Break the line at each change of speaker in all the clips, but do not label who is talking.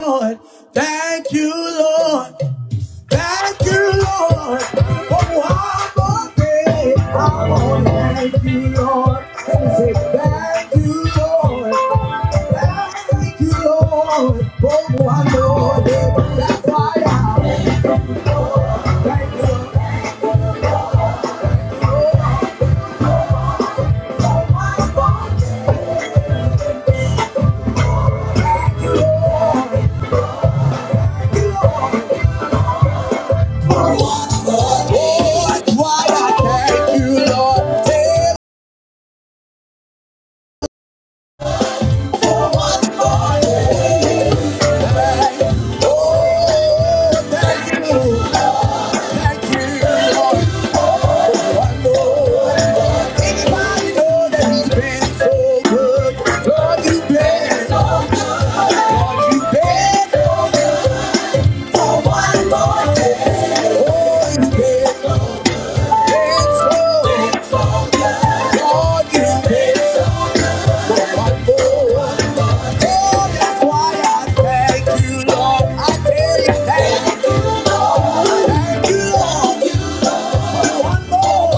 Lord. Thank you, Lord. Thank you, Lord. Oh, I'm okay. I am to thank you, Lord. And say, thank you, Lord. Thank you, Lord. Oh, I am okay. that's why I thank you, Lord. Oh, that's why I thank you, Lord. Say, for what Lord. Oh, Thank you. Thank you, Lord. I know anybody know that He's been so good. Lord, You've been so good. Lord, You've been so good for one more day. Oh, You've been so so good. so for one more. Oh, that's why I thank you, Lord. I thank you, Lord. Thank you, Lord. Lord, out of the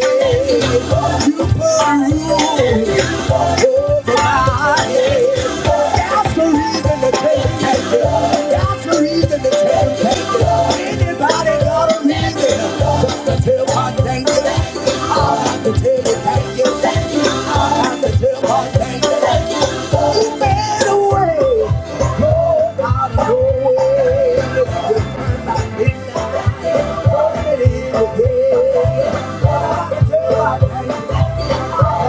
way, you put a rule. That's the reason to take it. That's the reason to take it. Anybody got a reason? Just to tell God thank you. I got to tell you thank you. Thank you. I have to tell God thank you. Thank you. You made a way. Lord, I know it. You turned my midnight. Brought it again. I have to tell God thank you. I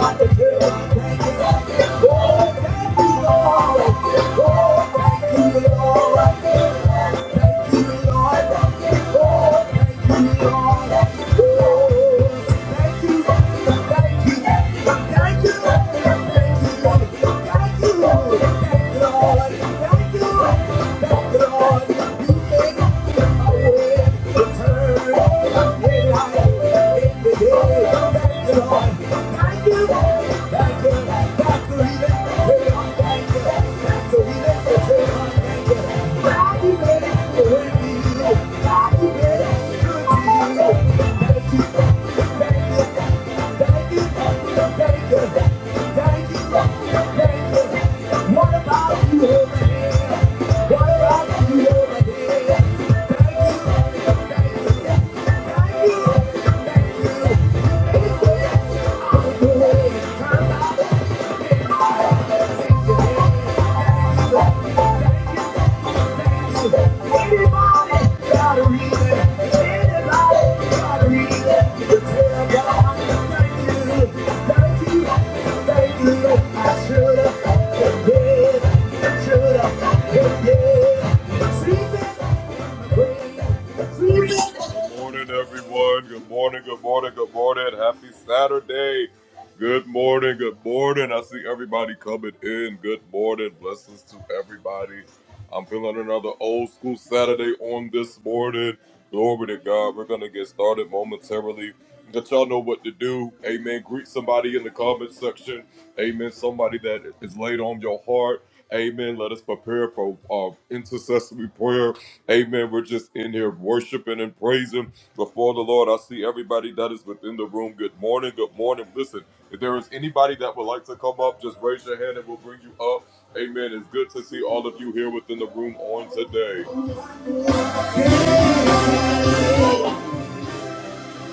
have to tell God thank you. Thank you. Thank you. What about you over here? What about you over here? Thank you. Thank you. Thank you. I want To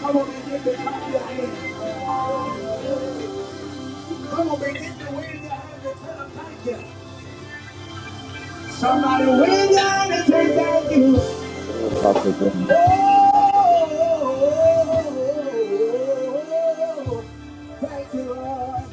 I'm Yeah. Come on, begin to wave your hand and tell 'em thank you. Somebody wave your hand and say thank you.
Real Apostle
Oh,
John.
thank you, Lord.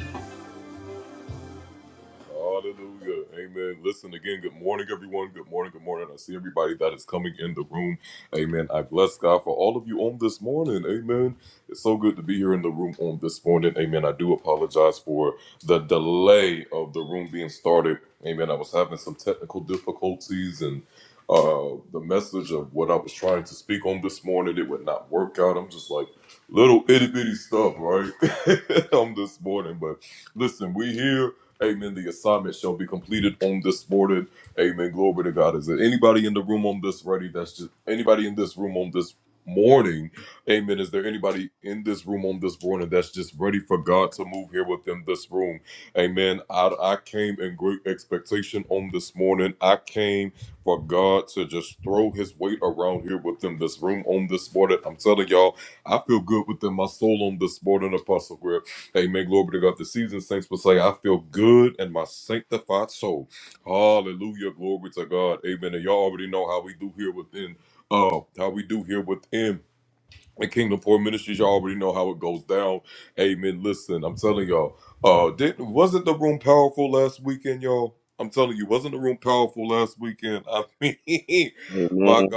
Amen.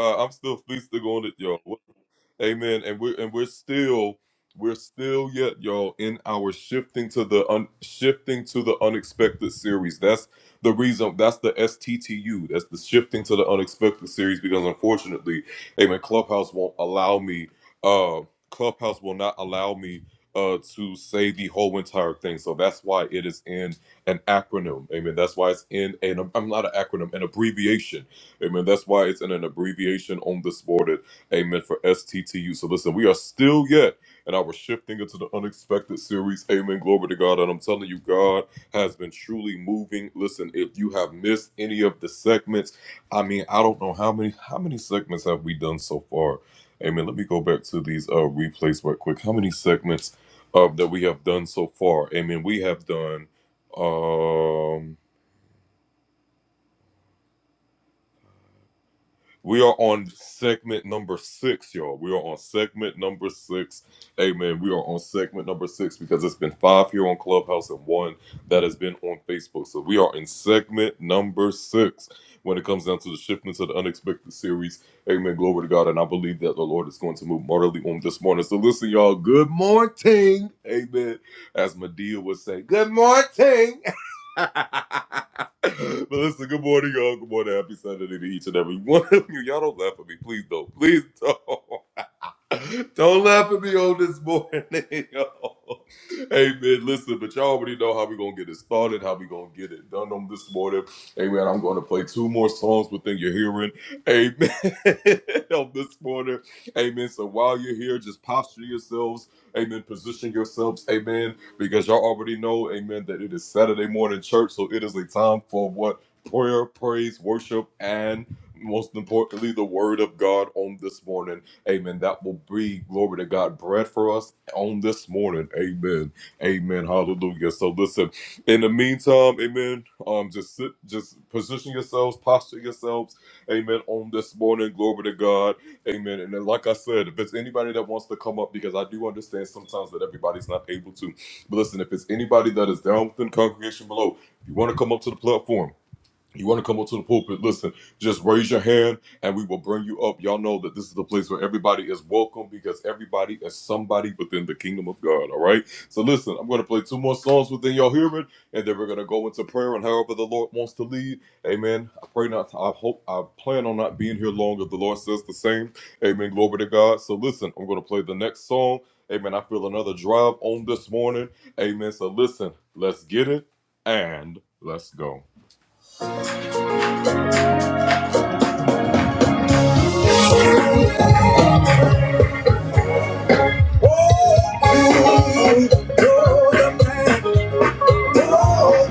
Oh,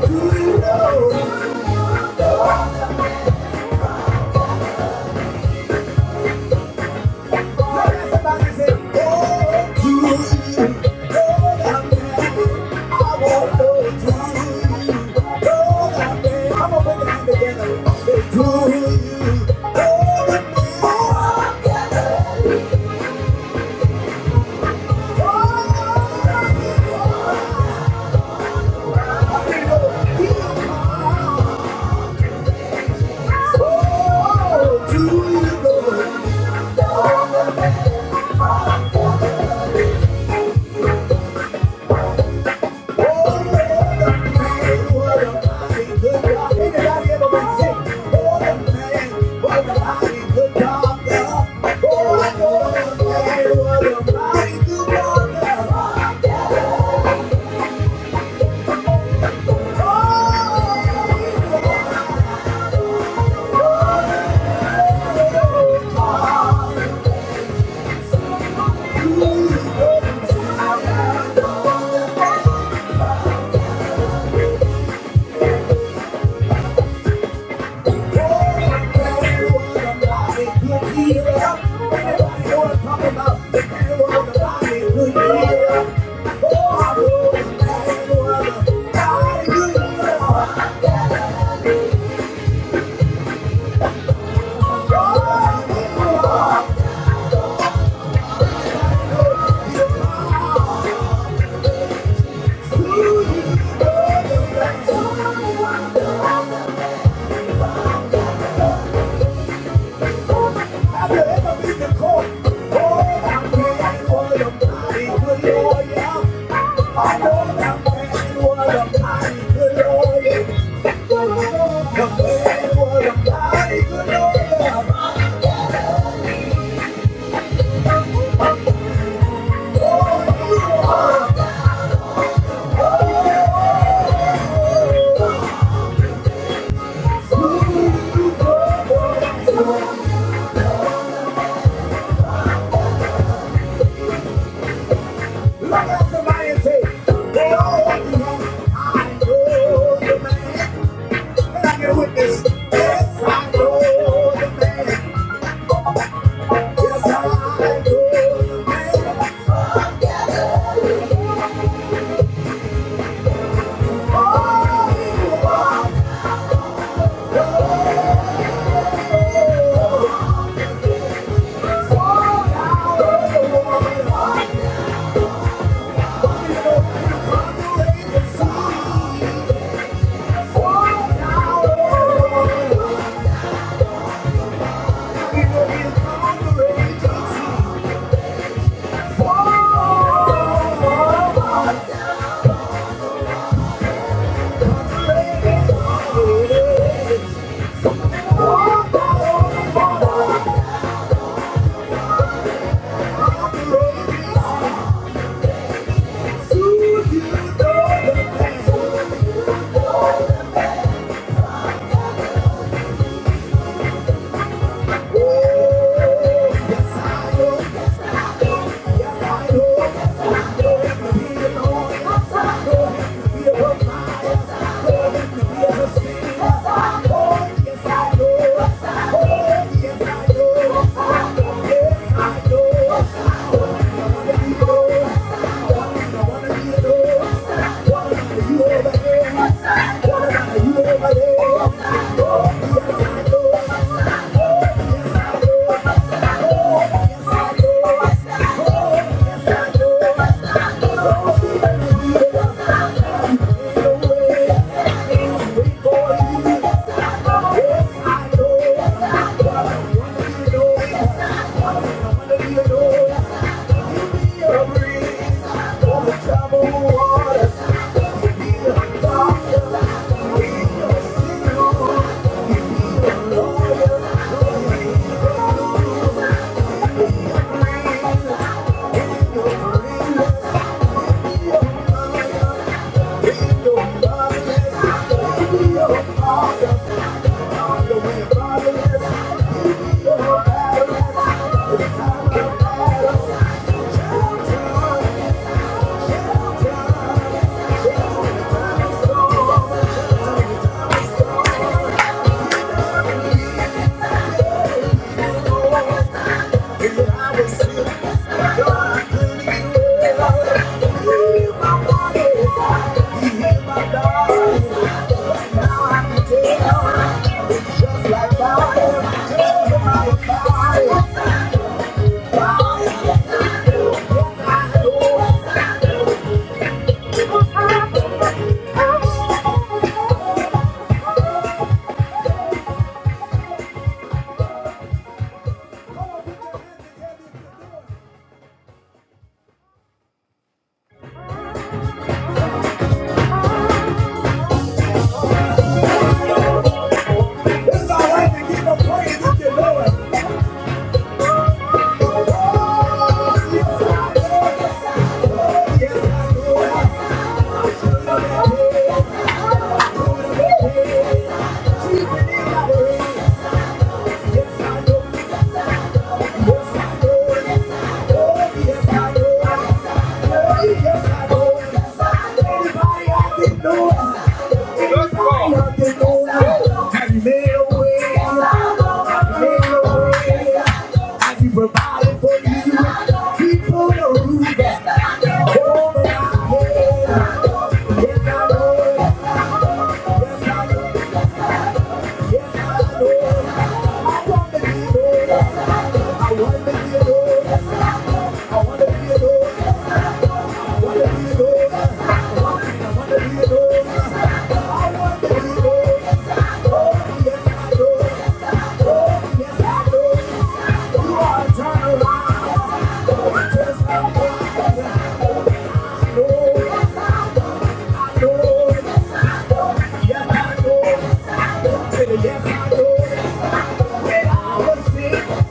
thank you. Oh, to you. Oh, Like I somebody and say, they all want to know, I know the man. Can I get a witness? Yes, I know the man. Yes, I do. Thank you. Thank you. know the Yes, I do. Trouble waters, you need a doctor, you need a lawyer. Thank you. Thank you. It's alright to give him praise if you know it. Yes, I know. I be providing for you. People know that. Oh, but I know, yes, I know. I'm a hero, I'm a hero, I'm a hero. Oh, yes, I know. Oh, yes, I know. You are a turnaround. Oh, just like I know. Yes, I know. I know. Yes, I know. Yes, I know. I was sick.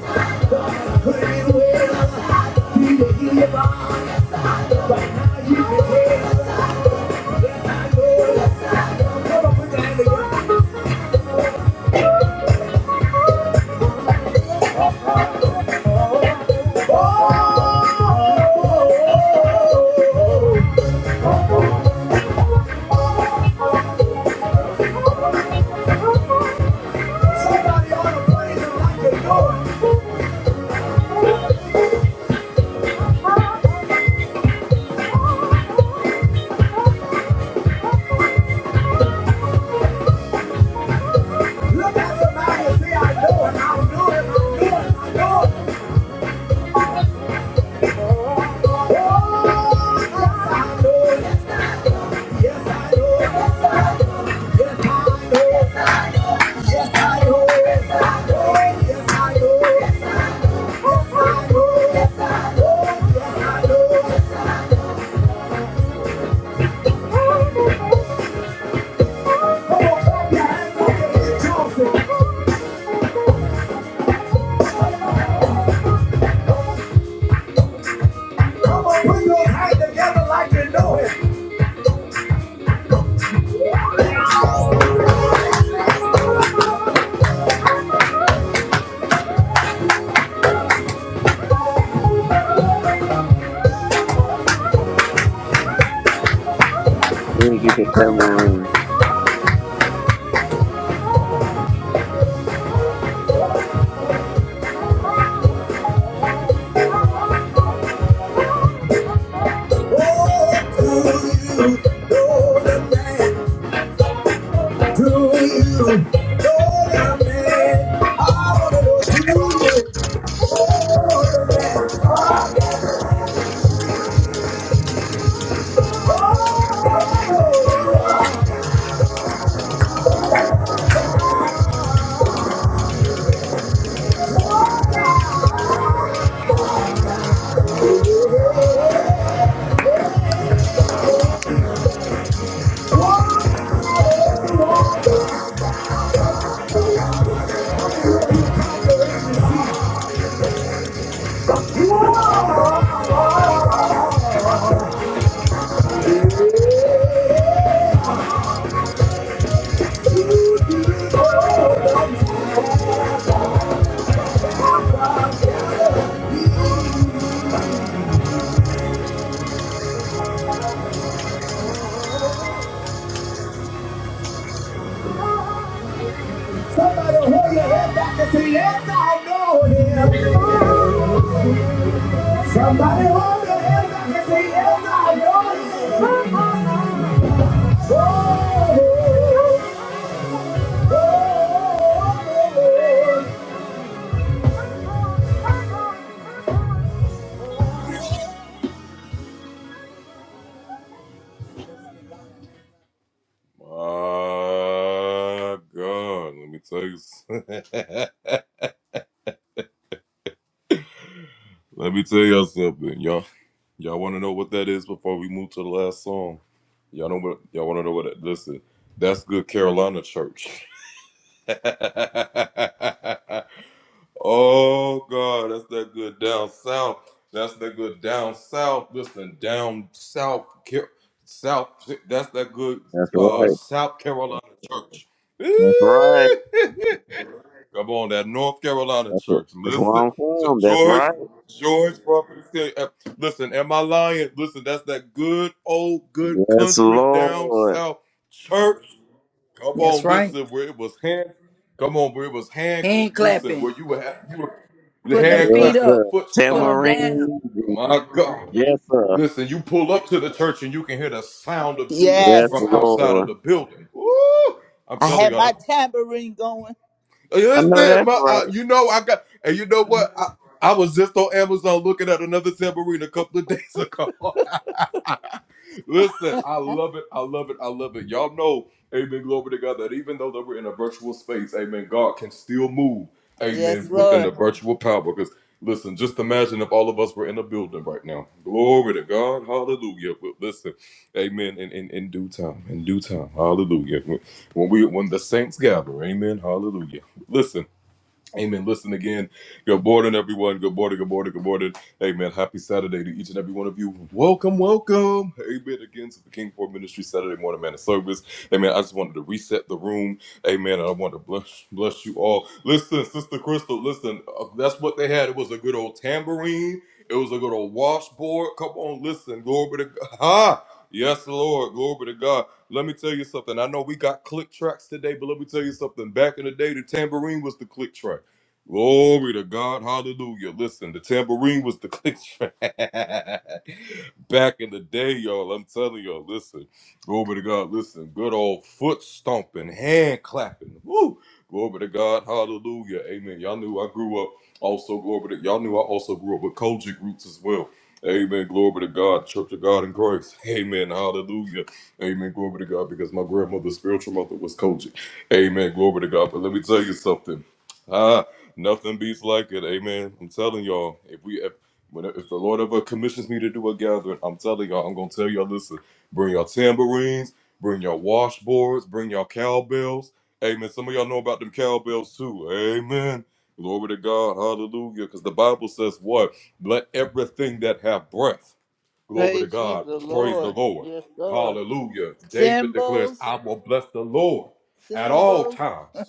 I couldn't be well. People hear your mind. Right now, you can tell. Somebody ought to praise him like you know it. Look at somebody and say, I know it, I know it, Yes, I know it, Yes, I know it. Yes, I know it. Yes, I know it. Yes, I do. Yes, I do. Yes, I do. Yes, I do. Yes, I do. Yes, I do. Yes, I do. Yes, I do. Yes, Come on, clap your hands like Johnson. Come on, put your hands together like you know it. Oh,
We didn't get the tambourine.
do you know the man? Do you Somebody hold your head back and say, yes, I know him. Somebody hold your head back and say, yes, I know him. Oh, oh,
That's right. That's right. That's what. That's where I'm from. That's right. Yes, Lord.
That's right. Hand clapping, putting them feet
Yes,
up,
sir.
put them down.
Tambourine. Yes, sir. Yes,
Yes.
Lord.
I had my tambourine going.
I know that's right.
Yes, Lord. Praise ye the Lord. Yes, Lord. Symbols. Symbols.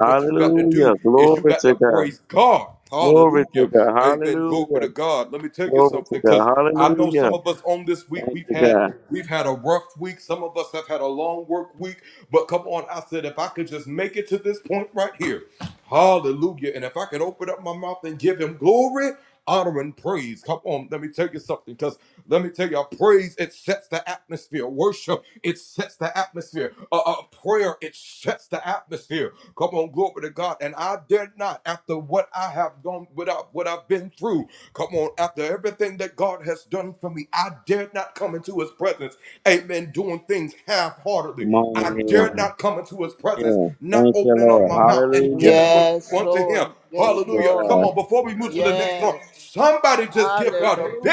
Hallelujah. Glory to God. Glory to God. Hallelujah. Glory to God. Hallelujah. Thank you, God. Come on in here. Yeah. Thank you, Lord. Hallelujah.
yes, Lord.
Thank
Yes,
you, God.
Lord. Yes.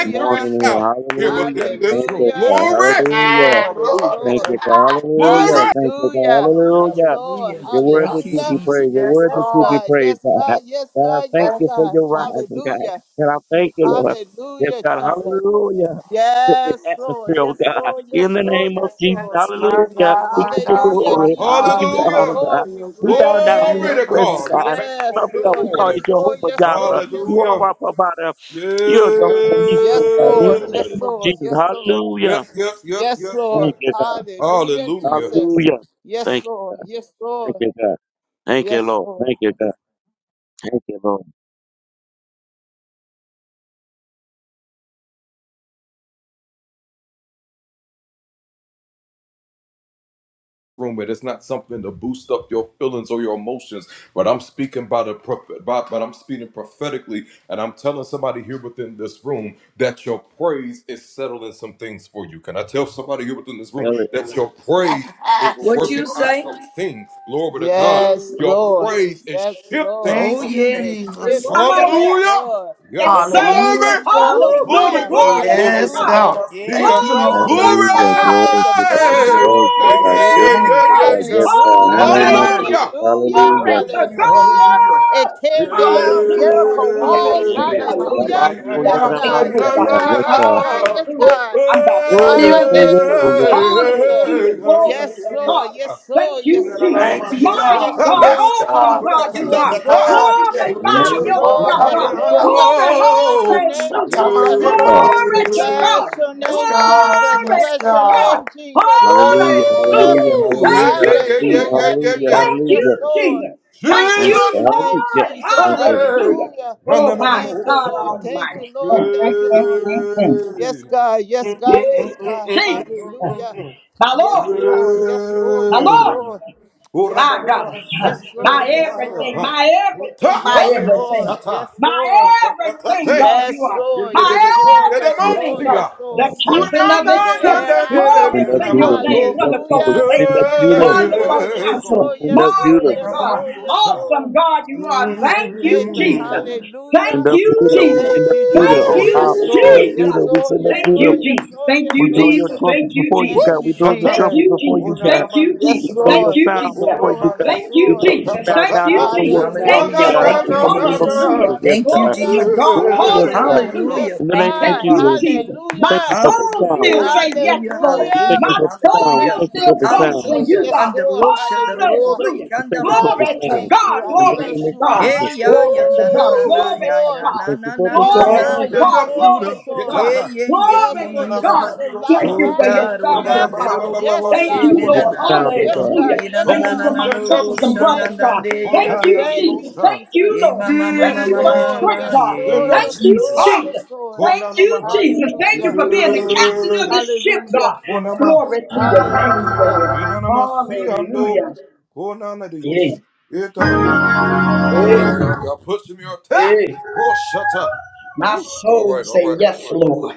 Good morning, and hallelujah. Thank you,
Hallelujah.
God.
Yes,
Hallelujah.
Yes,
Lord.
Lord.
Yes,
Thank
Lord.
you, God. Hallelujah. Thank you, God.
Hallelujah. Yes,
Hallelujah.
Lord.
Hallelujah.
You're worthy
Thank you,
to
Hallelujah.
be
Jesus.
praised. You're
Yes,
worthy
Yes,
to be
Lord.
God.
praised,
Yes,
God.
God. Yes,
God, I
God.
thank
Yes,
you for
God.
your rising, God.
Hallelujah.
God, I thank you, Lord. Yes,
Hallelujah,
God.
Jesus.
Hallelujah. To This
Yes, Lord.
atmosphere, oh
Yes,
God.
Lord.
In
Yes,
the
Lord.
name of
Yes,
Jesus.
Lord.
Yes, my
Hallelujah.
God,
We
my
give you
God,
Hallelujah,
my
glory. We
God.
Jesus.
give you
Thank
Yes,
honor,
you
God.
for
Lord. We
your
We
bless
bow
your
goodness
down in
and
your
your
name.
presence,
mercy.
God.
Yes,
Father God,
Lord.
we call
Yes,
you
Lord.
Jehovah
Yes,
Jireh.
Lord. Yes,
You
Lord.
are our provider. You're Jehovah Nisi, oh
Yes,
God, in
Lord.
the
Yes,
name of
Lord.
Jesus.
Yes, Lord.
Hallelujah.
Yes,
Thank
Lord.
you, God.
Hallelujah, Jesus.
Hallelujah.
Yes,
Thank
Lord. Yes,
you, thank
Lord.
you, God. Thank you,
Yes,
Lord.
Lord.
Thank you, God. Thank you, Lord. Tell it.
What you say?
Yes, Lord. Yes, Lord.
Oh,
Thank you,
It
yes.
Jesus.
shifts
Come
it.
on
Hallelujah.
Yes,
here.
Lord.
Yes,
It
sir.
stirs up
Woo.
Hallelujah.
fallow
Hallelujah.
ground.
Glory to
Yes,
God.
Hallelujah.
God.
Yes,
Thank
It
you,
breaks
Jesus.
Lord.
the
Glory to
Hallelujah.
chains,
God.
set
Glory
the
to
Thank
God.
you,
prison
Glory.
Jesus.
Glory
doors
to God.
open.
Yes, Lord.
Glory
Mm.
to God. Yes,
Jesus.
God. In the
My,
Hallelujah.
my,
name of
my.
Jesus.
Hallelujah.
Hallelujah.
Glory
Hallelujah.
to
Hallelujah.
God.
It tear down
Hallelujah.
Jericho
Hallelujah.
Hallelujah.
walls.
Thank
Hallelujah.
you,
Hallelujah.
Lord.
Hallelujah.
Thank
Hallelujah.
I'm
you,
Rabasoya,
about
Yes,
to take the
God.
roof
Yes,
Rabasaya.
off.
God.
Yes,
Yes,
God.
God. Yes,
Hallelujah.
God.
I'm about to
Oh, yes,
peel
oh,
this
yes,
roof.
oh,
Hallelujah,
yes.
Jesus.
Hallelujah. Glory
Yes,
to
God.
Lord.
God.
Yes,
Thank
Lord.
you,
Yes,
Jesus.
Lord.
Thank you,
Mighty
Bless
God.
your
God,
name,
Yes,
awesome
God.
God,
Jesus.
you are.
My
Yes,
God,
Lord.
today,
In the
which
Glorify
name
Yes,
will
of
glory
Lord.
Jesus,
yourself,
up
Yes,
God.
in
Lord.
here.
Yes,
Glory,
Lord. Bless your name,
Shout
hallelujah.
out my
Jesus.
Yes,
dear
God.
Lord.
Glory to
Bless
God.
your
Yes,
name,
God.
Jesus.
Glory
Yes,
Bless
to
your
God.
name,
God.
Jesus.
Hallelujah,
Hallelujah.
Hallelujah.
hallelujah,
Thank
hallelujah,
you,
hallelujah,
Jesus.
Hallelujah,
hallelujah,
Jesus.
Thank
hallelujah.
Yes,
you,
Lord.
Jesus.
We
Thank
Thank you.
bless
you,
your
for Hallelujah.
name,
Yeah.
Lord.
Jesus.
Thank you.
Hallelujah.
Hallelujah.
Oh, my
Thank you,
God
Lord. Thank you,
Almighty.
Lord.
Mm,
Thank
mm,
you,
mm,
Lord.
mm, mm.
Yes, God. Yes, God.
Yeah,
Yes, God.
Jesus
Hallelujah.
my Lord,
Yes, Lord. Yes, Lord.
my
Yes,
Lord,
Lord. Yes,
my God,
Lord. Yes, Lord.
my everything, my everything, my
Yes, Lord.
everything.
Yes,
My
Lord.
everything, God, you
Yes,
are.
Lord.
My
Yes, Lord. Yes, Lord. Yes,
Yes,
everything,
God.
Lord.
God.
Yes,
The
Thank
Lord.
you, God.
captain of His
The
ship.
air I
Glory
Send up
breathe.
to your
Judah. We
name,
send up
wonderful
Judah. We
Hallelujah.
send
Savior,
up Judah.
Yes,
wonderful
Lord. Yes,
counselor,
We
Lord.
send up
Yes, Lord.
Judah.
marvelous
Yes,
God,
Lord. Yes,
awesome
Lord.
God you are. Thank you,
Waymaker.
Jesus. Thank
Send
Hallelujah.
up
you,
Judah. We
Jesus.
send
Thank
up
you,
Judah
Thank
on
Jesus.
high.
you,
Yes,
We send
Lord.
up
Jesus.
Yes,
Judah. We
Lord.
send up
Yes,
Thank
Judah.
Lord.
you,
Yes,
Jesus.
Lord.
Thank
Yes,
We
you,
blow
Lord.
Jesus.
your trumpet
Thank you,
before you,
Thank
Jesus.
God. We
you,
blow the
Thank
Jesus.
trumpet
you,
before you,
Jesus.
God.
Thank you,
Yes,
We
Jesus.
blow
Thank
your
Lord.
you,
sound
Yes,
Jesus.
before you,
Lord.
God.
Yes,
Thank you,
We
Lord.
blow. We
Jesus.
bow
Thank
down
you,
and blow your
Jesus. Thank
sound, oh
you,
Hallelujah.
Hallelujah.
God,
Lord.
Thank
in
you,
the name of
Hallelujah.
Jesus.
Hallelujah.
Jesus. Yes,
Thank you,
God.
Glory
Hallelujah.
to
Jesus.
God.
Oh, yes,
Yes,
God.
God.
Hallelujah.
Hallelujah.
Yes,
In the
Thank
name
you,
of
Thank
God.
you,
Jesus,
Father.
Jesus.
we
My
thank you
Hallelujah.
for the
soul
sound.
Hallelujah,
still say yes,
hallelujah,
Lord.
We thank
Hallelujah.
you
hallelujah,
My
for the sound. We
hallelujah,
Thank
soul
thank you
you,
for
still
the
boasts
sound.
in
Jesus.
hallelujah.
you,
Yes,
God.
Under
Lord.
Rosha, the
Hallelujah.
Hallelujah.
Robrick,
We
under
thank you for
God,
Robo,
the
I
Glory to
sound.
thank you.
God.
I
In the
Glory
name
to
bless
of
you. I
God.
hey,
Jesus,
honor
ya,
you,
Glory
ya,
to
na, na,
God.
Jesus.
na,
Yes,
na,
Glory
ya,
to
Lord.
na,
we
God.
na,
thank you for
na,
the
na,
Yes,
Glory
na, na,
to
sound.
Lord.
na,
Yes,
God.
Lord.
Glory
Yes,
to
Lord.
God.
yeah, yeah, yeah, yeah,
Glory
Just
to
for the
God.
gift
Jesus.
of life.
Thank
Oh
you for your
God, oh
Hallelujah.
family,
God, the
Father.
Robo,
Yes,
Thank
We
she,
you,
God.
thank
na,
you for
na,
Lord.
Yes,
the
na,
sound,
God.
oh
Yes,
God.
God.
Hallelujah.
E, na,
Yes,
na,
Thank
na,
you
na,
for
God.
na,
my
no, do,
sisters and
shan, na,
Thank
brothers,
na,
you,
God.
na, yeah,
Thank
Jesus.
you,
yeah, yeah.
Thank you,
Jesus. Thank you,
Jesus.
Yeah,
Lord.
ma, ma, ma,
Thank
ma,
Yes,
you
ma,
for
ma,
Lord.
strength,
ma,
Yes,
God.
Lord.
yeah,
Thank
Yes,
you,
Lord.
Jesus.
Jesus.
Yes, Lord.
Thank you, Jesus. Thank you
Hallelujah.
for being the captain of the ship,
Hallelujah.
God. Glory to your name,
Hallelujah.
Lord. Hallelujah. Yeah. Hey, hey. My soul say yes, Lord.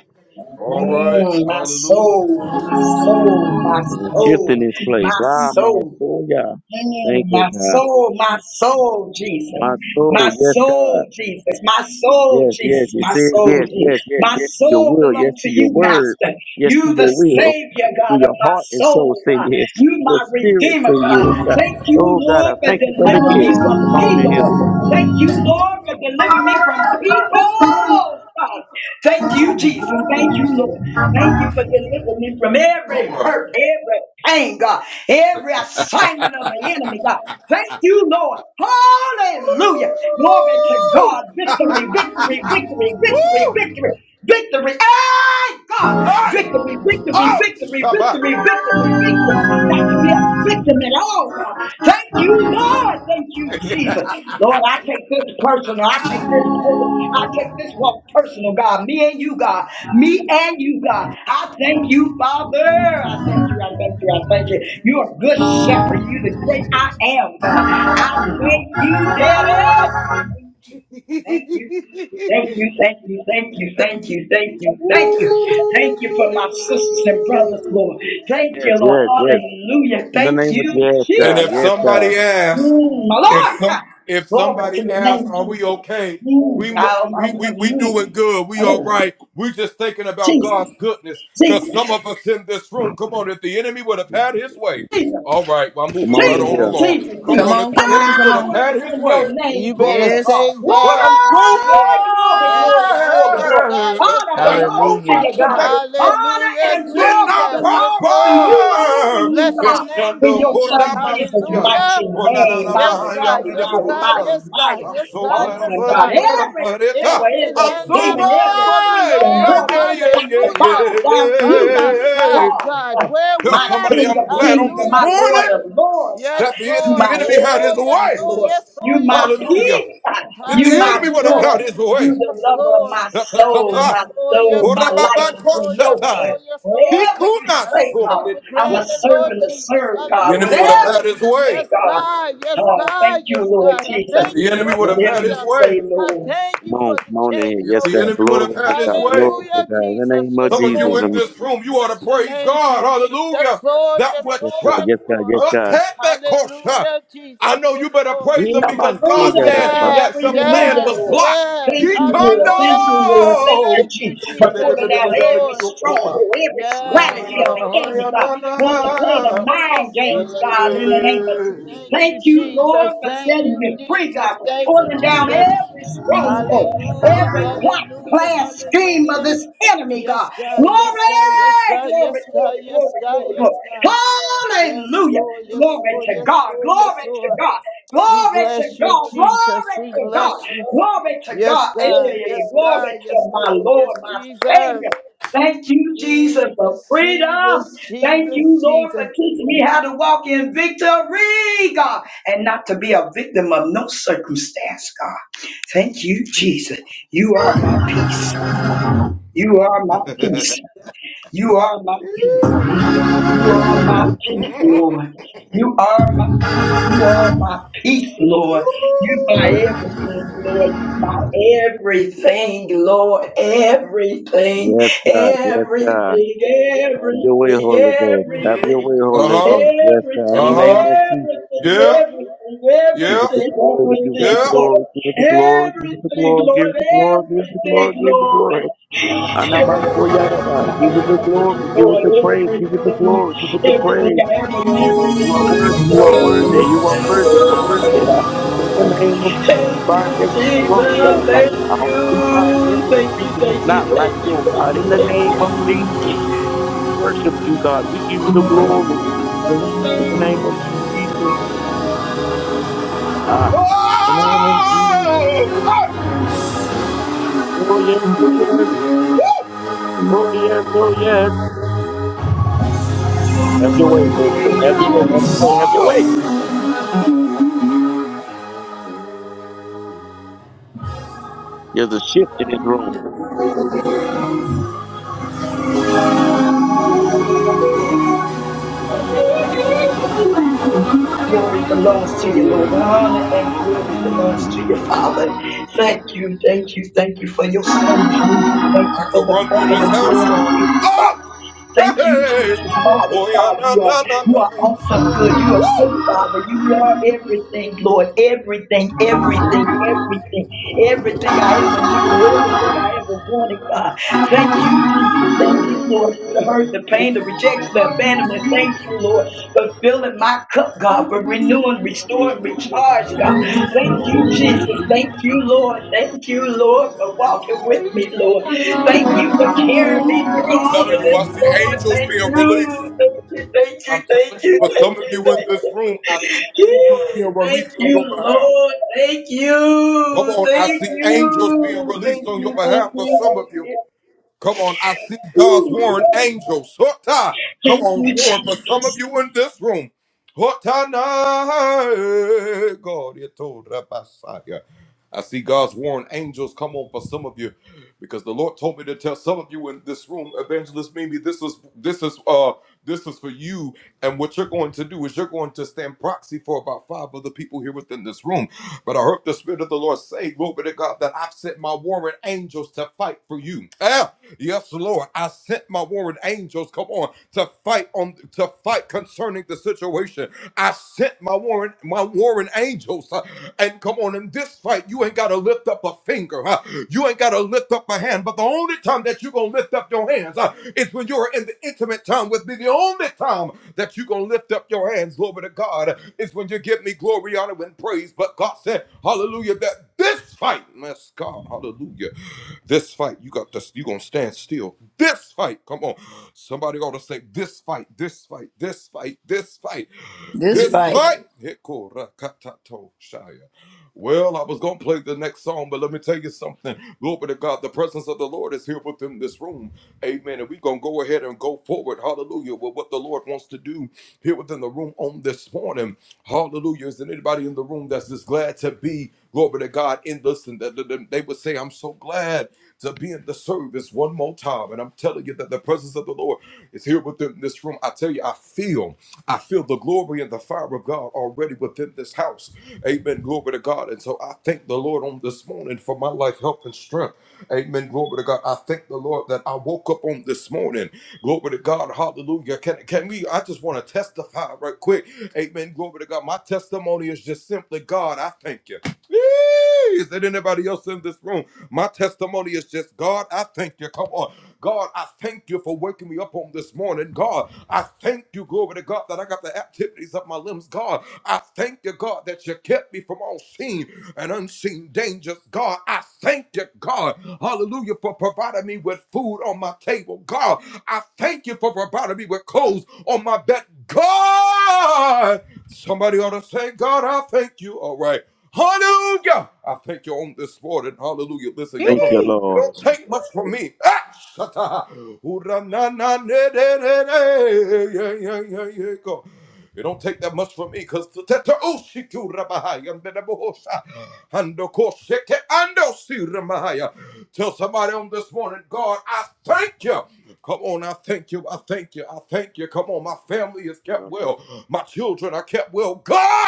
Mm, my soul, my soul, my
There's a shift in
soul,
this
my
place. Ah, my
soul.
soul, yeah.
Mm,
Thank you,
my
God.
soul, my soul, Jesus.
My
My
soul, yes, God.
soul, Jesus. My soul,
Yes, yes.
Jesus.
It
My
says
soul,
yes, yes,
Jesus.
yes,
My
yes to your
soul
will, yes
belongs to
to your
you,
word,
Master.
yes to
You, the
your will.
Savior, God,
Will
of
your
my
heart and soul
soul,
say
God.
yes?
You,
Will your
my
spirit
Redeemer,
say
God.
yes? Uh,
Thank you,
oh, God,
Lord,
I
for
thank you for the
delivering
yes.
me from
Come on
me,
in here.
Lord. Thank you, Lord, for delivering me from people. Oh, God. Thank you, Jesus. Thank you, Lord. Thank you for delivering me from every hurt, every pain, God, every assignment of the enemy, God. Thank you, Lord. Hallelujah. Glory to God. Victory, victory, victory, victory, victory. Victory. Hey, God. Victory, victory, victory, victory, victory, victory. Not to be a victim at all, God. Thank you, Lord. Thank you, Jesus. Lord, I take this personal. I take this personal. I take this walk personal, God. Me and you, God. Me and you, God. I thank you, Father. I thank you. I thank you. I thank you. You're a good shepherd. You're the great I am, God. I thank you, Daddy. Thank you. Thank you, thank you, thank you, thank you, thank you, thank you. Thank you for my sisters and brothers, Lord. Thank
Yes,
you, Lord.
yes, yes.
Hallelujah.
In the
Thank
name of
you,
yes,
Jesus.
God. Yes, God.
Mm, my Lord. Ha. Glory to your name, Jesus. Mm, I'm, I'm, mm. Hallelujah. Jesus. Jesus. Jesus.
Come on in
Jesus,
here.
Jesus, Jesus.
Come on, come on, come
Power
on.
is in your name,
You better
Jesus.
Yes,
say that. Say
Glory,
it.
glory,
Yes,
glory,
God.
glory,
Yes,
glory.
God. Yes,
Honor
God.
belongs to
Hallelujah.
you, God. Honor
Hallelujah,
and glory
Jesus. Yes,
belongs to
Lord.
you only, you
Bless your
God.
name,
In your
Jesus.
Son Jesus'
Hallelujah.
mighty name,
Yes,
mighty,
God.
mighty,
Yes,
mighty,
God.
mighty,
Yes, God.
mighty,
Yes, God. Yes,
awesome God.
God.
Every
If
devil,
it
every
had not
demon,
been
every
for the
witch and
Lord,
warlock got to
hallelujah,
bow down to
on
you,
my
Jesus.
side,
God.
God,
uh,
where would
my
I
King
be?
of kings and
Hallelujah,
my Lord of
Jesus.
lords. Uh,
Yes,
You
Lord,
my
yes, Lord, yes,
everything,
Lord,
Lord.
yes,
You
Lord,
my
yes, Lord.
peace. Uh, You my
Hallelujah,
joy. You
Jesus.
the
Yes,
lover of
Lord.
my soul, my
Yes, Lord.
soul,
Yes,
my
Lord.
life
Yes,
is in
Lord. Yes,
your hands.
Lord. Yes, Lord.
Whatever you
I don't
say,
take
God,
for
I'm a
granted, Lord
servant to
Jesus.
serve, God.
Hallelujah.
Whatever you say,
Yes,
God.
God. Yes,
Uh, thank
God.
you,
Yes,
Lord
God. I
Jesus.
thank you for the
Whatever you
freedom.
say,
I
Lord.
thank
Come
you for
on, come
the
on in here.
chains
Yes, God.
broken.
Glory to God. Glory to
Hallelujah,
God. In the
Jesus.
name of
Yes, Lord.
Jesus. And
Bless your name, Jesus. Yes, Lord. Yes,
yes,
Lord.
God.
Yes,
Yes, God.
Lord.
Yes, God.
Hallelujah, Jesus. Yes, Lord.
Ina man so
Freedom, freedom,
Yes,
freedom in you,
yes,
Lord.
yes.
Thank you, Lord.
Hallelujah.
Thank you, Lord. Thank you,
Thank you,
Jesus, for
Jesus.
pulling
Yes,
out every
Lord.
stronghold, every
Yes,
strategy of the
Lord. Yes,
enemy, God.
Lord. Yes,
Wants to
Lord.
play
Yes,
the
Lord. Yes,
mind
Lord.
games,
Yes,
God, in
Lord.
the name of Jesus.
Thank
Thank
you,
you, Lord,
Jesus.
for
Thank
setting
you,
me free,
Jesus.
God, for
Thank you,
pulling down
Jesus.
every stronghold,
Hallelujah.
every plot,
Hallelujah.
plan, scheme of
Hallelujah.
this enemy,
Yes,
God.
God.
Glory,
Yes, God. Yes, God.
glory,
Yes, God.
glory,
Yes,
glory,
God.
glory,
Yes,
glory.
God. Yes,
Hallelujah.
Lord. Yes,
Glory
Lord.
to
Yes,
God,
Lord. Yes,
glory to
Lord.
God,
We
glory to
bless you,
God,
Jesus.
glory
We
to God,
bless you.
glory to
Yes,
God. Hey,
God. Yes,
glory
God. Yes,
to my
God. Yes,
Lord, my
Jesus.
Savior. Thank you, Jesus, for
Jesus,
freedom.
Jesus,
Thank you,
Jesus,
Lord, for
Jesus.
teaching me how to walk in victory, God, and not to be a victim of no circumstance, God. Thank you, Jesus. You are my peace. You are my peace. You are my peace. You are my peace, Lord. You are my peace. You are my peace, Lord. You are everything, Lord. You are everything, Lord. Everything,
Yes, God. Yes, God.
everything,
Have your way,
everything,
Holy Ghost.
everything.
Have your way, Holy Ghost. Yes, God. In the
Everything, everything,
name of Jesus.
everything, everything,
We Give it the
everything,
glory. Give it the
Lord.
glory. Give it the glory. Give it the
Everything,
glory. Give
Lord,
it the glory. Give it the
everything,
glory. Give it the
Lord.
glory. Anaman so Give it the glory.
Everything,
Give it
Lord,
the praise. Give it the
everything,
glory. Give it the
everything
praise.
I ever needed was
You are
in you,
worthy, you are
Lord.
worthy,
Thank
you are
you,
worthy, you are
Lord.
worthy.
Thank
Uh, In the
you.
name of Jesus, we
Thank
bind
you,
every
Jesus.
stronghold right
Thank
now. We bind
you. Thank you,
everything that's
thank you, thank you,
not like
thank
you,
you,
oh God. In the
thank
name
you.
of Jesus, we worship you, God. We give you the glory. In the name of Jesus. Ah, in the name of Jesus. Oh, yes, oh, yes. Oh, yes, oh, yes. Have your way, Holy Ghost. Have your way, have your way, have your way. There's a shift in this room.
Glory belongs to you, Lord. Honor and glory belongs to you, Father. Thank you, thank you, thank you for your son, Jesus. Thank you for the bucket of blood of Jesus, Father. Thank you, Jesus. Father God, you are you are awesome good. You are good, Father. You are everything, Lord. Everything, everything, everything everything I ever needed, everything I ever wanted, God. Thank you, Jesus. Thank you, Lord, through the hurt, the pain, the rejection, the abandonment. Thank you, Lord, for filling my cup, God, for renewing, restoring, recharge, God. Thank you, Jesus. Thank you, Lord. Thank you, Lord, for walking with me, Lord. Thank you for carrying me through all of this, Lord. Thank you. Thank you, thank you, thank you, thank you, thank you. Thank you, Lord. Thank you. Thank you. Thank you. Thank you. Thank you. Ooh. Thank you, Jesus.
This fight.
Thank you,
Yee.
Lord.
You know,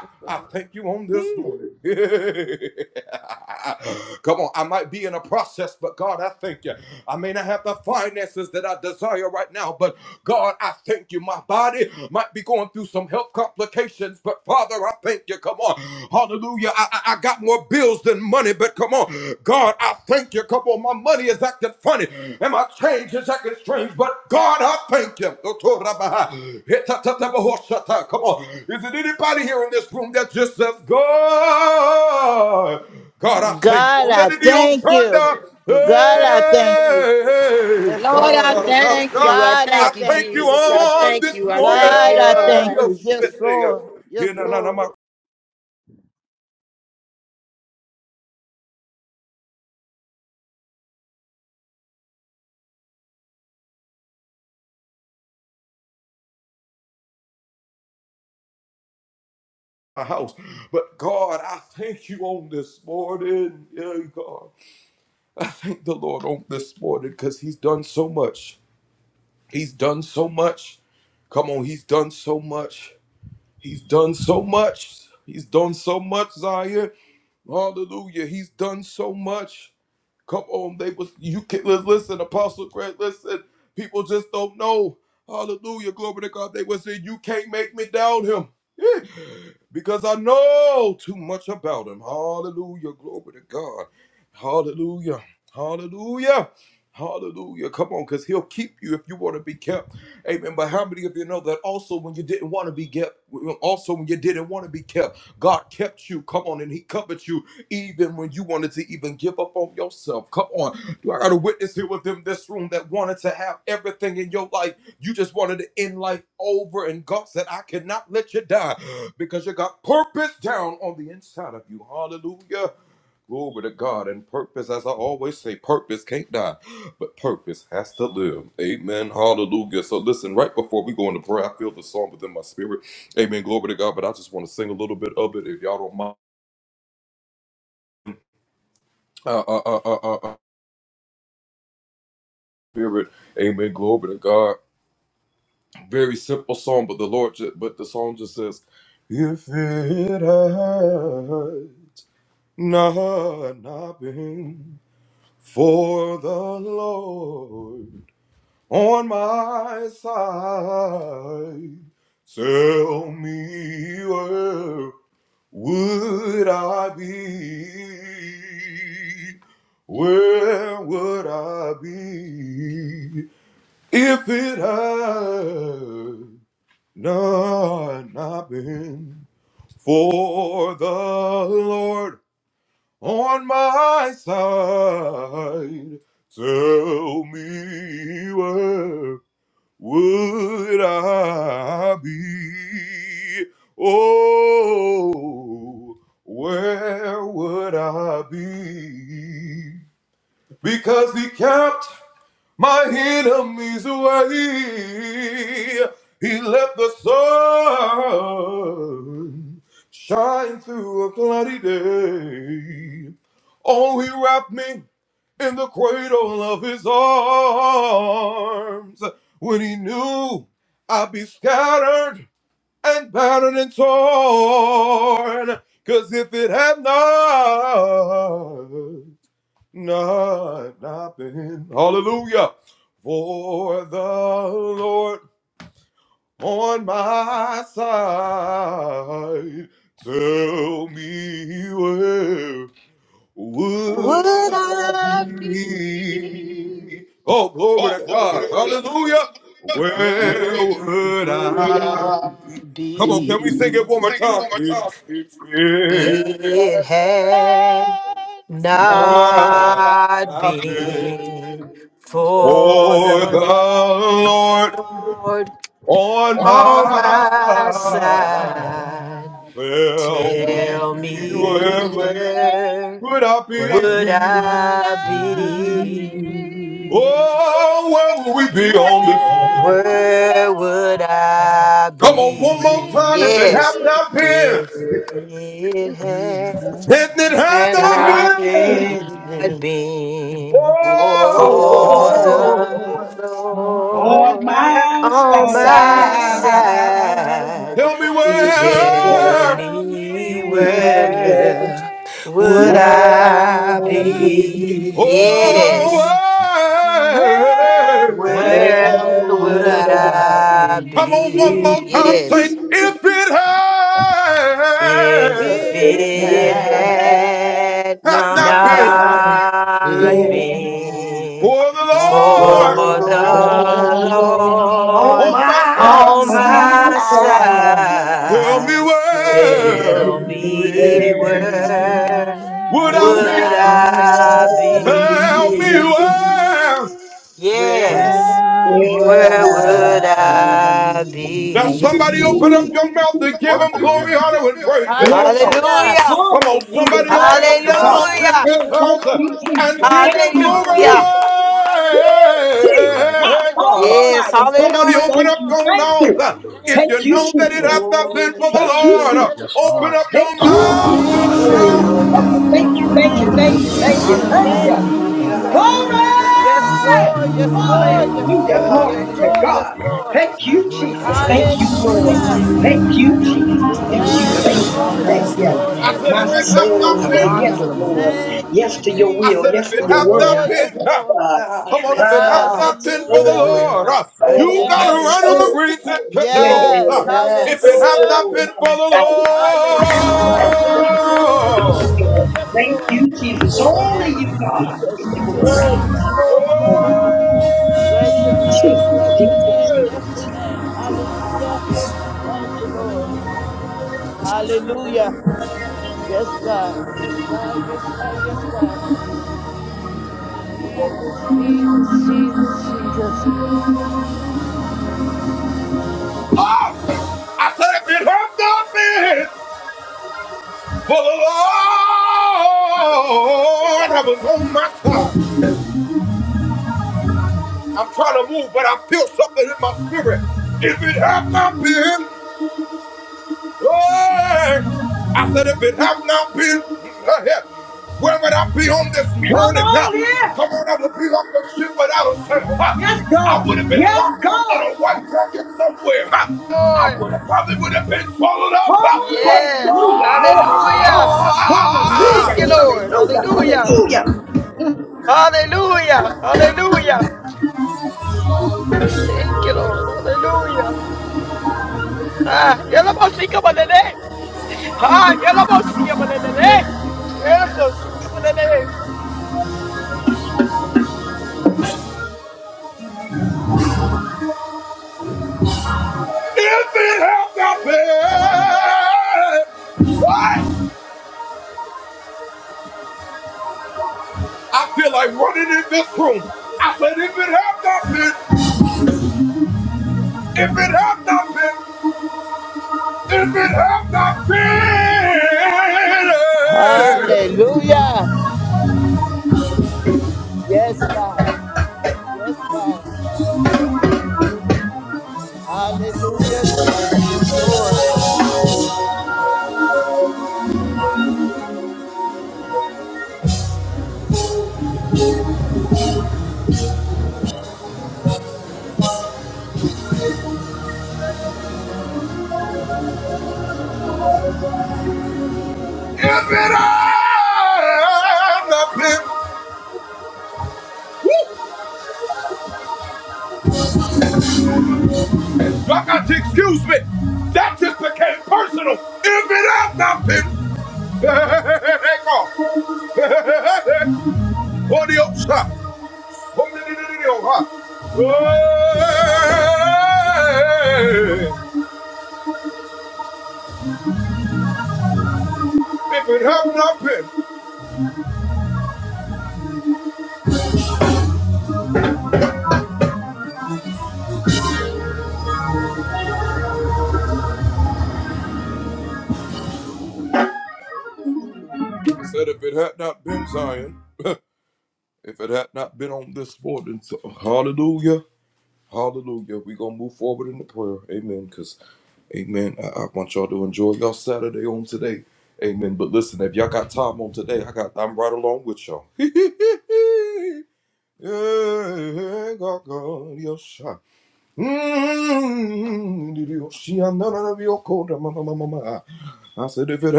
that's all. Yee.
God, I thank you. God, I thank you. Yes,
Lord, I
Lord.
thank you. I
God, I
thank you,
thank you.
Jesus. I thank you. I thank
God,
you,
I thank
Lord.
you. Yes, Lord. Yes, Lord.
Would I be? Where would I be?
Ain't
It had
nothing but
not been
love
for the
For
Lord
on
by my
my
side.
side.
Tell
Tell me
me
where
where would
would
I
I be?
be?
Where would
Where would
I
I be? Yes,
be?
if it had
And
not
I've
Not
been
been
for the
for
for
the
the
Lord
On
on
Lord
Lord
my
my
on
on
side,
my
my
side.
side.
side.
he
Yeah,
Tell
was
Tell
me
me
where
well
Where
where
would
would
would
being,
I
I
I
be?
be?
be?
Yes,
Where would
Where
where
well
would
I
would
be
I be?
I
being,
be? Yes If
It
the
if
has
it
it
Lord has
had
had
not
not
not
not
been
been
been
been
for
for
for
Glory.
the
the
Lord
the
Lord on
Lord
Lord,
my
on
on
for
my
my
side.
my God,
side,
side?
Show
Tell
tell
me
Tell
me
me
me
where
where
where
where
would
would
I
would
where I
I
I be?
be?
be?
Yes,
Where
Where
would
would
where
I would I
would
I be?
I
I
be?
be?
be?
Hallelujah,
Hallelujah.
hallelujah,
Hallelujah!
Jesus,
Hallelujah. Glory
let's
to God.
go.
Hallelujah.
hallelujah,
Hallelujah!
Hey,
Yes,
thank
Lord.
you,
Yes,
Jesus.
Lord.
Thank
Yes,
Thank you,
you,
Lord.
God.
Hallelujah!
Jesus. Woo!
Hallelujah,
hallelujah,
Jesus,
hallelujah,
Thank
Jesus.
my
Yes,
you,
God
Lord.
God.
Yes,
Yes,
Almighty. Thank
Lord. Yes,
you,
hallelujah,
thank you,
Lord.
thank
Yes,
you.
hallelujah.
Thank
Thank you,
you, Jesus.
Jesus.
Glory
Thank
to
you,
Thank
God.
you,
Jesus. Yes,
Jesus.
Yes, Lord.
Lord.
Thank you,
Yes,
Jesus.
Lord.
Thank
Yes,
Hey,
Hallelujah,
Lord.
come
you,
on.
Yes,
Thank
Jesus.
you,
Lord.
thank you,
Thank you,
thank you,
hallelujah,
thank you,
Jesus.
thank
Thank
you.
hallelujah,
you,
Hallelujah.
Jesus.
Hallelujah.
Yes,
Glory!
Lord. Yes,
hallelujah,
Lord. Yes,
Hallelujah.
Hallelujah.
Lord.
Glory
Yes,
to
Lord.
Hallelujah.
Yes,
God.
Lord.
Thank you,
hallelujah,
Jesus. Thank
Thank you
you,
for your
Lord.
Hallelujah.
mercy,
Thank
God.
you, Jesus. Thank
hallelujah.
you,
Yes,
Yes,
thank you,
God.
Lord.
Yatamanda
thank
Yes,
Yes,
you.
Lord.
God.
rabahusa,
Yes,
My
Lord. Yes,
soul
Lord.
say
yatamanda
yes, Lord.
rabahusia.
Thank
Ooh,
Yes
you,
to your will.
Jesus.
Yes to your
Yes,
word.
Lord.
Hallelujah,
God.
Yes,
Yes,
Lord.
God.
God. Yes,
Ah,
God.
my
Hallelujah.
soul,
hallelujah,
my
Thank
soul,
you,
my
Yes.
Jesus.
soul. Yeah,
Yes.
my
Yes.
Hallelujah.
soul, man. value, God. I
Yes,
got a
Hallelujah.
Lord.
yes
Yes,
in
Lord. Yes,
it, Lord.
Lord. Yes,
Thank
Lord.
you, Jesus. Only
Thank
you,
you,
God, get
Jesus.
the
Yes,
glory.
Lord. Yes, Lord. Yes, Lord. Bless your name.
Jesus,
Bless your
Jesus,
name.
Jesus,
Bless your
Jesus.
name.
Jesus.
Hallelujah. Thank you, Lord. Hallelujah. Yes, God. Yes, God. Yes, God. Yes, God. Jesus, Jesus, Jesus, Jesus.
Come on here. Yes, God. Yes, God.
Lord. Yes,
Hallelujah. Glory to
hallelujah.
God.
Thank
Hallelujah.
you, Lord.
Hallelujah.
Hallelujah.
Hallelujah.
Hallelujah. Hey.
Hallelujah. Yes, God. Yes, God. Hallelujah, Jesus. Yes, Lord.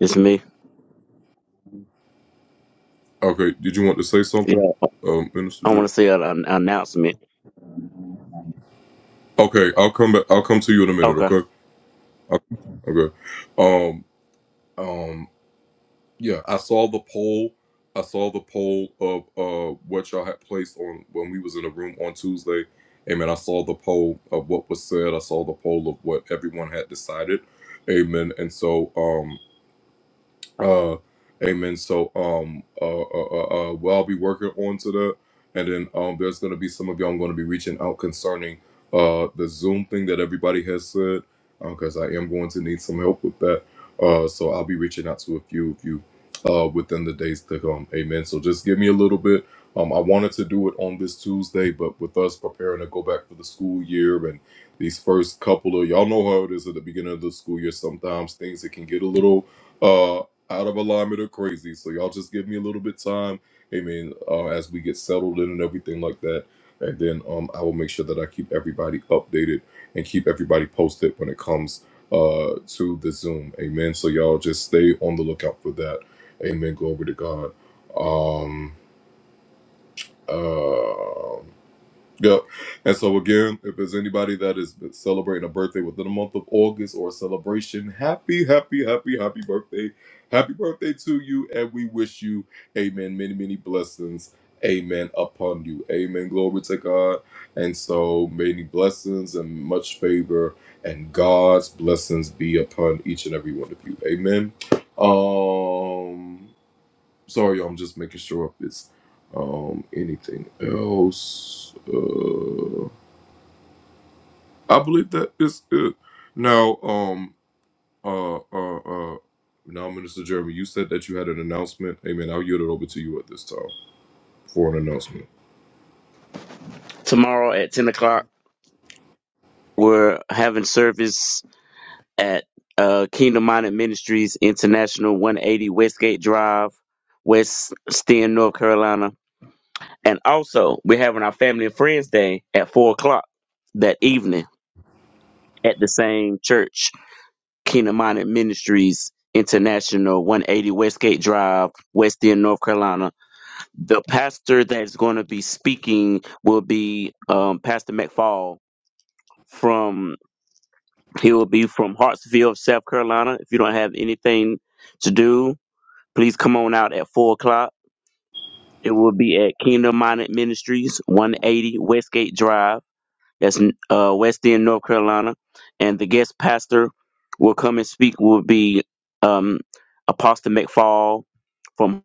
It's me. Yeah. I want to say an an announcement. Okay. Tomorrow at 10 o'clock, we're having service at uh, Kingdom Minded Ministries International, 180 Westgate Drive, West Sten, North Carolina. And also, we're having our Family and Friends Day at 4 o'clock that evening at the same church, Kingdom Minded Ministries International, 180 Westgate Drive, West End, North Carolina. The pastor that's going to be speaking will be um, Pastor McFall from He will be from Hartsville, South Carolina. If you don't have anything to do, please come on out at 4 o'clock. It will be at Kingdom Minded Ministries, 180 Westgate Drive. That's uh, West End, North Carolina. And the guest pastor will come and speak will be um, Apostle McFall from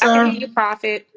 I can hear you, Prophet.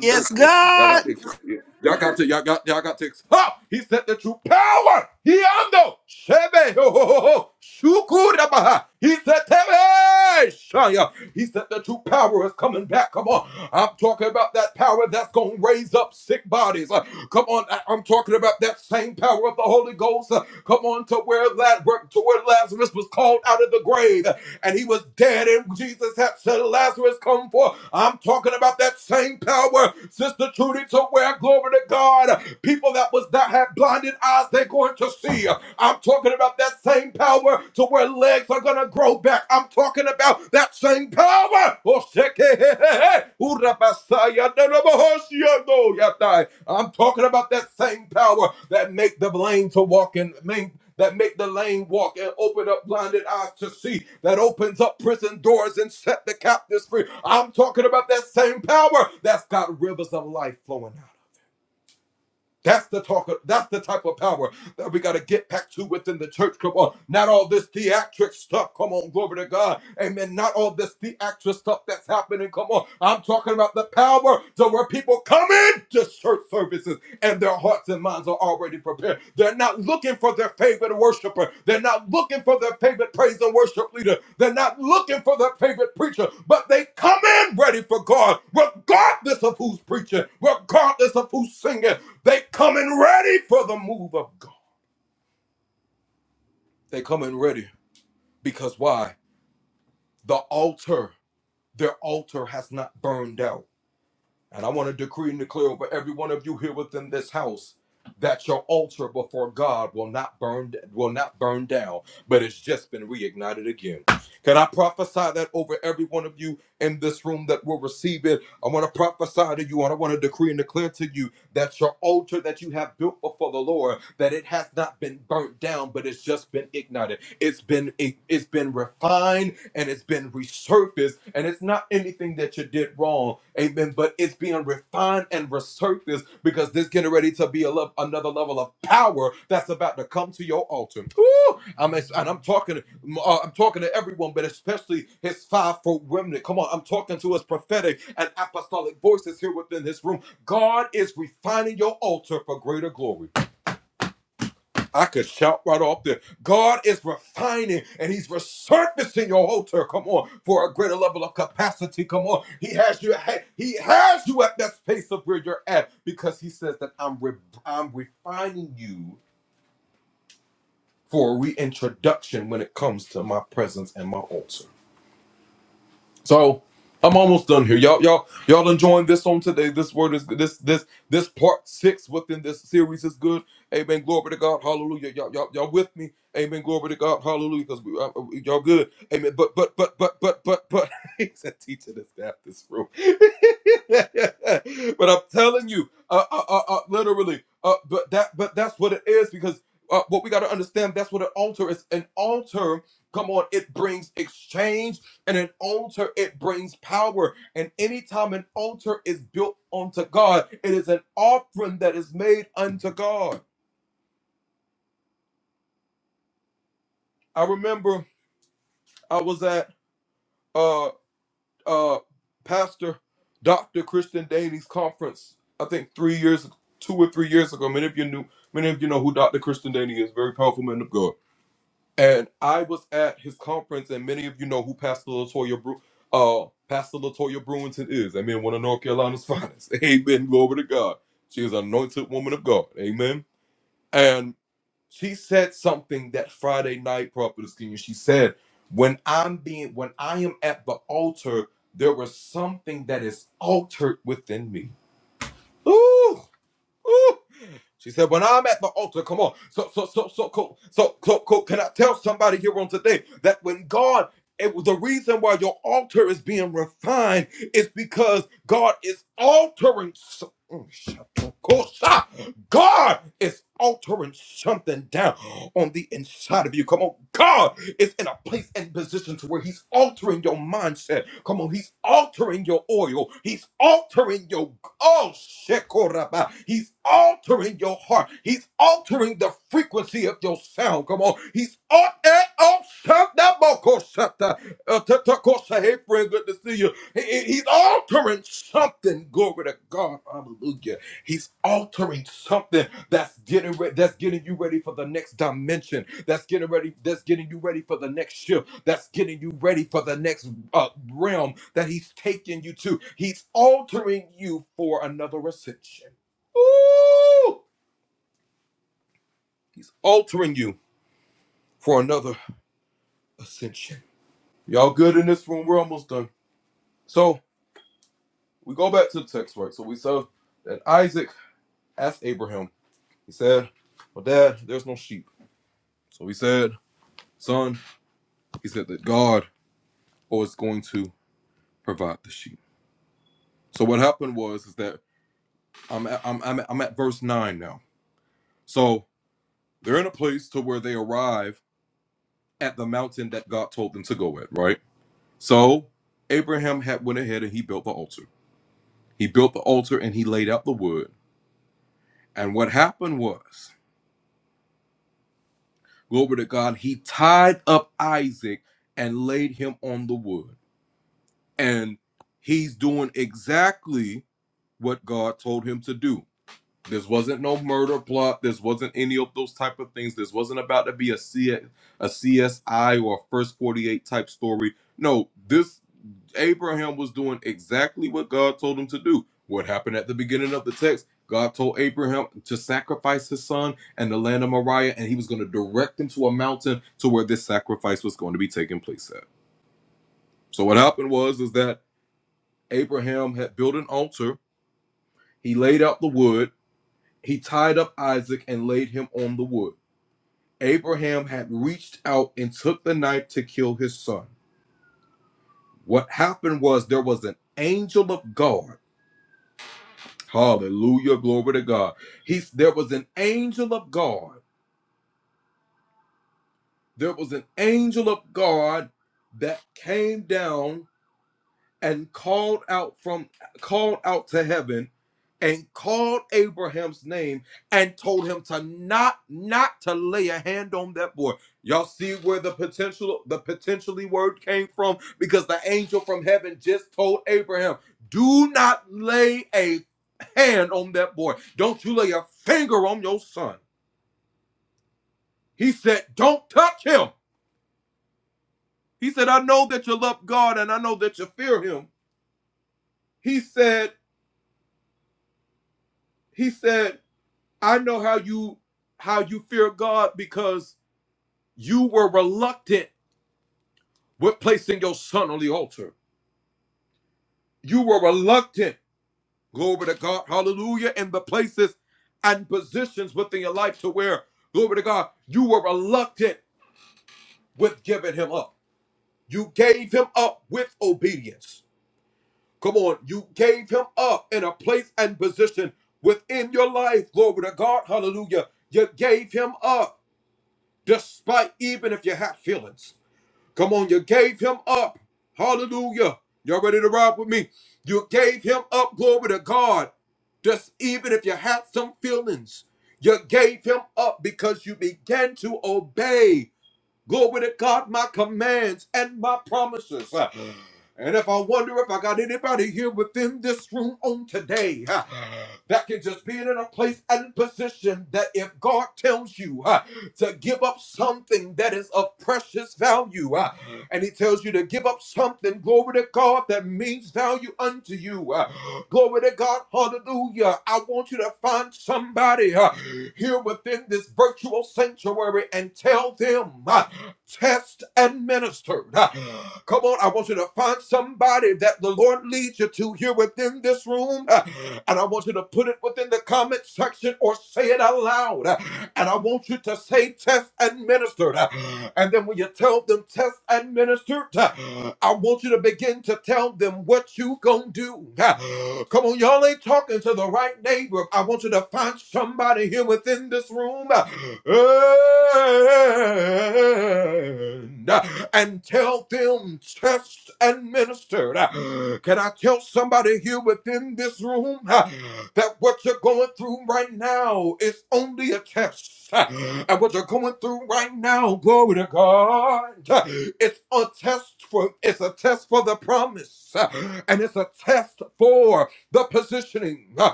Yes, God.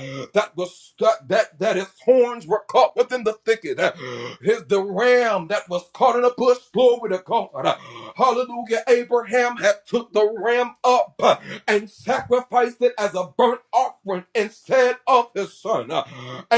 oh, oh.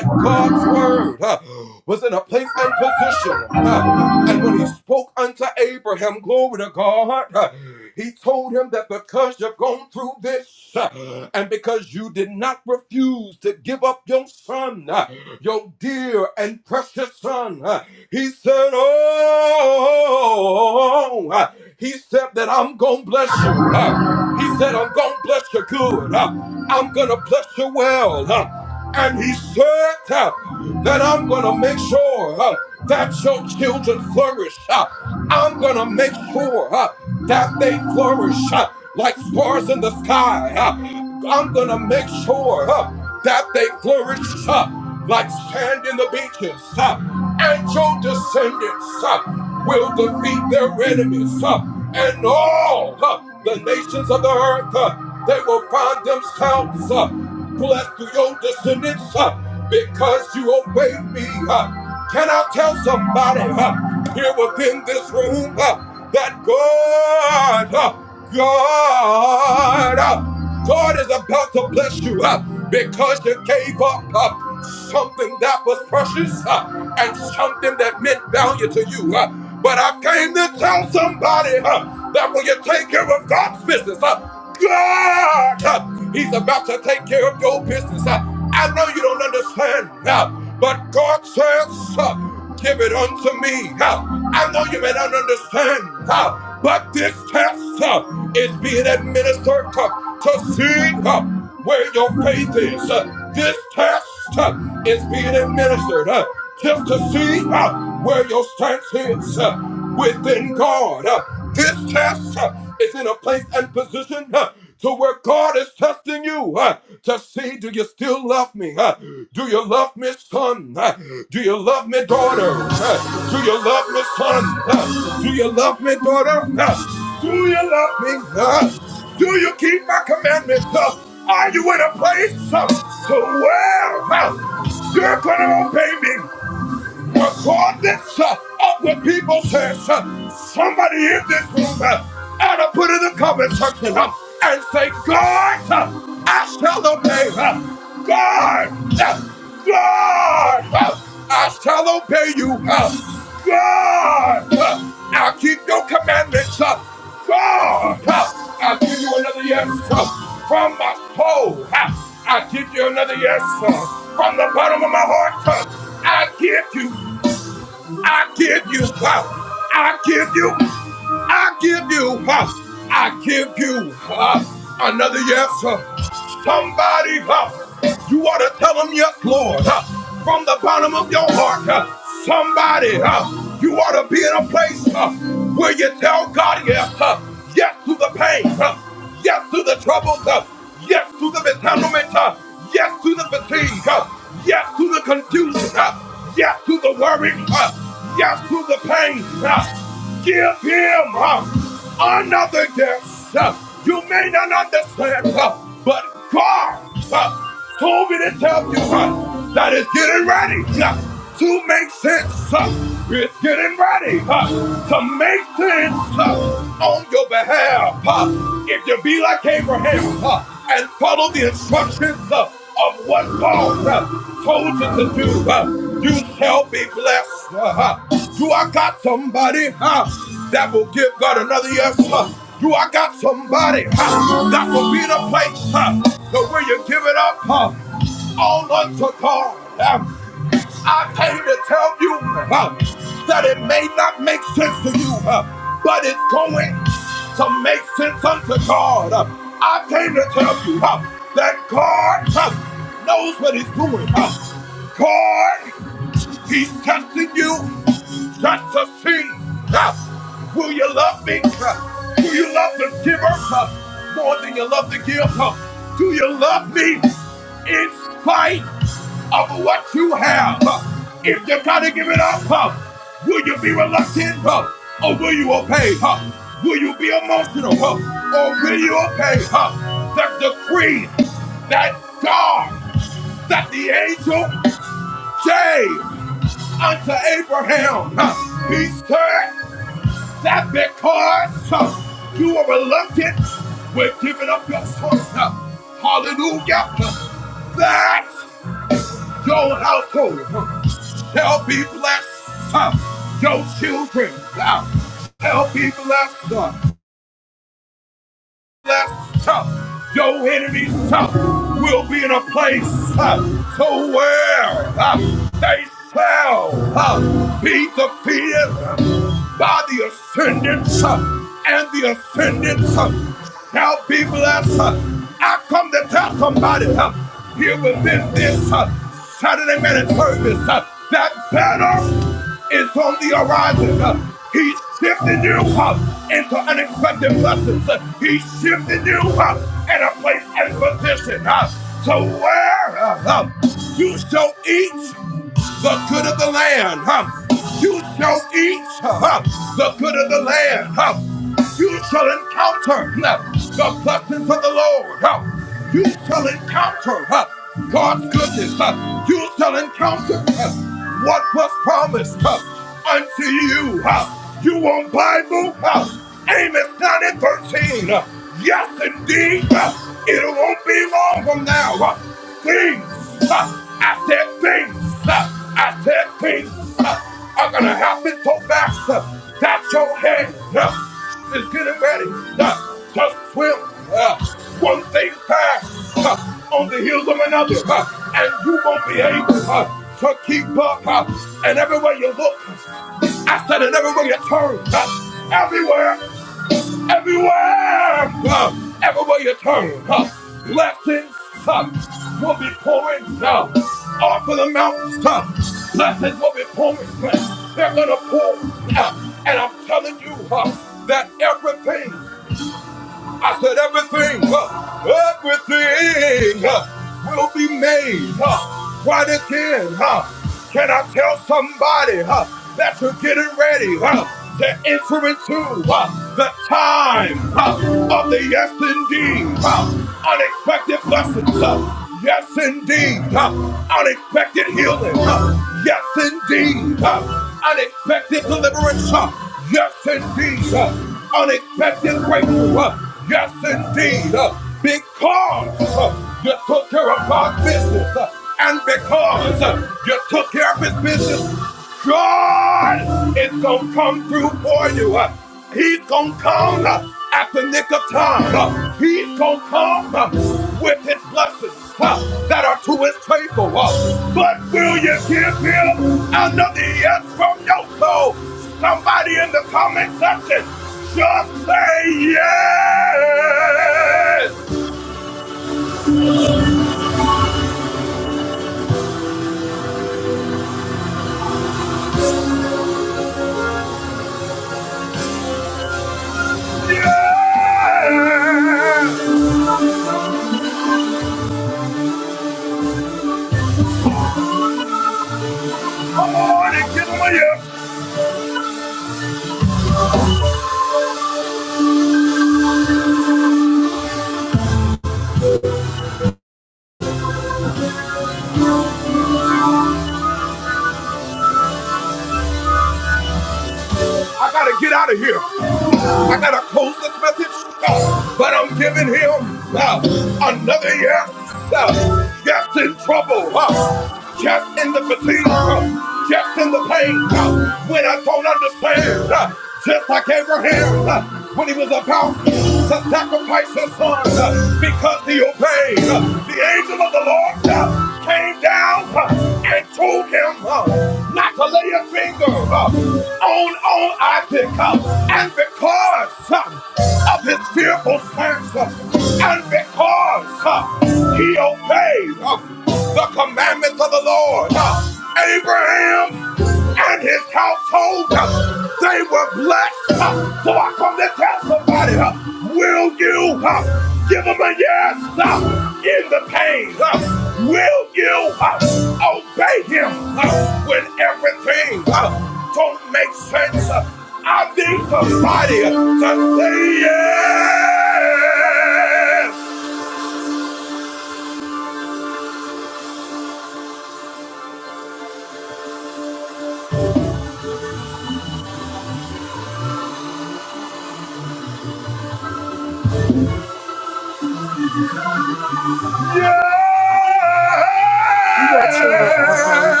You got your um.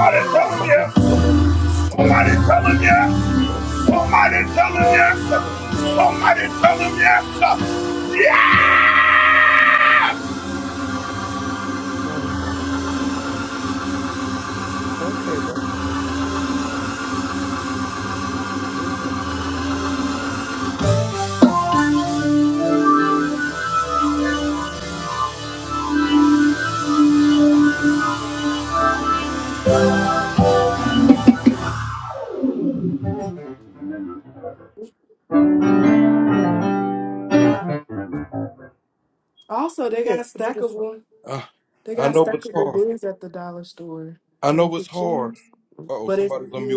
I need something to pull this to make this tighter. I guess you can- I don't know. Ninety dollars. Okay. Okay, bro. Just make this a little bit tighter. Also, they got a Yeah, got beautiful. stackable. They got Where you could choose. But if you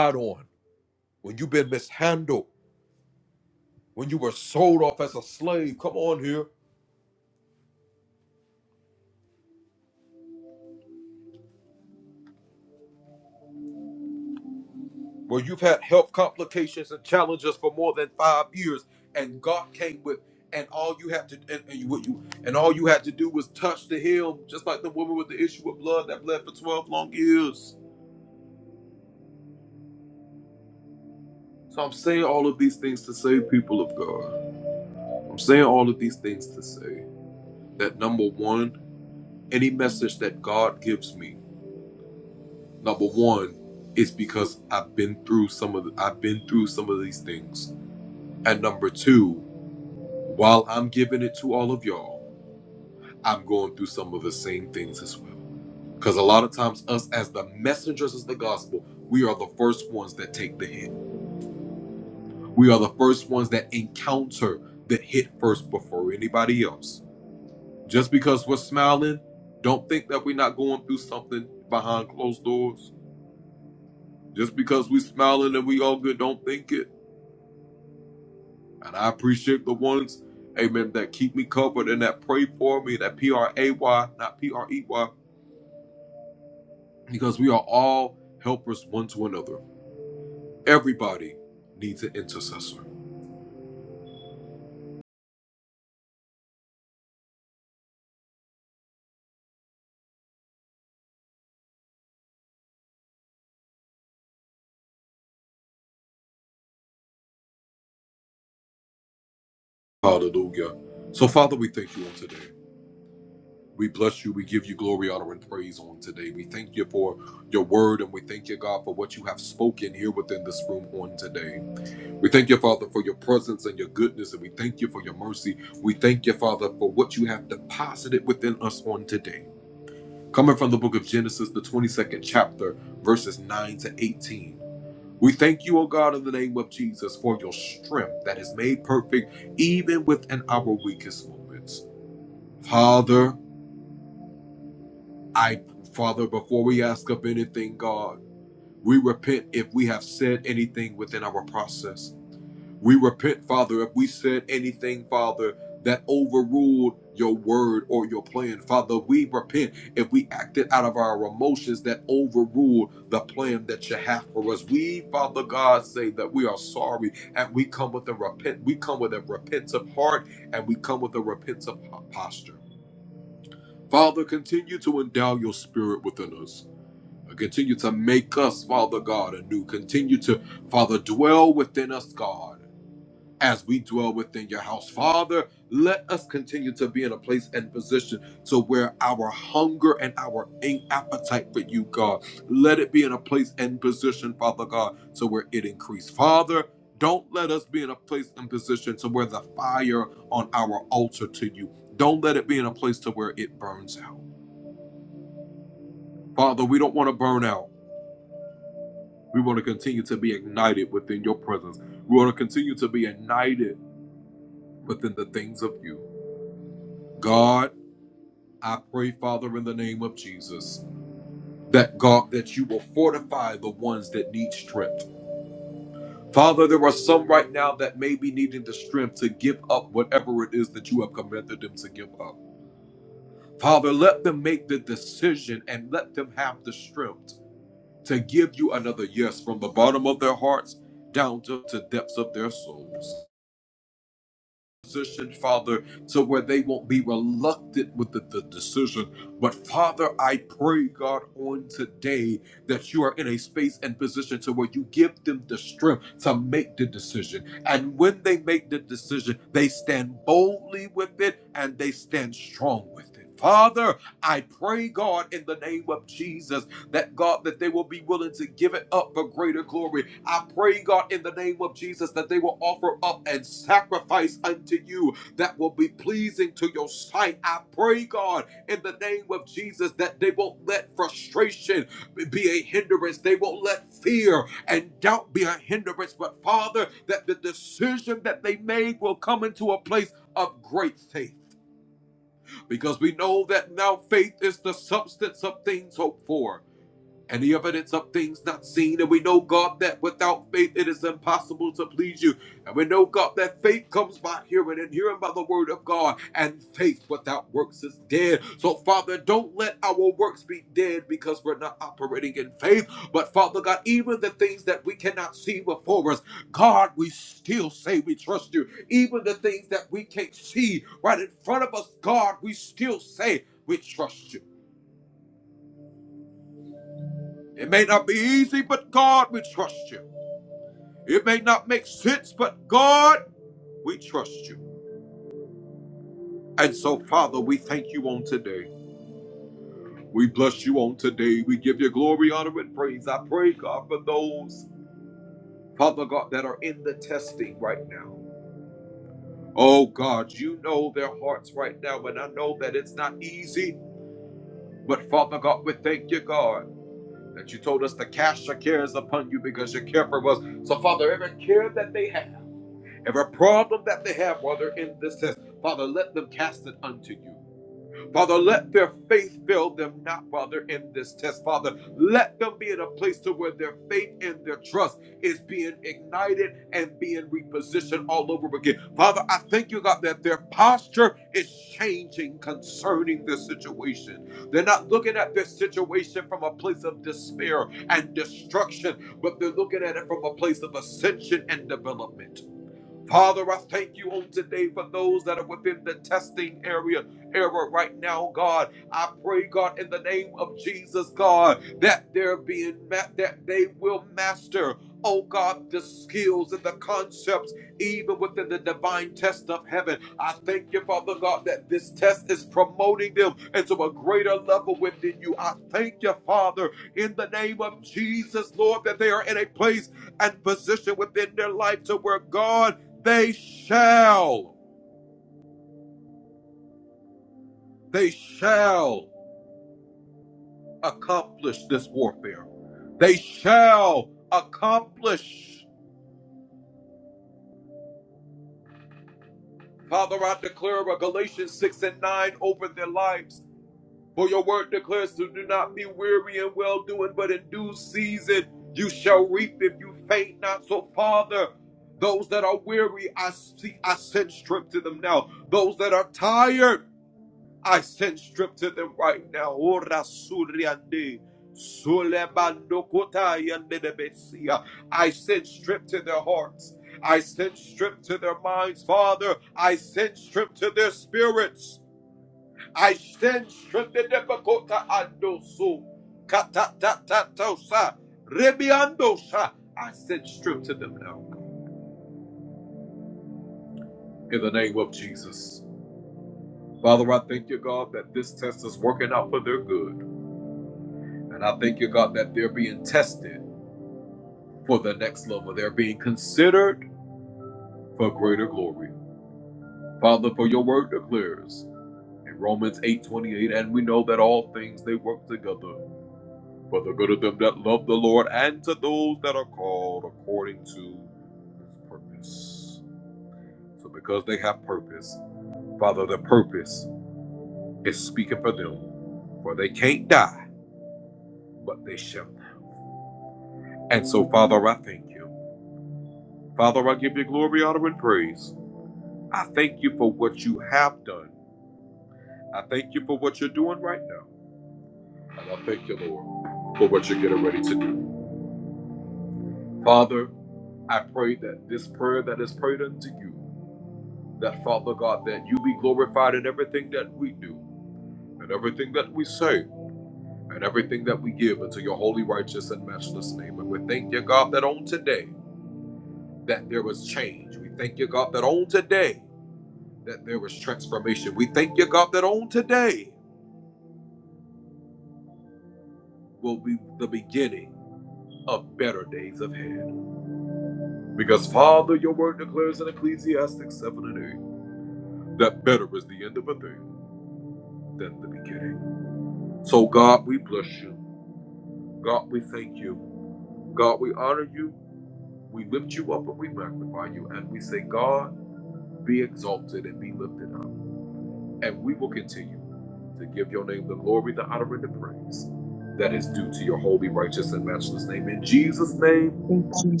Thank you.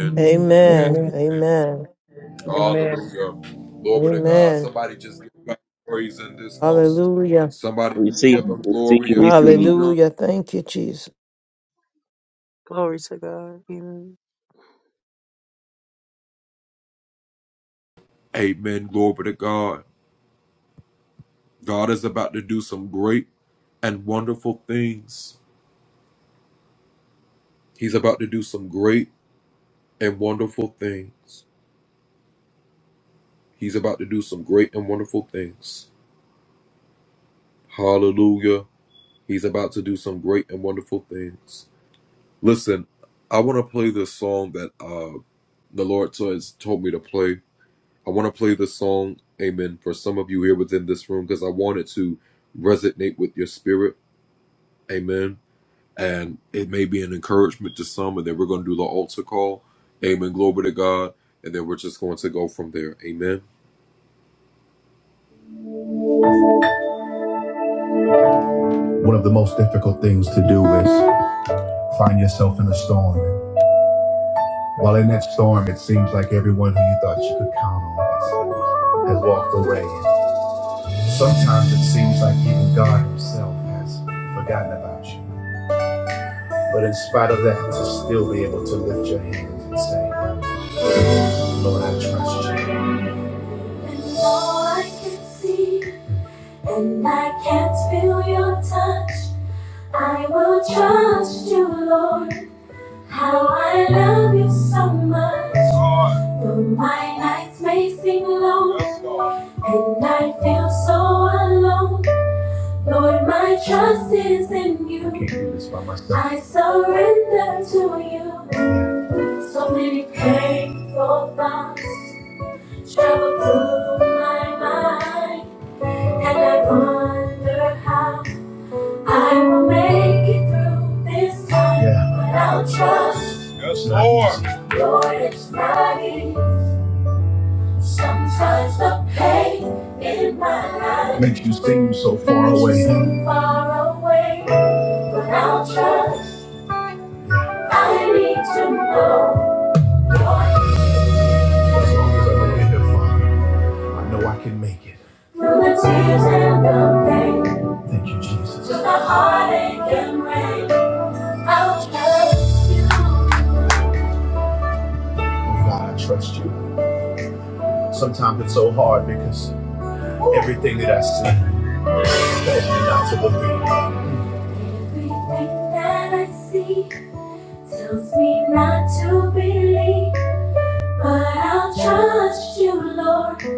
Mm,
Amen.
Amen.
Amen.
Amen. Mm,
Amen. Hallelujah.
Receive, Receive, Receive.
Hallelujah. Thank you, Jesus.
Glory to God. Amen.
One of the most difficult things to do is find yourself in a storm. While in that storm, it seems like everyone who you thought you could count on has, has walked away. Sometimes it seems like even God Himself has forgotten about you. But in spite of that, to still be able to lift your hands and say, Lord, I trust you. And though I can see and I can't feel your touch, I will trust you, Lord. How I love you so much. Though my nights may seem long, And I feel so alone. Lord, my trust is in you. I can't do this by myself. I surrender to you. So many painful thoughts travel through my mind. And I wonder how I will make it through this time. Yeah. But I'll trust. Yes, Lord. Lord, it's not easy. Sometimes the pain in my life makes you seem so far away. seem far away, but I'll trust. I need to know. As long as I lay here, Father, I know I can make it. Through the tears and the pain. Thank you, Jesus. Through the heartache and rain, I'll trust. Oh God, I trust you. Sometimes it's so hard because everything that I see, I'm not to believe. Everything that I see. Tells me not to believe, but I'll trust you, Lord.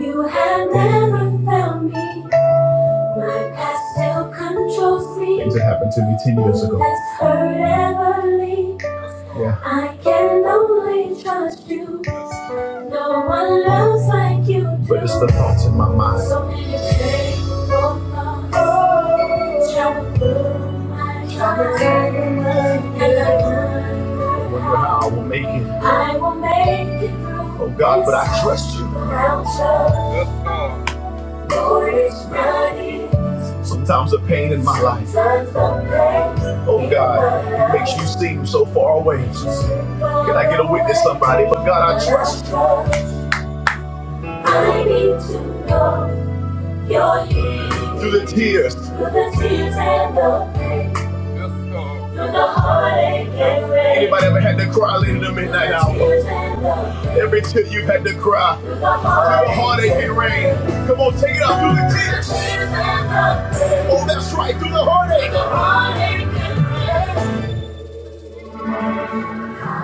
You have never found me. My past still controls me. Things that happened to me 10 years ago. That's hurt ever leave. Yeah. I can only trust you. No one loves like you do. But it's the thoughts in my mind. So many painful thoughts. I wonder how I will make it. I will make it through. Oh God, but I trust you. Sometimes the pain in my life. Oh God, makes you seem so far away. Can I get a witness, somebody? But God, I trust you. I need to know you're here. Through the tears. Through the tears and the pain. Anybody ever had to cry late in the midnight hour? Every tear you've had to cry. How heartache and rain. Come on, take it out through the tears. Oh, that's right, through the heartache.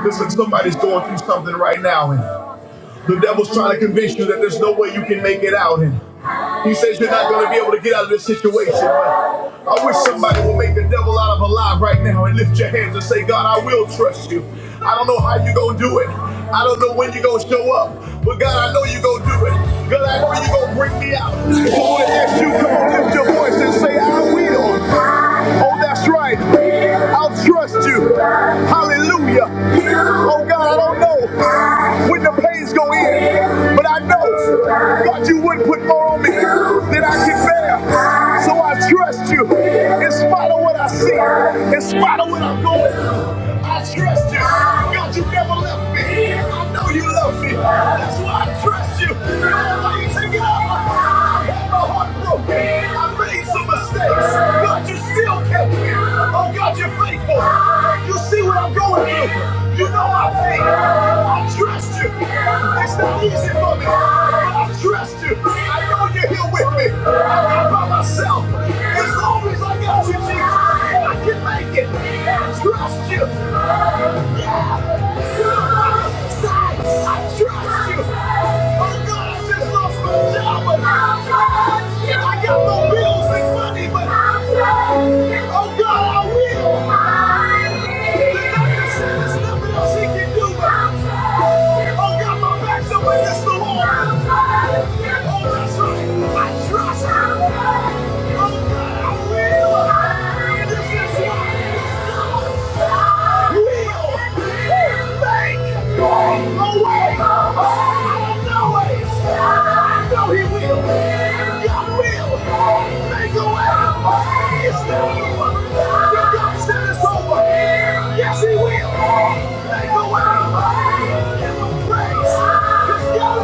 Listen, somebody's going through something right now, and the devil's trying to convince you that there's no way you can make it out. And. He says you're not going to be able to get out of this situation. But I wish somebody would make the devil out of a lie right now and lift your hands and say, God, I will trust you. I don't know how you're going to do it. I don't know when you're going to show up. But God, I know you're going to do it. God, I know you're going to bring me out. So when that's you, come on, lift your voice and say, I will. Oh, that's right. I'll trust you. Hallelujah. Oh, God, I don't know when the pain's going in, but I know, God, you wouldn't put more on me than I can bear. So I trust you in spite of what I see, in spite of what I'm going through. I trust you. God, you never left me. I know you love me. That's why I trust you. Come on, why you take it off? I had my heart broken. I made some mistakes. God, you still kept me. Oh, God, you're faithful. You see what I'm going through. You know my pain. I trust you. It's not easy for me. But I trust I know you're here with me. I'm not by myself. As long as I got you, Jesus, I can make it. I trust you. Yeah. I trust him. Oh God, I will. This is why will. Yes, he will. Make a way. Give him praise. Cause God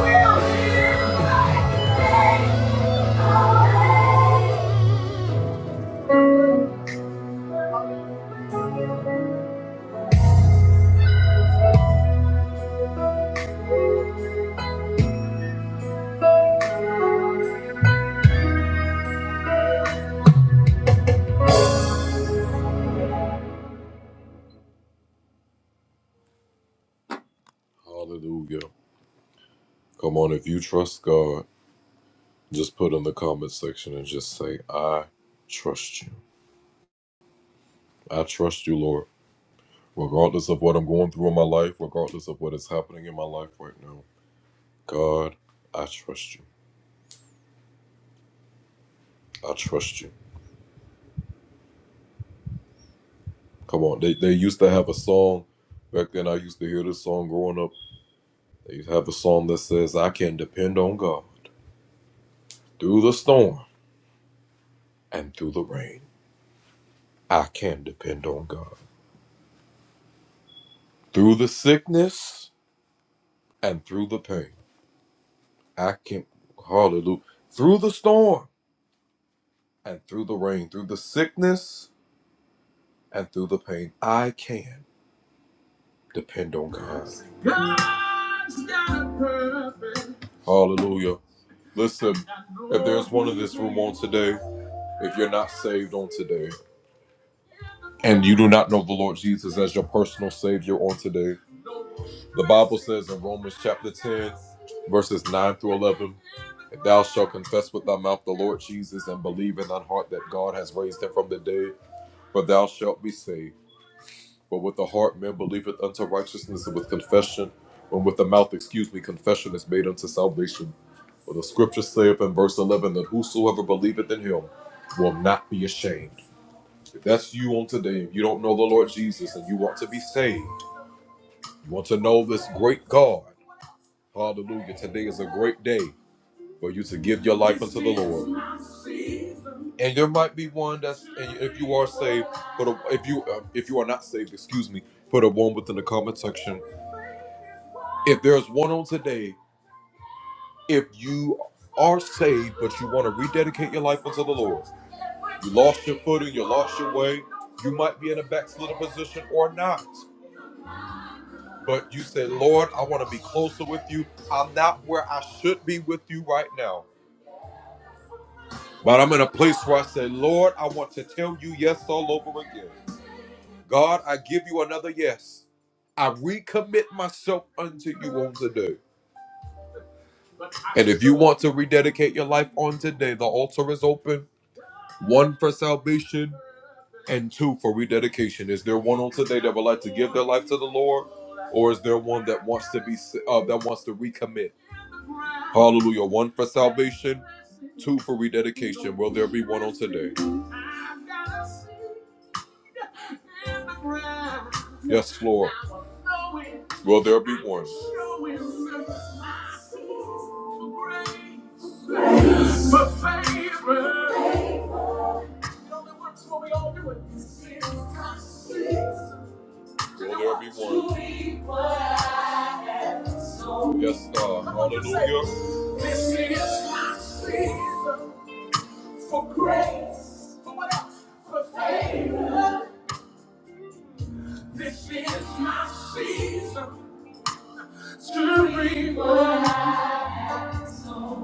will. Make a way.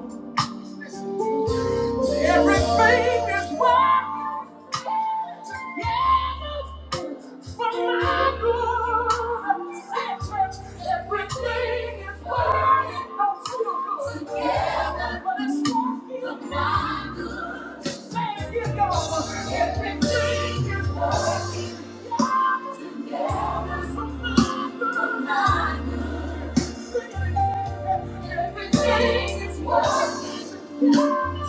Everything is working together for my good. Say, church, everything is working out for your good. Together, but it's working for my good. Say it again, y'all. Everything is working together for my good. Say it again. Everything is working. Hallelujah.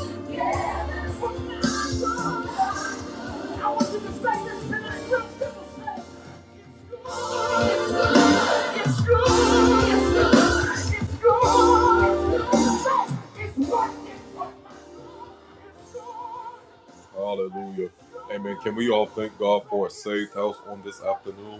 Amen. Can we all thank God for a safe house on this afternoon?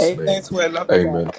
Amen, twin. Love you back.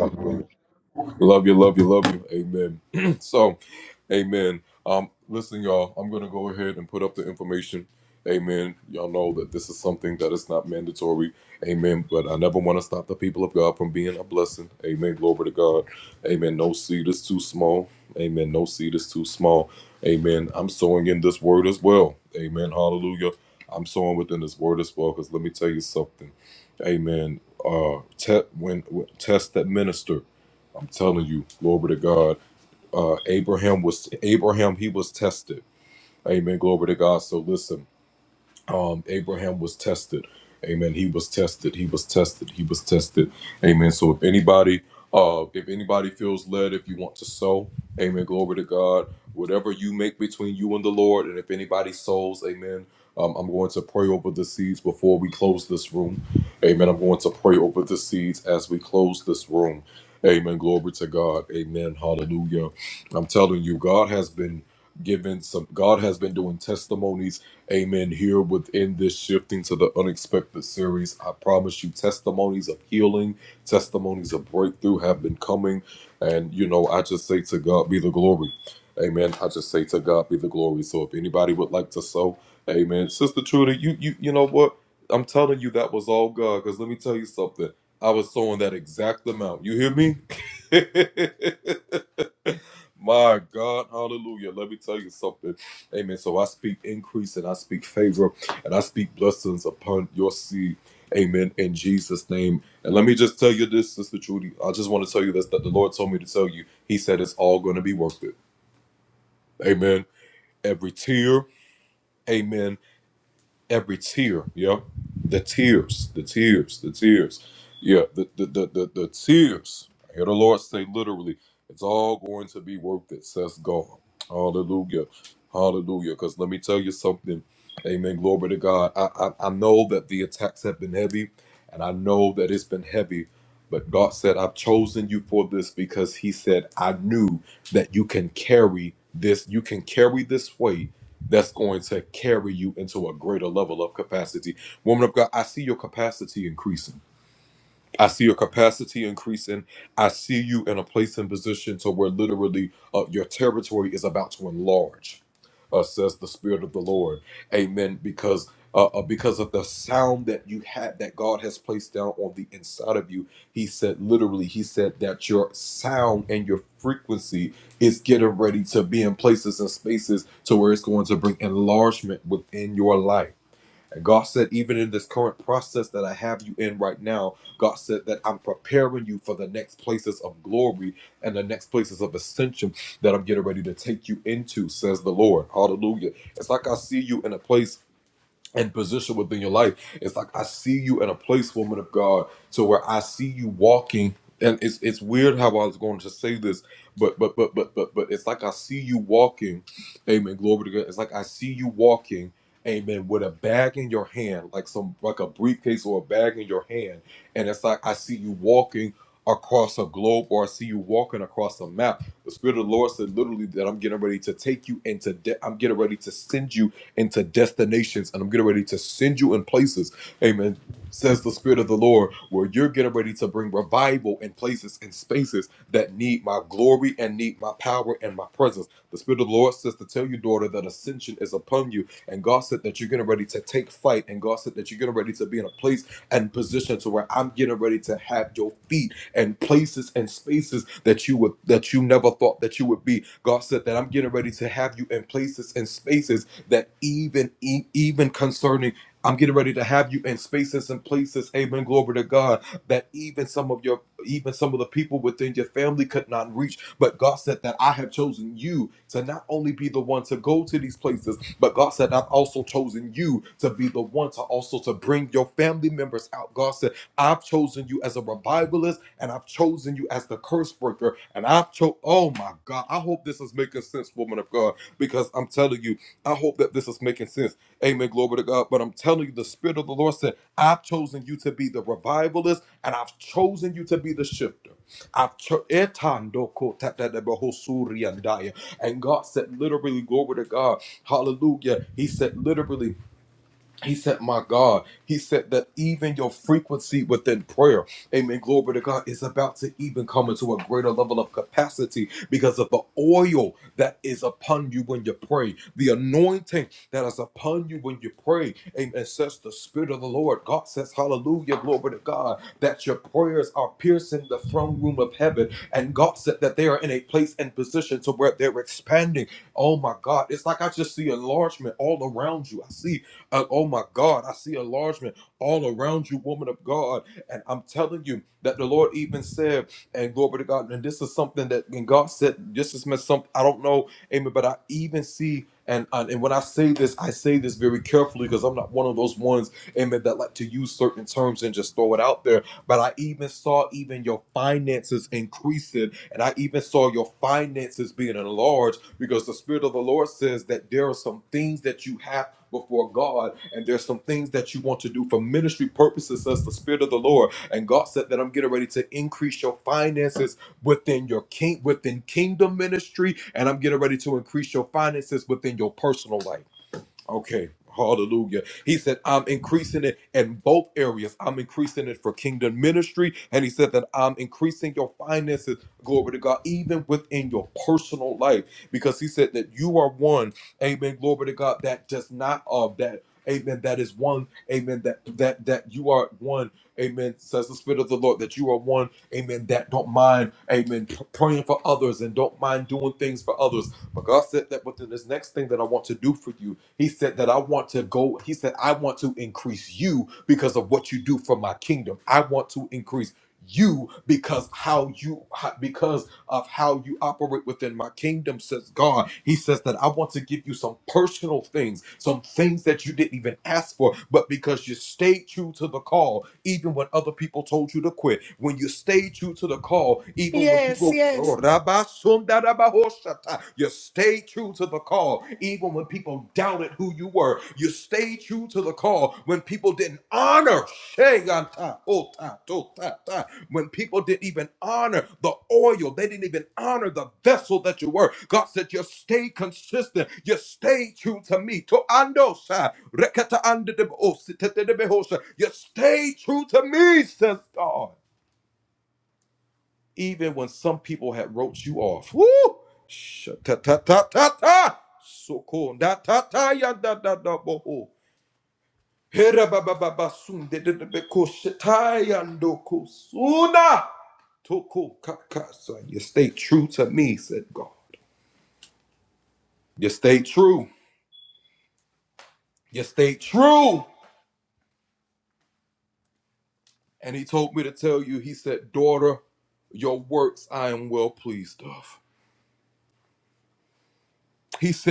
Yes, yes.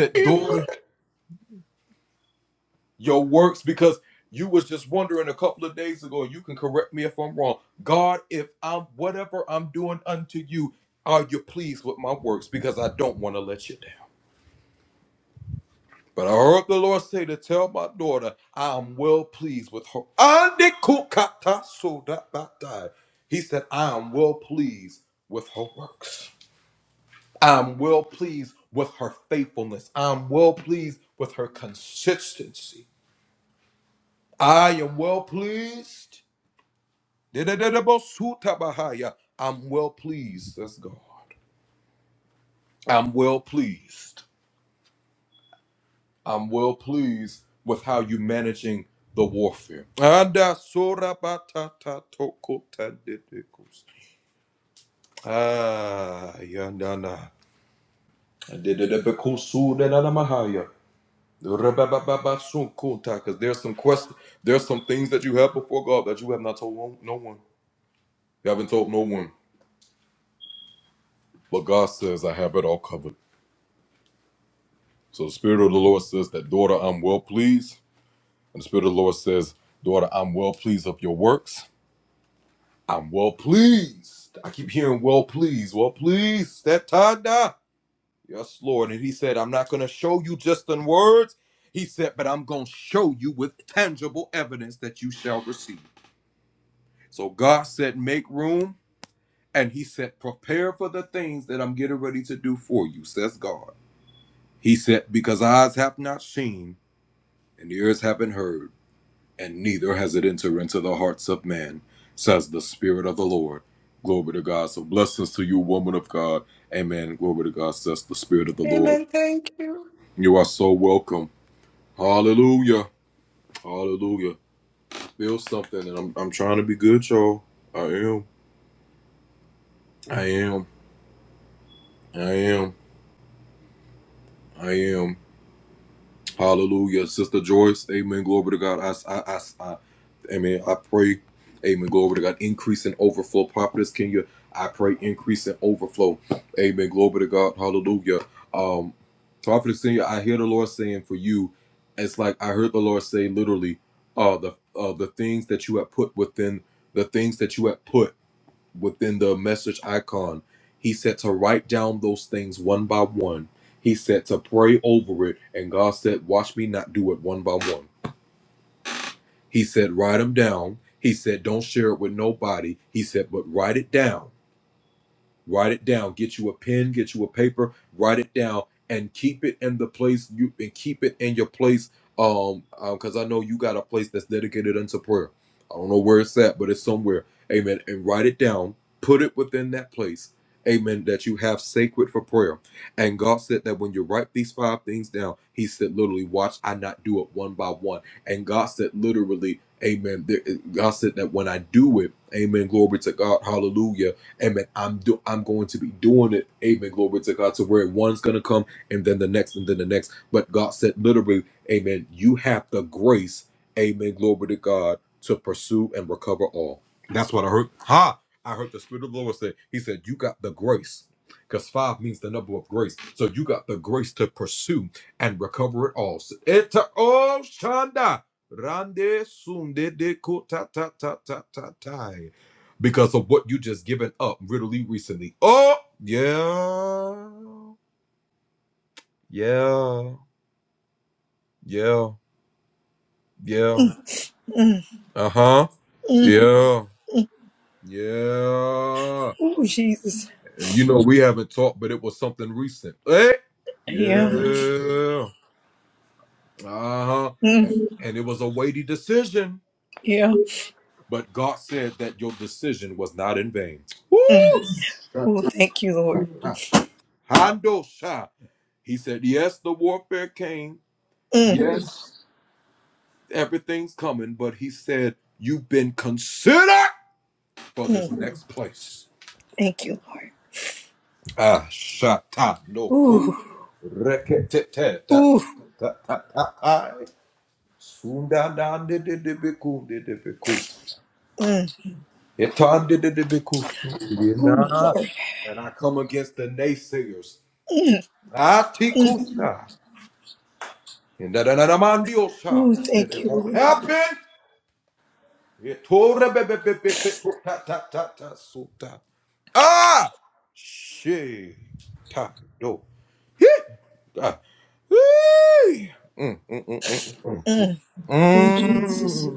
Amen. Amen. Thank you.
Mm. Ooh, Jesus. Yeah. Mm. Yeah. Thank Ooh. Ooh. Mm. Ooh, Lord. Ooh, thank you, Lord. Ooh, Jesus.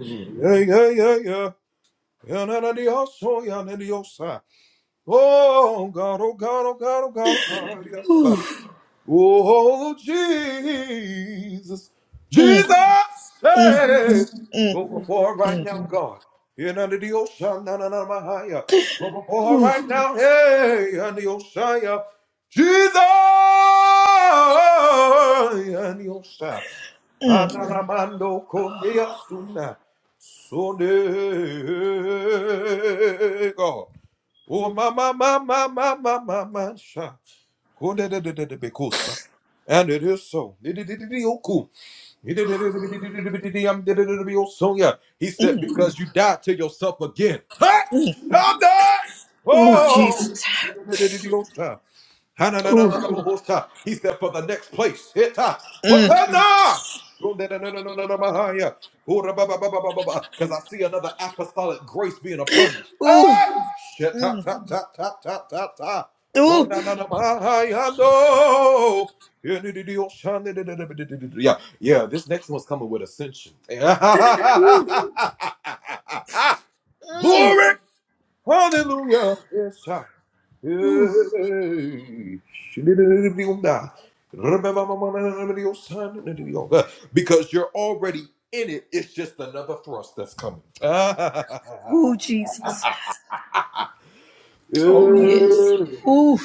Ooh, Jesus. Ooh. Mm. Ooh. Ooh. Mm. Ooh. Ooh, Jesus. Oh, yes. Ooh.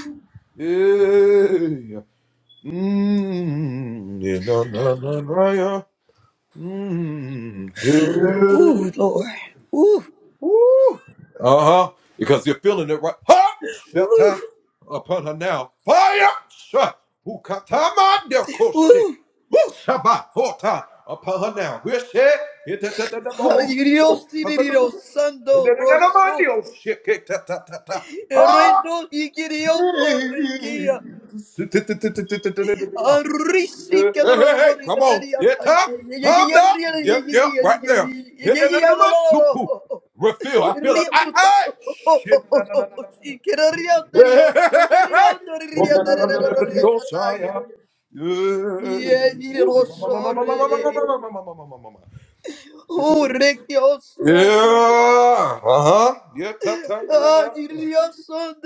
Ooh, Lord. Ooh. Ooh. Ooh. Dios tiene Dios santo rosso. Reino y querido requía. Arisi kedoro bori
Come on.
bateria
Get
ta
up. Hop up. Yep, yep, right there. Hit that in the Refill. I feel it. I, I. Shit. Yeah. Uh-huh. Yeah. ta- ta- na- na.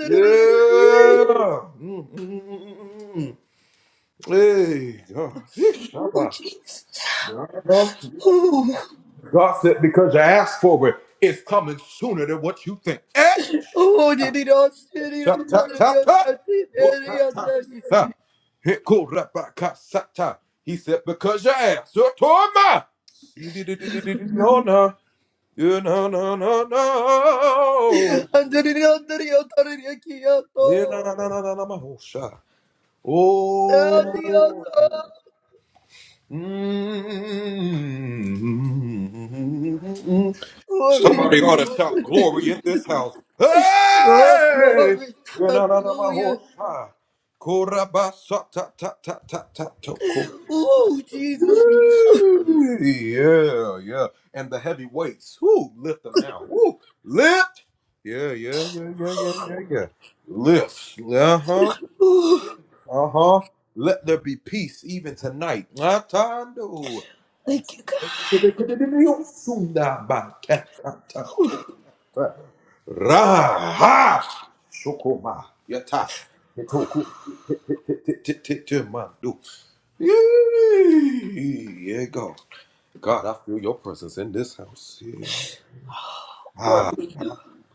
Yeah. Mm, mm, mm, mm. Hey, God. Yeesh,
Oh,
Shabbat.
Jesus. Oh,
God said because you asked for it, it's coming sooner than what you think. Eh?
oh, did it all, did it
Sa-
all,
ta-
did it
ta-
all,
ta.
did
Oh,
it
ta-
all, did it
ta-
all.
sa. Hit cool, rap, ba- ka- sa- ta. He said, because your ass, your torma. See, di- di- di- di- di- di- No, no, You- no, no, no, no.
Andriyo, andriyo, andriyo, kiyato. Adiyato. Oh, dikito. Oh, glory. Hallelujah. Oh, Jesus. Oh, thank you, God. for everything.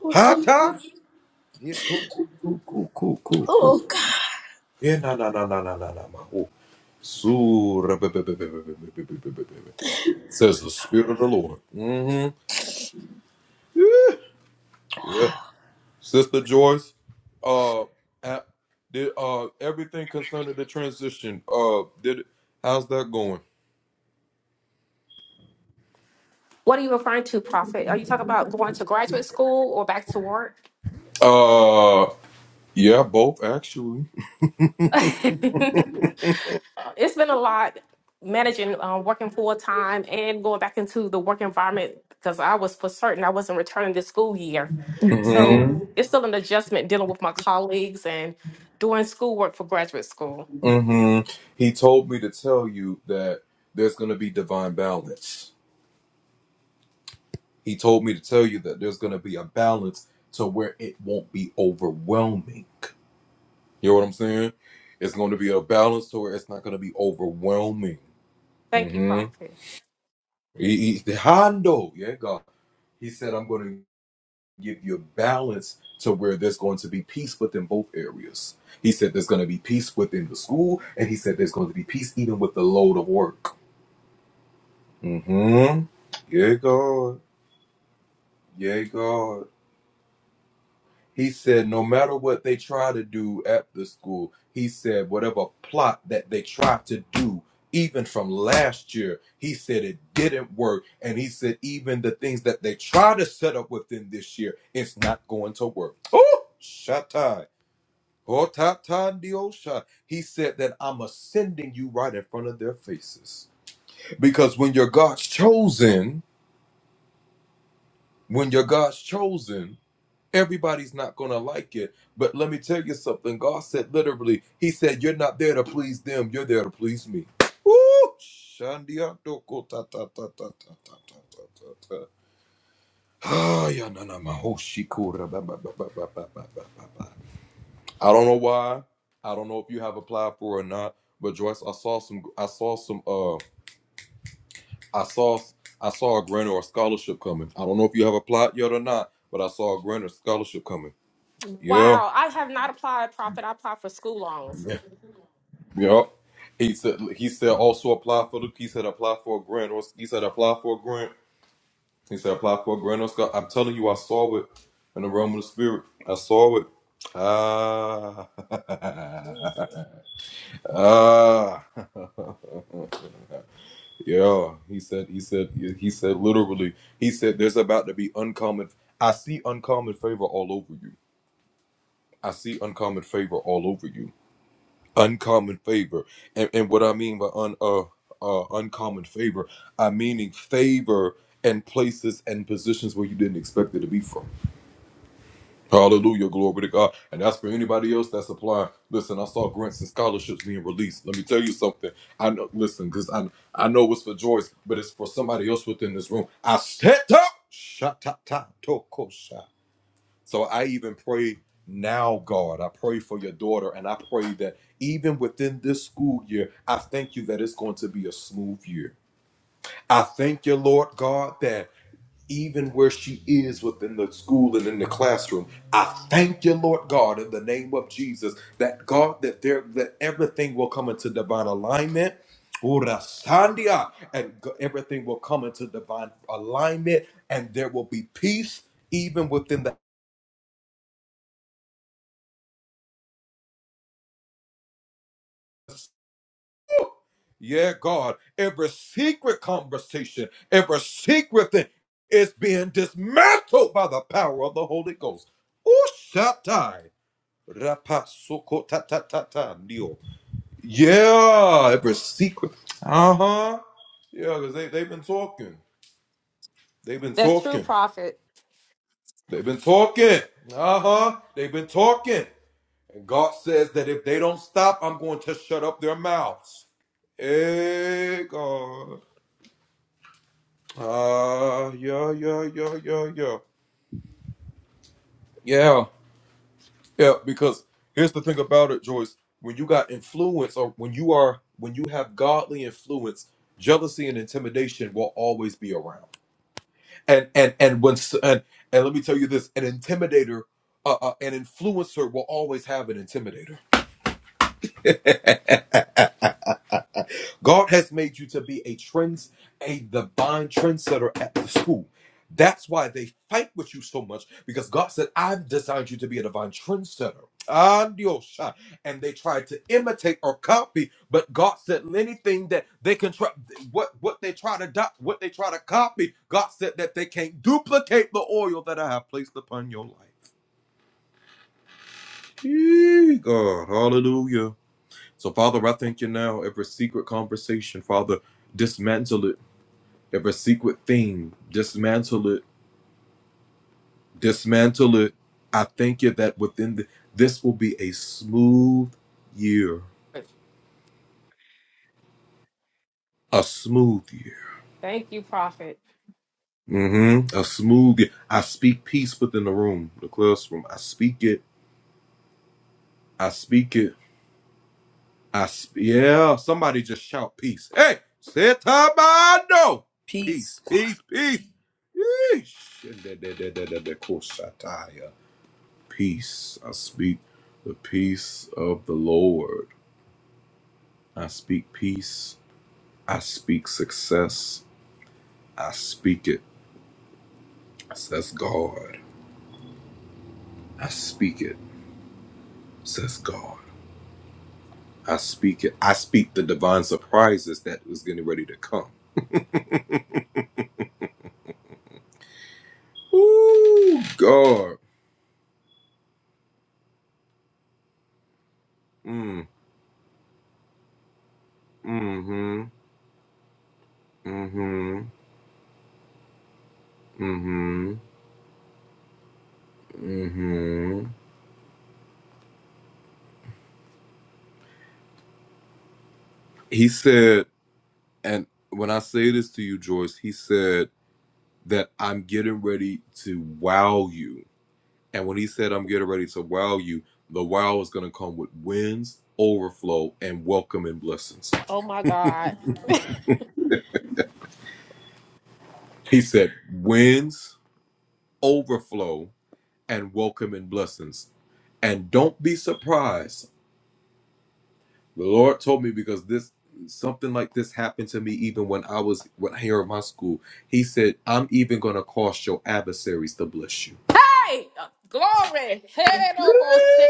Oh, Jesus. Oh, God.
What are you referring to, Prophet? Are you talking about going to graduate school or back to work? it's been a lot managing um, working full time and going back into the work environment because I was for certain I wasn't returning this school year. So Mhm. it's still an adjustment dealing with my colleagues and doing schoolwork for graduate school. Thank you, Prophet. Wow, I have not applied, Prophet. I applied for school loans. Jesus. That's true, Prophet. Thank you, Prophet.
Peace.
Oh my God. hey, uh, glory. Head almost.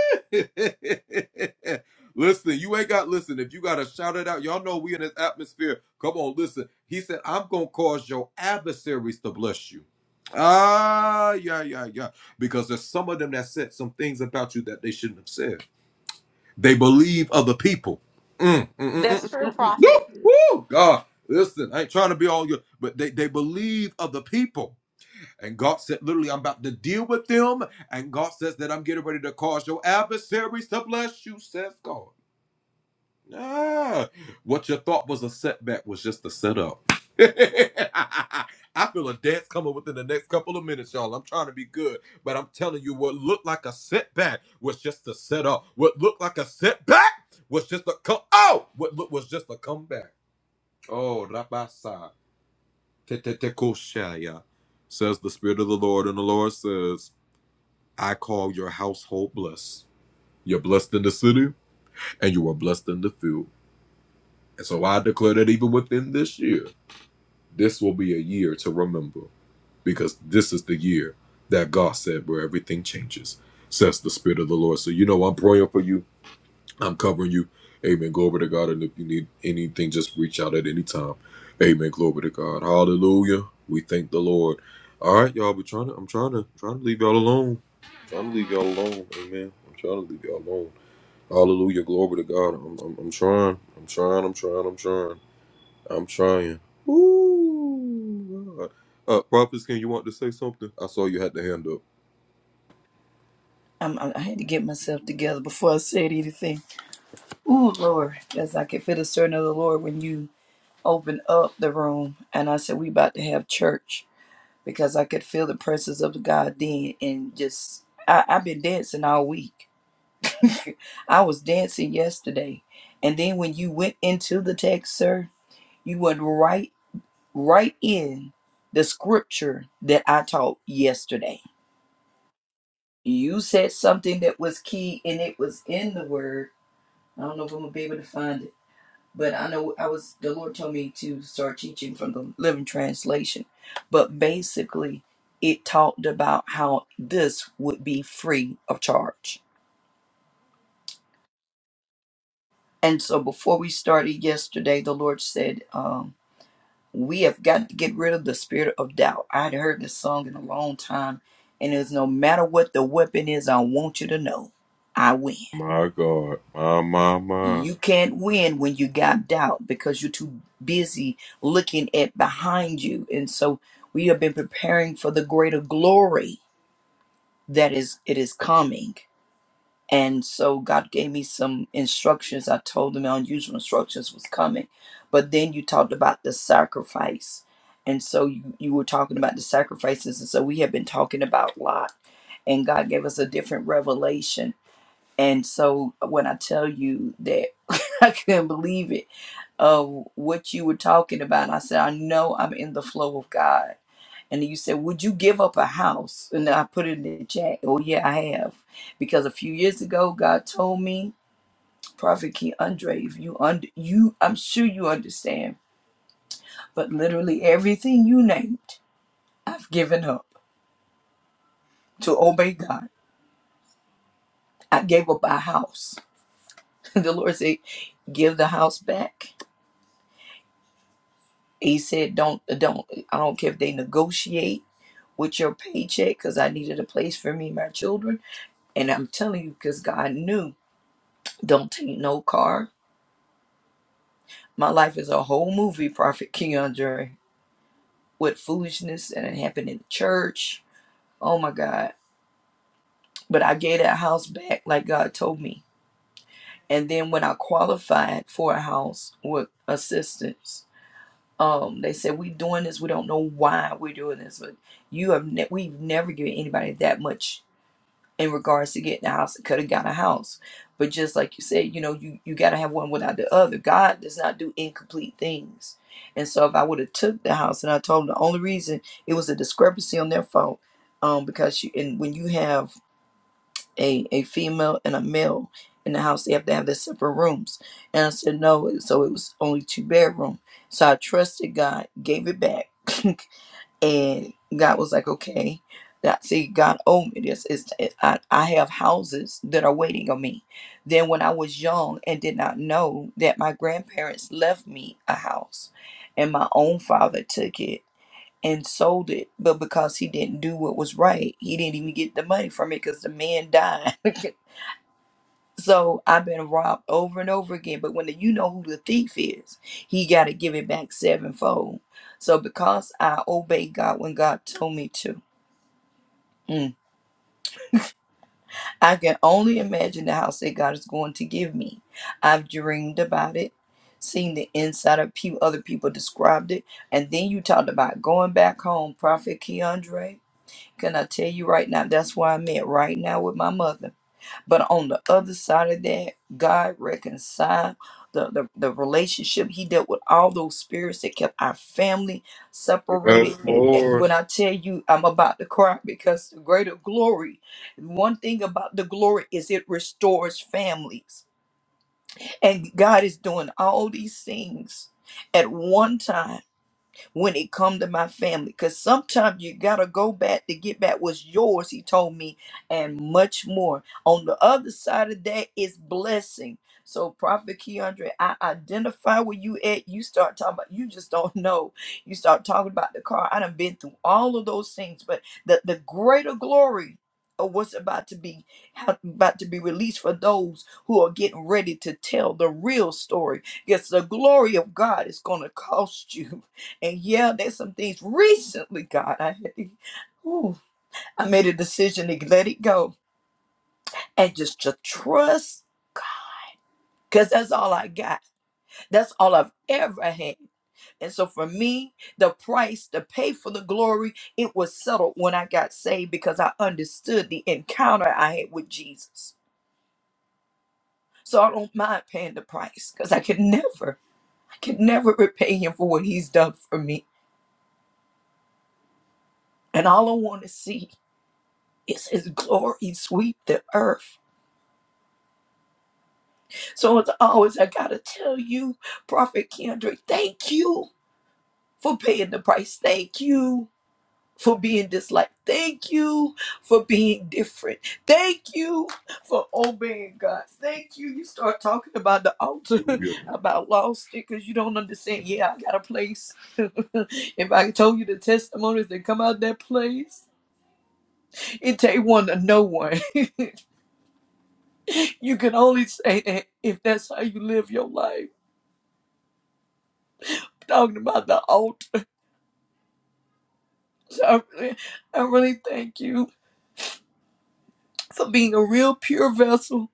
That's true, Prophet.
I'm, I I had to get myself together before I said anything. Oh, Lord. Because I could feel the certain of the Lord when you opened up the room. And I said, we about to have church. Because I could feel the presence of God then. And just, I, I've been dancing all week I was dancing yesterday. And then when you went into the text, sir, you went right right in the scripture that I taught yesterday. You said something that was key and it was in the word. I don't know if I'm gonna be able to find it, but I know I was the Lord told me to start teaching from the living translation. But basically it talked about how this would be free of charge. And so before we started yesterday, the Lord said, um, we have got to get rid of the spirit of doubt. I would heard this song in a long time, and it's no matter what the weapon is, I want you to know I win. You can't win when you got doubt because you're too busy looking at behind you. And so we have been preparing for the greater glory that is it is coming. And so God gave me some instructions. I told him unusual instructions was coming. But then you talked about the sacrifice. And so you, you were talking about the sacrifices. And so we have been talking about Lot. And God gave us a different revelation. And so when I tell you that I couldn't believe it of what you were talking about, I said, I know I'm in the flow of God and you said, Would you give up a house? And I put it in the chat. Oh, yeah, I have. Because a few years ago, God told me, Prophet King Andre, if you, under, you, I'm sure you understand, but literally everything you named, I've given up to obey God. I gave up our house. the Lord said, Give the house back. He said, Don't, don't, I don't care if they negotiate with your paycheck because I needed a place for me and my children. And I'm telling you, because God knew, don't take no car My life is a whole movie, Prophet Keandre, with foolishness and it happened in the church. Oh my God. But I gave that house back like God told me. And then when I qualified for a house with assistance, um, they said we doing this. We don't know why we're doing this, but you have ne- we've never given anybody that much in regards to getting a house. It could have got a house. But just like you said, you know, you, you gotta have one without the other. God does not do incomplete things. And so if I would have took the house and I told him the only reason it was a discrepancy on their fault, um, because you and when you have a, a female and a male in the house, they have to have their separate rooms. And I said no, so it was only two bedroom. So I trusted God, gave it back. And God was like, okay. God, see, God owed me this. It's, it, I, I have houses that are waiting on me. Then, when I was young and did not know that my grandparents left me a house and my own father took it and sold it, but because he didn't do what was right, he didn't even get the money from it because the man died. So I've been robbed over and over again. But when you know who the thief is, he got to give it back sevenfold. So because I obeyed God when God told me to, mm, I can only imagine the house that God is going to give me. I've dreamed about it, seen the inside of people, other people described it. And then you talked about going back home, Prophet Keandre. Can I tell you right now? That's where I'm at right now with my mother. But on the other side of that, God reconciled the, the, the relationship. He dealt with all those spirits that kept our family separated. And, and when I tell you, I'm about to cry because the greater glory, one thing about the glory is it restores families. And God is doing all these things at one time when it come to my family because sometimes you gotta go back to get back what's yours he told me and much more on the other side of that is blessing so prophet keandre i identify where you at you start talking about you just don't know you start talking about the car i done been through all of those things but the, the greater glory of what's about to be how- about to be released for those who are getting ready to tell the real story. Yes, the glory of God is going to cost you. And yeah, there's some things recently, God, I had to, ooh, I made a decision to let it go and just to trust because that's all I got. That's all I've ever had. And so for me, the price to pay for the glory, it was settled when I got saved because I understood the encounter I had with Jesus. So I don't mind paying the price because I could never, I could never repay him for what he's done for me. And all I want to see is his glory sweep the earth. So it's always, I gotta tell you, Prophet Kendrick, thank you for paying the price. Thank you for being disliked. Thank you for being different. Thank you for obeying God. Thank you. You start talking about the altar, about lost it, because you don't understand. Yeah, I got a place. if I told you the testimonies that come out that place, it take one to know one. You can only say that if that's how you live your life. Talking about the altar. So I really, I really thank you for being a real pure vessel,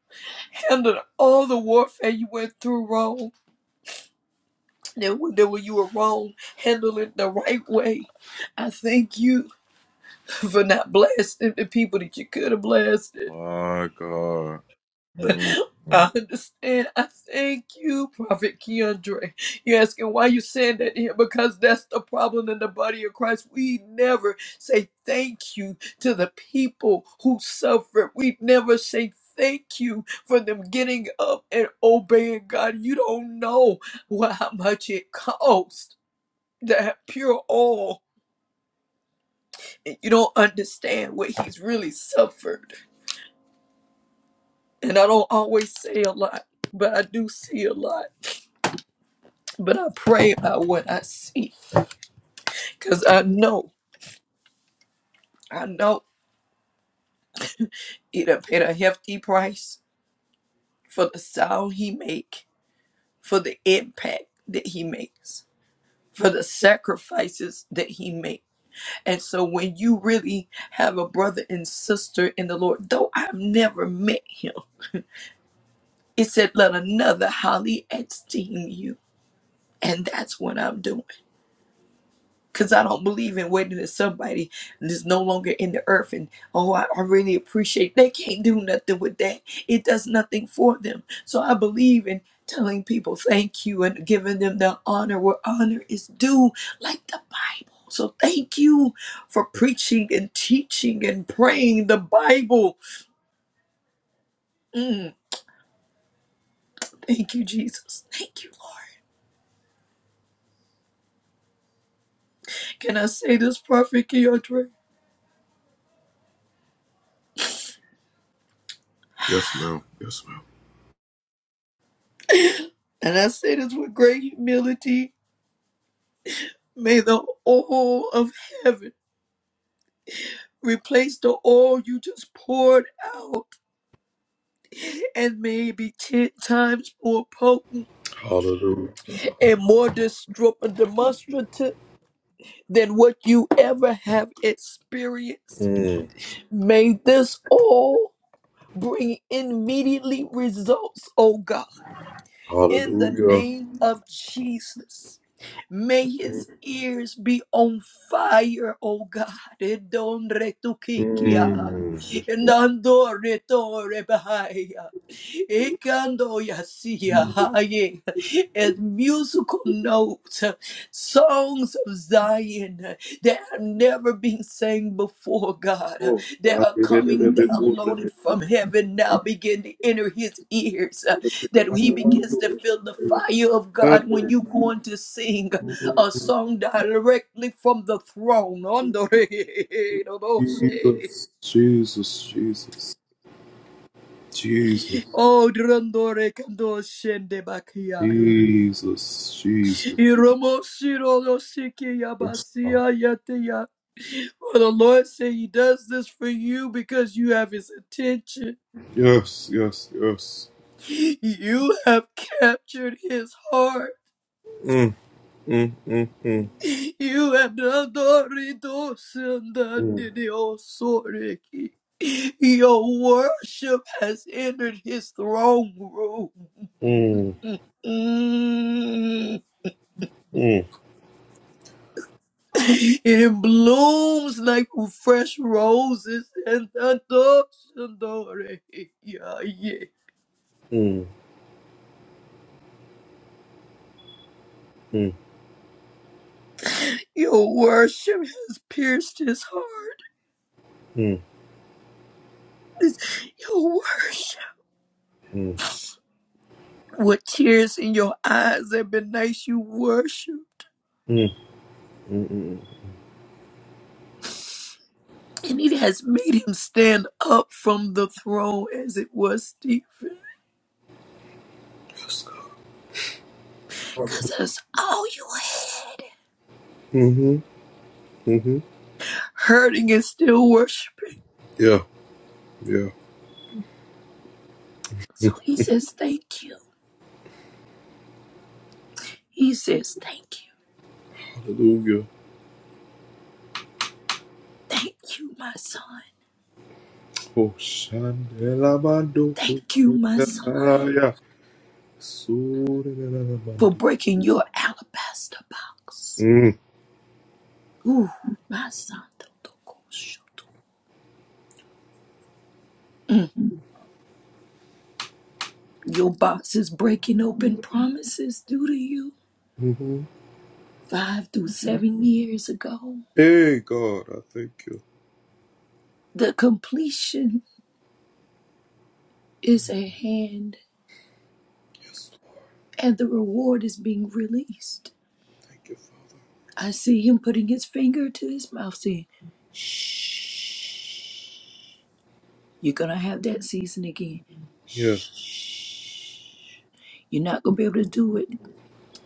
handling all the warfare you went through wrong. Then when, then when you were wrong, handle it the right way. I thank you for not blasting the people that you could have blasted. I understand. I thank you, Prophet Keandre. You're asking why you saying that here because that's the problem in the body of Christ. We never say thank you to the people who suffered. We never say thank you for them getting up and obeying God. You don't know wha- how much it cost That pure oil, and you don't understand what he's really suffered. And I don't always say a lot, but I do see a lot. but I pray about what I see because I know, I know it done paid a hefty price for the sound he make, for the impact that he makes, for the sacrifices that he make. And so when you really have a brother and sister in the Lord, though I've never met him, it said, let another highly esteem you. And that's what I'm doing. Because I don't believe in waiting to somebody that's no longer in the earth. And oh, I, I really appreciate they can't do nothing with that. It does nothing for them. So I believe in telling people thank you and giving them the honor where honor is due, like the Bible. So thank you for preaching and teaching and praying the Bible. Mm, thank you, Jesus. Thank you, Lord. Can I say this, Prophet Keandre? And I say this with great humility. May the oil of heaven Replace the oil you just poured out and may be ten times more potent and more destru- demonstrative than what you ever have experienced. May this oil bring immediately results, oh God. in the name of Jesus. May his ears be on fire, oh God. Edon retukikia. Nando retore bahaya. Ikando yasia haye. As musical notes, songs of Zion that have never been sang before, God, that are coming downloaded from heaven now begin to enter his ears that he begins to feel the fire of God when you go on to sing a song directly from the throne. Ondore-
Jesus, Jesus, Jesus,
Oh, drandore kando shende
Jesus,
bakiaya.
Jesus,
Iromo shiro no shiki
Jesus.
yabasia yatia. For the Lord said he does this for you because you have his attention.
Yes, yes, yes.
You have captured his heart.
Mm, mm, mm, mm,
You have not already done that your authority. Your worship has entered his throne room.
mm,
Mm. It blooms like fresh roses and adoption, Yeah, yeah. Your worship has pierced his heart.
mm,
It's- Your worship.
mm.
With tears in your eyes and nights you worship.
mm.
And it has made him stand up from the throne as it was Stephen. Because that's all you had. Hurting and still worshiping.
Yeah, yeah.
So he says, Thank you. He says, Thank you.
Hallelujah.
Thank you, my son.
Mm.
Thank you, my son, for breaking your alabaster box. Ooh, my son. Mm. Your box is breaking open promises due to you. Five through seven years ago.
Hey God, I thank you.
The completion is at hand and the reward is being released. I see him putting his finger to his mouth saying, Shh, you're going to have that season again. Shh, you're not going to be able to do it.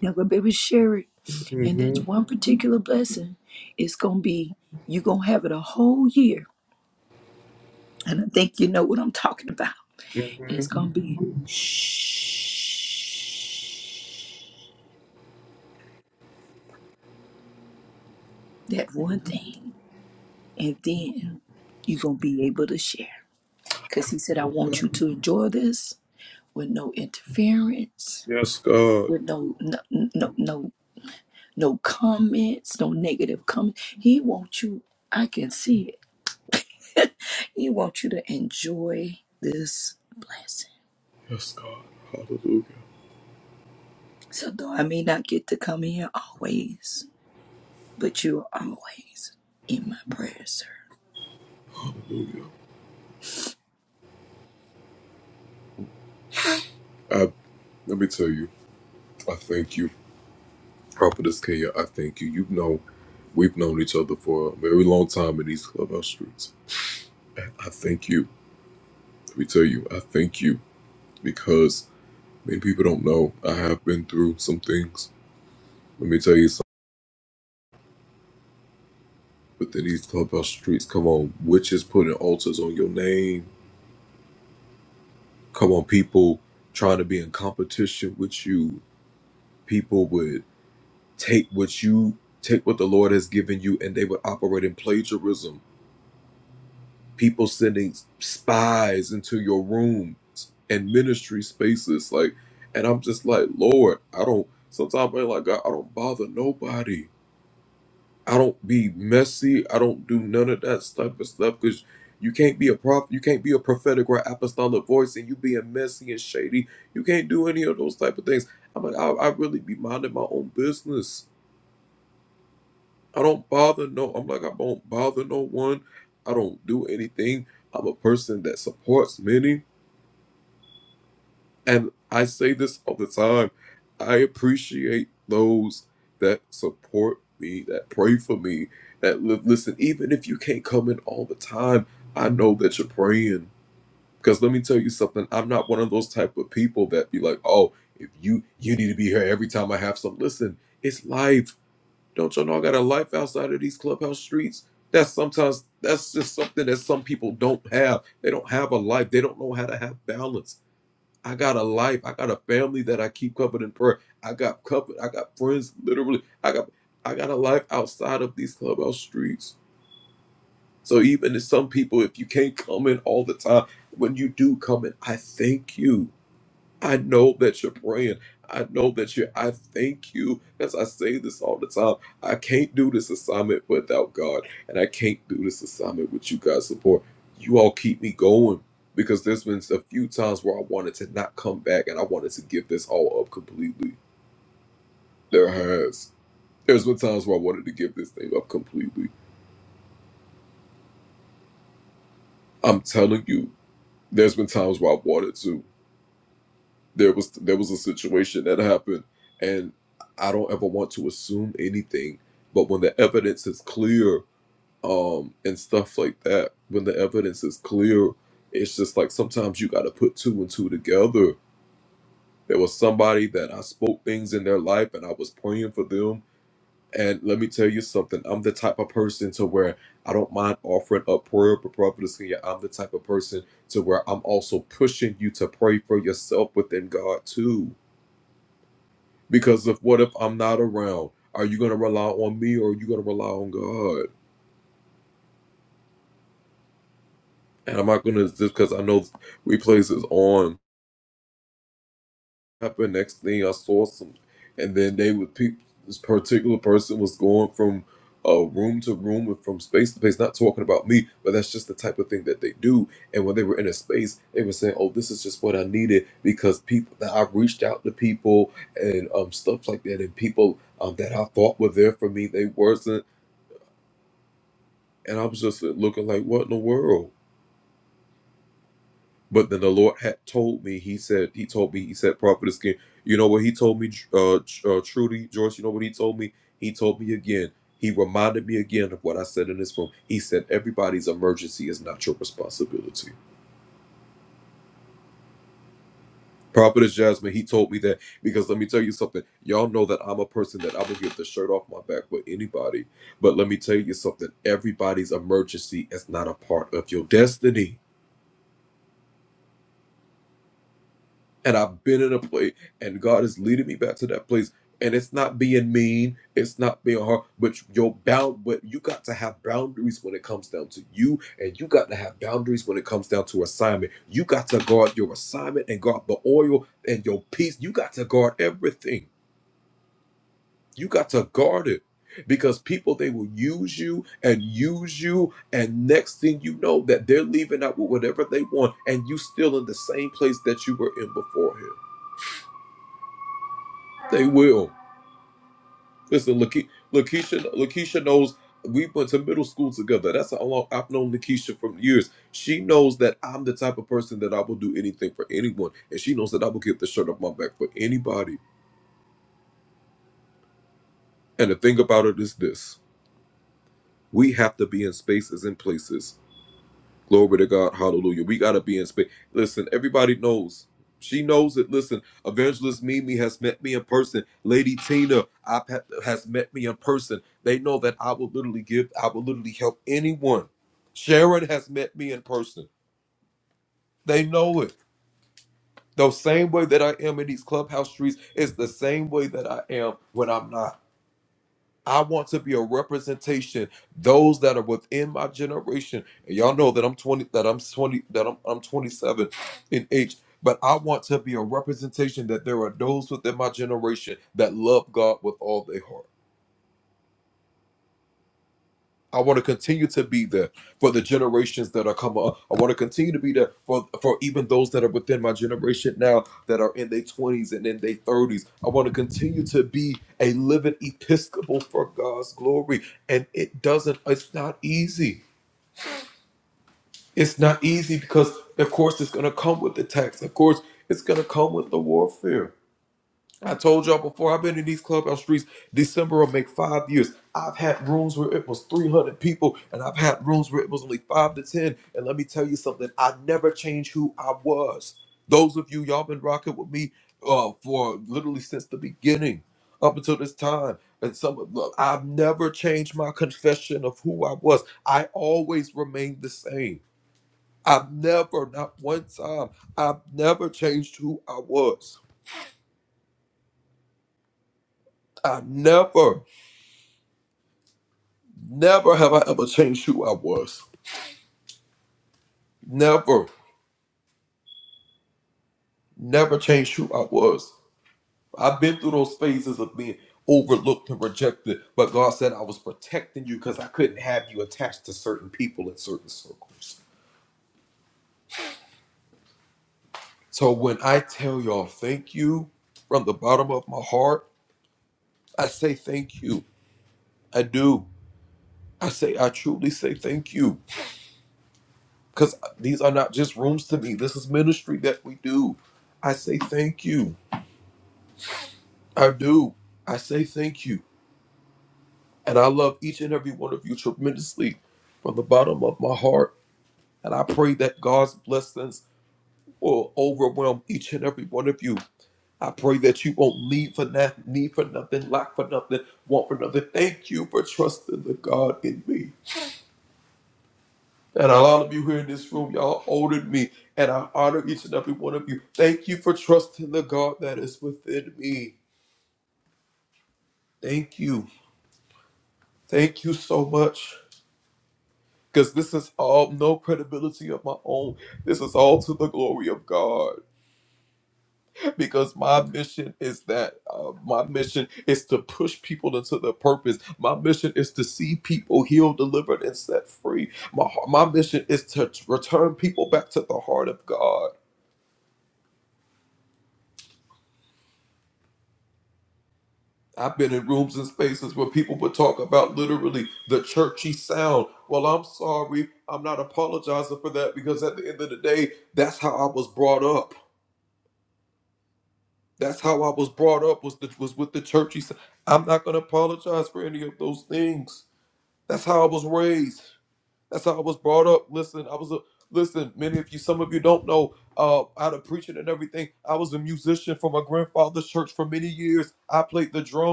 You're not going to be able to share it. And that's one particular blessing. It's going to be, you're going to have it a whole year. And I think you know what I'm talking about. And it's going to be, shh, that one thing. And then you're going to be able to share. Because he said, I want you to enjoy this with no interference, with no, no, no, no, no comments, no negative comments. He wants you, I can see it. he wants you to enjoy this blessing. So though I may not get to come here always, but you're always in my prayers, sir.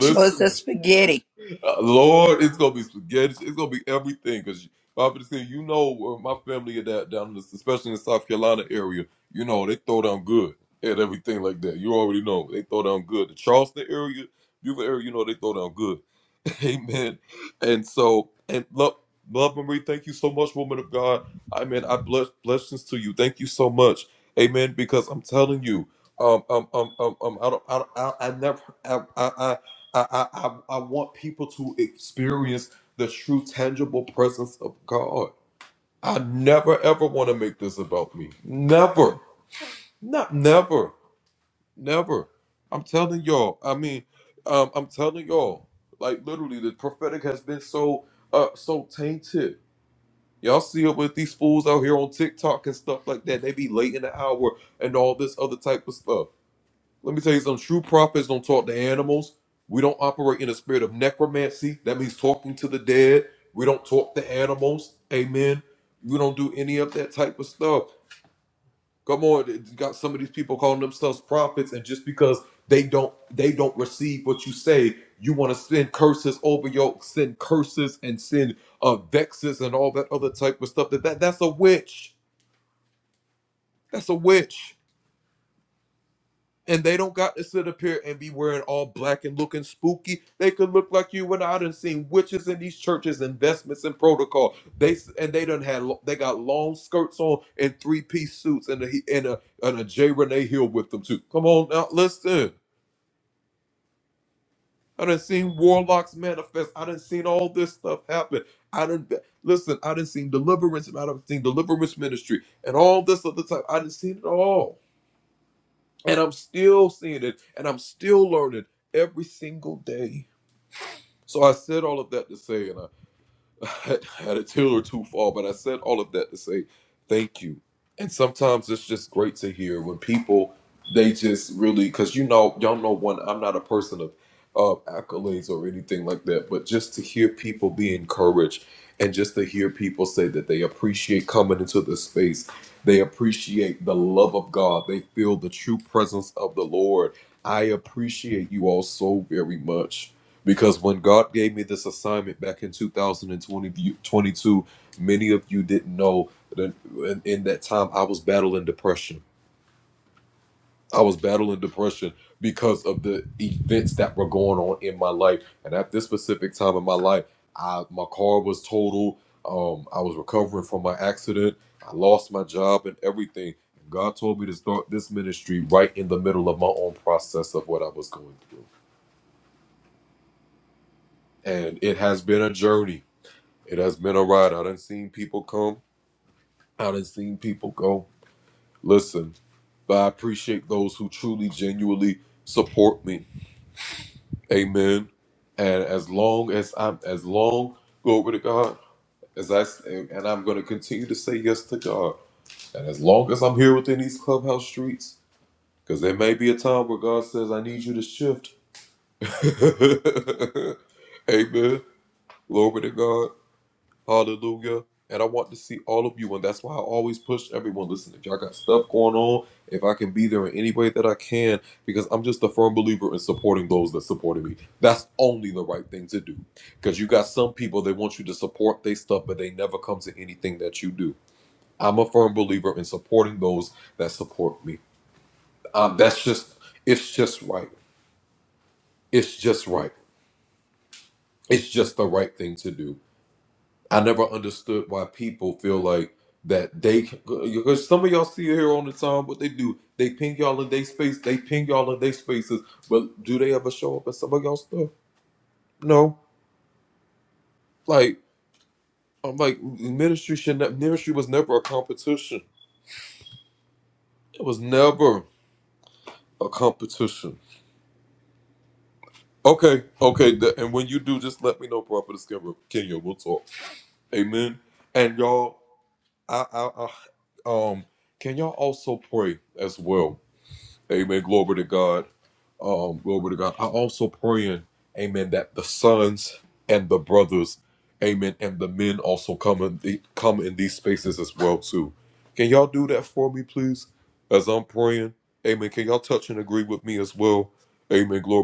Show us the spaghetti.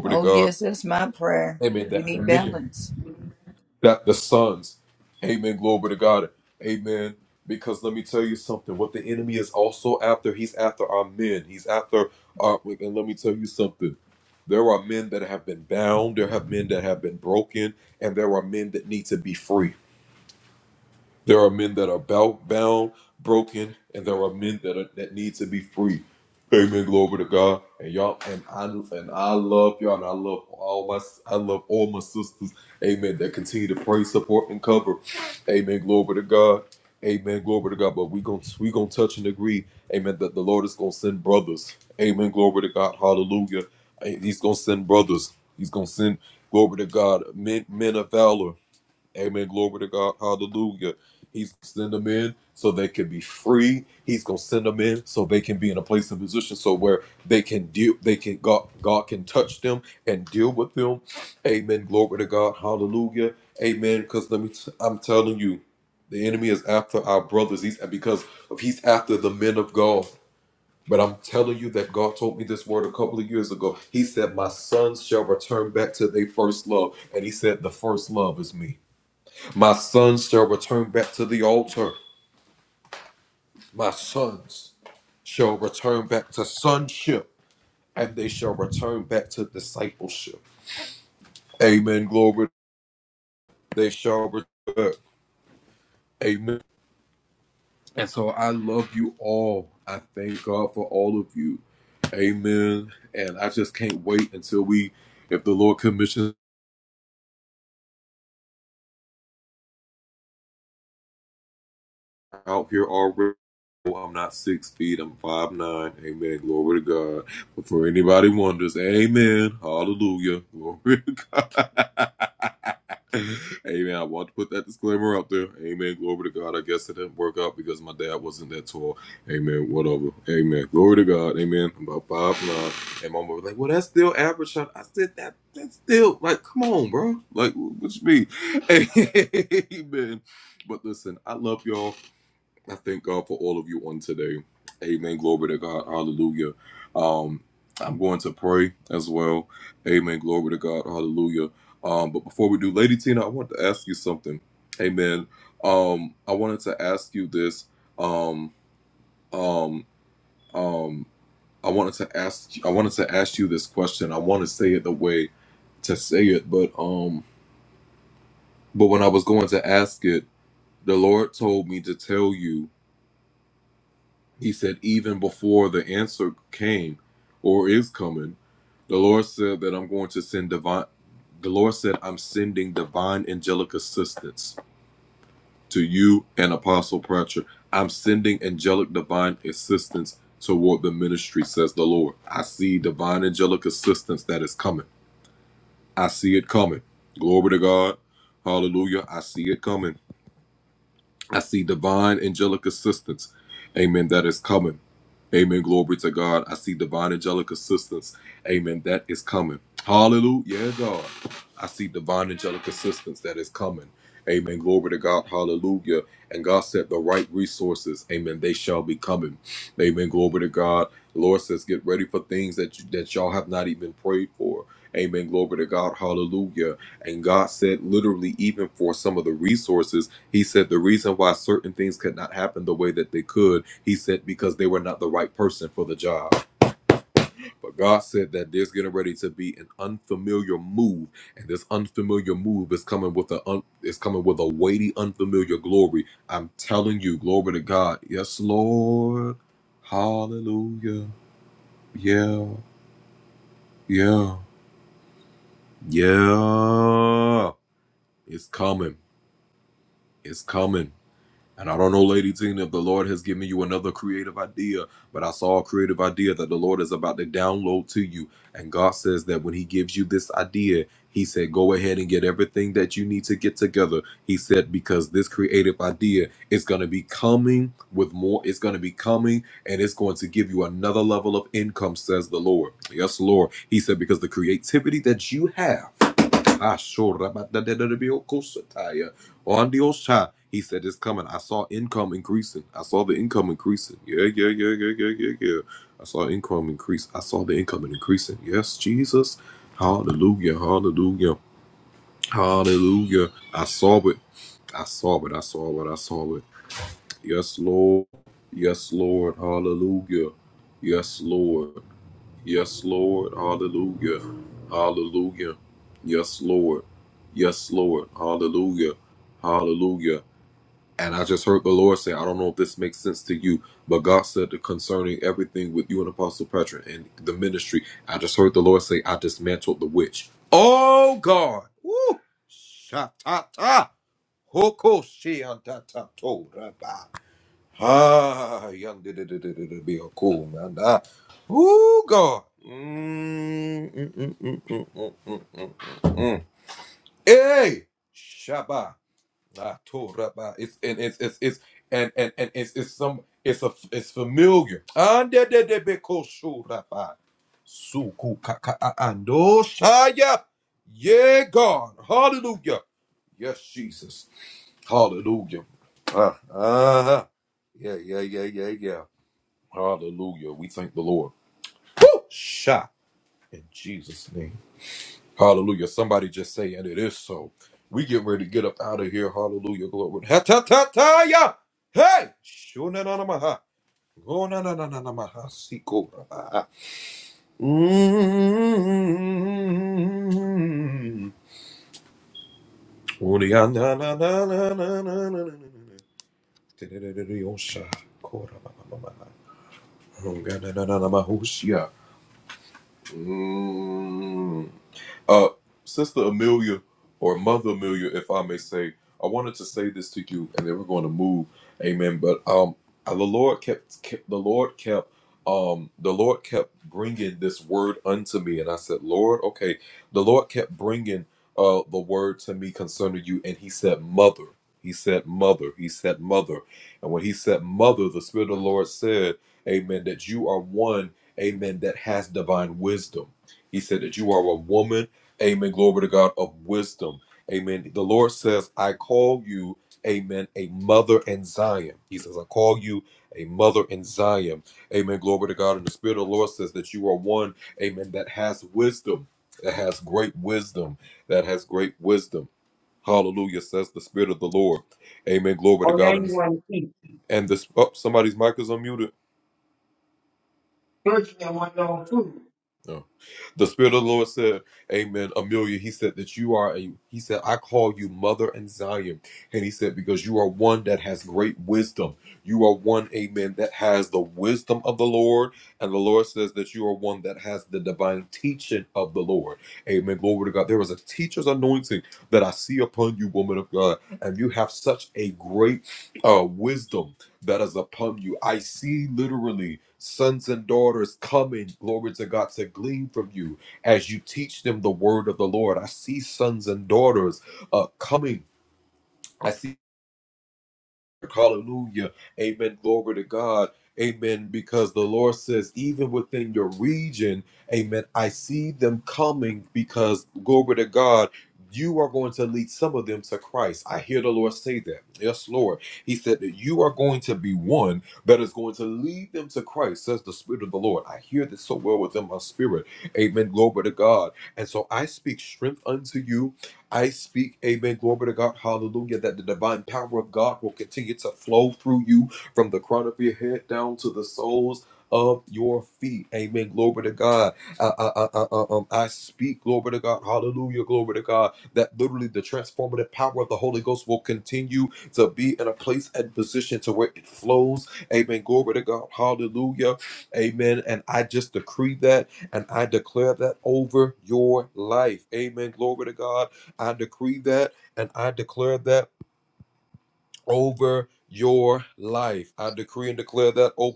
Oh, yes, that's my prayer. We need balance.
Shatata hoko shiantata toraba. Ah, Cool, Ah, Hallelujah.
Or no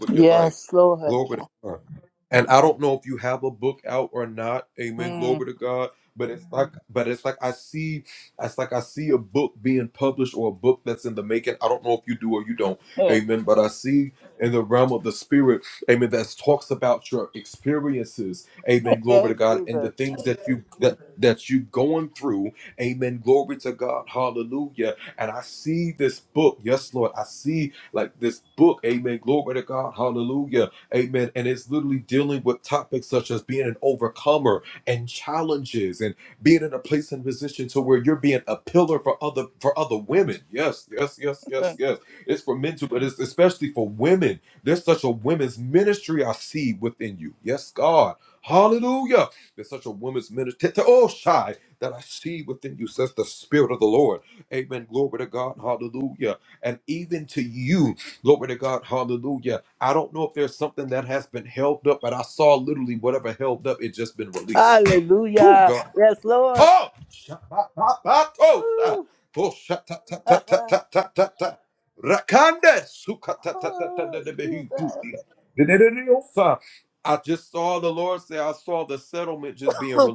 Yes, Lord. Mm. Jesus. Hallelujah. Yes, Lord. Ooh. Ooh, Jesus.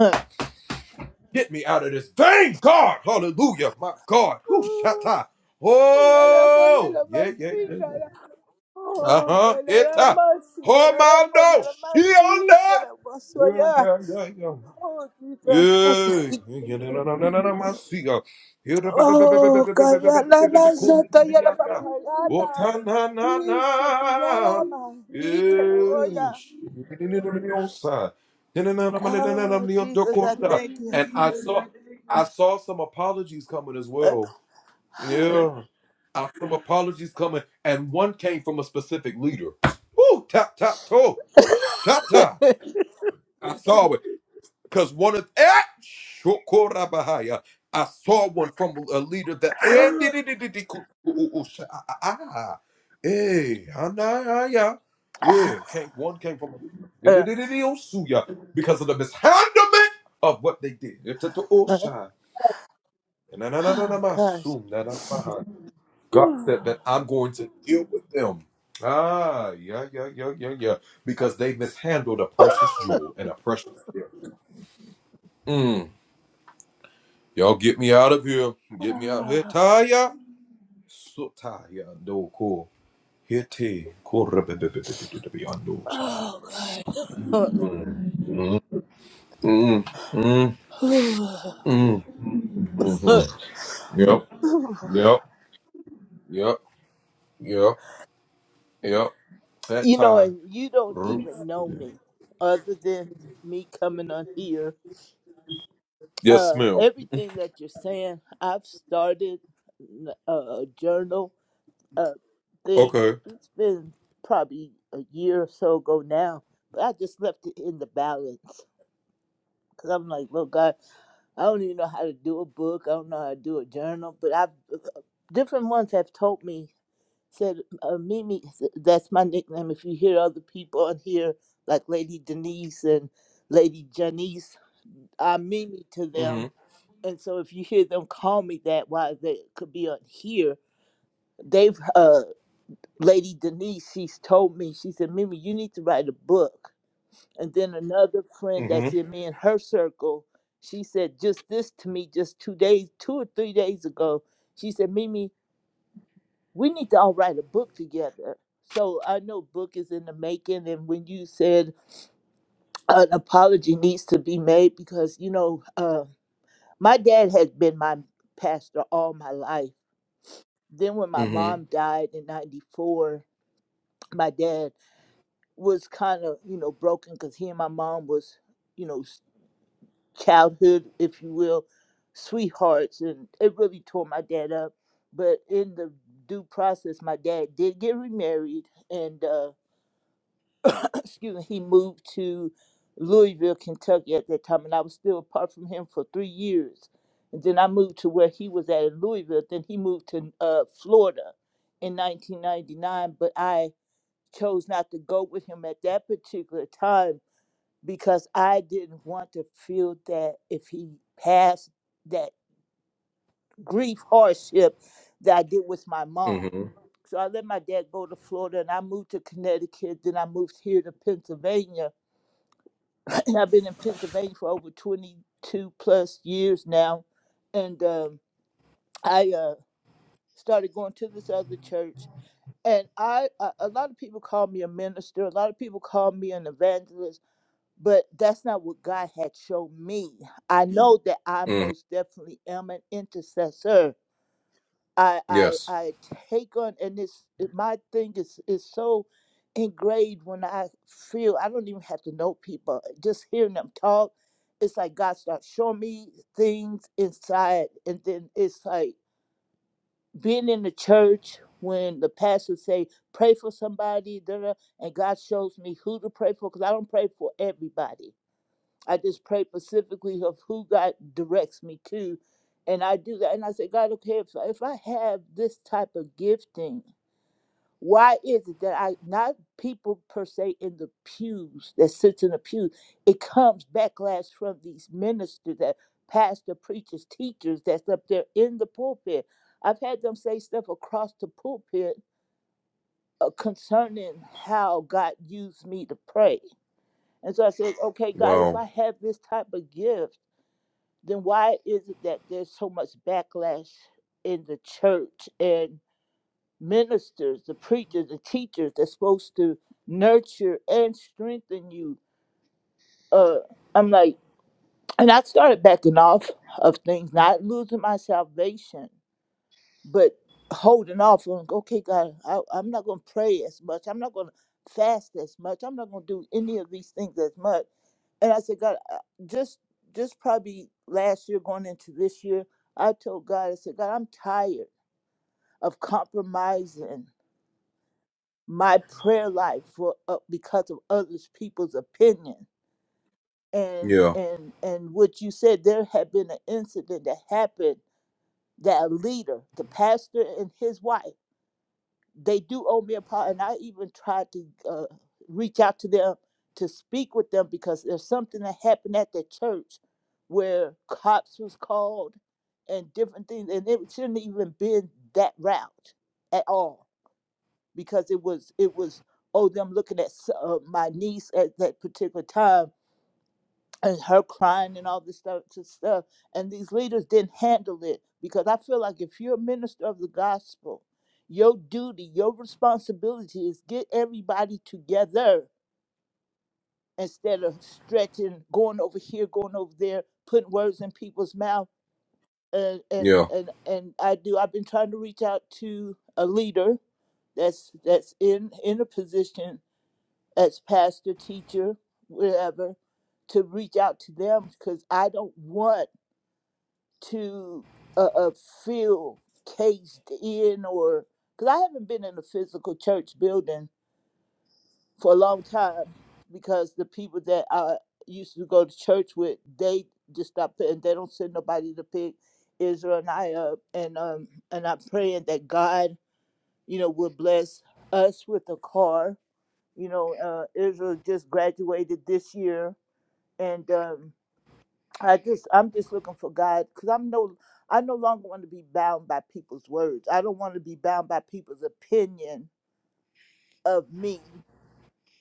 Ah. Ooh. Yalabasika, Oh, que la masi, que la polla, la masi, que la paso allá. Oh, tita sata. Oh, calla la la sata, ya la papayala. Y se te llama, y que lo voy a. Oh, Jesus, I thank you. Oh, gosh. Oh, God. You know, and you don't even know me other than me coming on here. Uh, everything that you're saying, I've started a journal uh, thing. It's been probably a year or so ago now, but I just left it in the balance because I'm like, look, God, I don't even know how to do a book. I don't know how to do a journal, but I've uh, different ones have told me said, uh, Mimi, th- that's my nickname. If you hear other people on here, like Lady Denise and Lady Janice, I'm Mimi to
hmm
them. And so if you hear them call me that, why they could be on here, they've, uh, Lady Denise, she's told me, she said, Mimi, you need to write a book. And then another friend
hmm
that's in me and her circle, she said just this to me just two days, two or three days ago. She said, Mimi, we need to all write a book together. So I know book is in the making, and when you said an apology needs to be made, because you know, uh, my dad has been my pastor all my life. Then when my mom died in '94, my dad was kind of you know broken because he and my mom was you know s- childhood, if you will, sweethearts, and it really tore my dad up. But in the due process, my dad did get remarried, and. uh, excuse me, he moved to Louisville, Kentucky at that time, and I was still apart from him for three years. And then I moved to where he was at in Louisville. Then he moved to uh, Florida in 1999, but I chose not to go with him at that particular time because I didn't want to feel that if he passed that grief hardship that I did with my mom. So I let my dad go to Florida and I moved to Connecticut. Then I moved here to Pennsylvania and I've been in Pennsylvania for over 22 plus years now. And um, I uh, started going to this other church. And I, a a lot of people call me a minister. A lot of people call me an evangelist, but that's not what God had shown me. I Mm. know that I most definitely am an intercessor I I I take on and it's it- my thing is is so engraved when I feel I don't even have to know people. Just hearing them talk, it's like God starts showing me things inside and then it's like being in the church when the pastor say pray for somebody da, da," and God shows me who to pray for because I don't pray for everybody I just pray specifically of who God directs me to. And I do that. And I say, God, okay, if, if I have this type of gifting, why is it that I, not people per se in the pews that sits in the pews, it comes backlash from these ministers that pastor, preachers, teachers that's up there in the pulpit. I've had them say stuff across the pulpit uh, concerning how God used me to pray. And so I said, okay, God, if I have this type of gift, then why is it that there's so much backlash in the church and ministers, the preachers, the teachers that's supposed to nurture and strengthen you? Uh, I'm like, and I started backing off of things, not losing my salvation, but holding off on okay god I, i'm not going to pray as much i'm not going to fast as much i'm not going to do any of these things as much and i said god I- just just probably last year going into this year i told god i said god i'm tired of compromising my prayer life for uh, because of others people's opinion and and and what you said there had been an incident that happened that a leader the pastor and his wife they do owe me a part, and I even tried to uh, reach out to them to speak with them because there's something that happened at the church where cops was called and different things, and it shouldn't even been that route at all because it was it was oh them looking at uh, my niece at that particular time and her crying and all this stuff to stuff and these leaders didn't handle it because i feel like if you're a minister of the gospel your duty your responsibility is get everybody together instead of stretching going over here going over there putting words in people's mouth and and and, and i do i've been trying to reach out to a leader that's that's in in a position as pastor teacher whatever to reach out to them because i don't want to uh, uh, feel caged in or because I haven't been in a physical church building for a long time because the people that I used to go to church with they just stop and they don't send nobody to pick Israel and I up and um and I'm praying that God you know will bless us with a car you know uh, Israel just graduated this year and um. I just I'm just looking for God because I'm no I no longer want to be bound by people's words. I don't want to be bound by people's opinion of me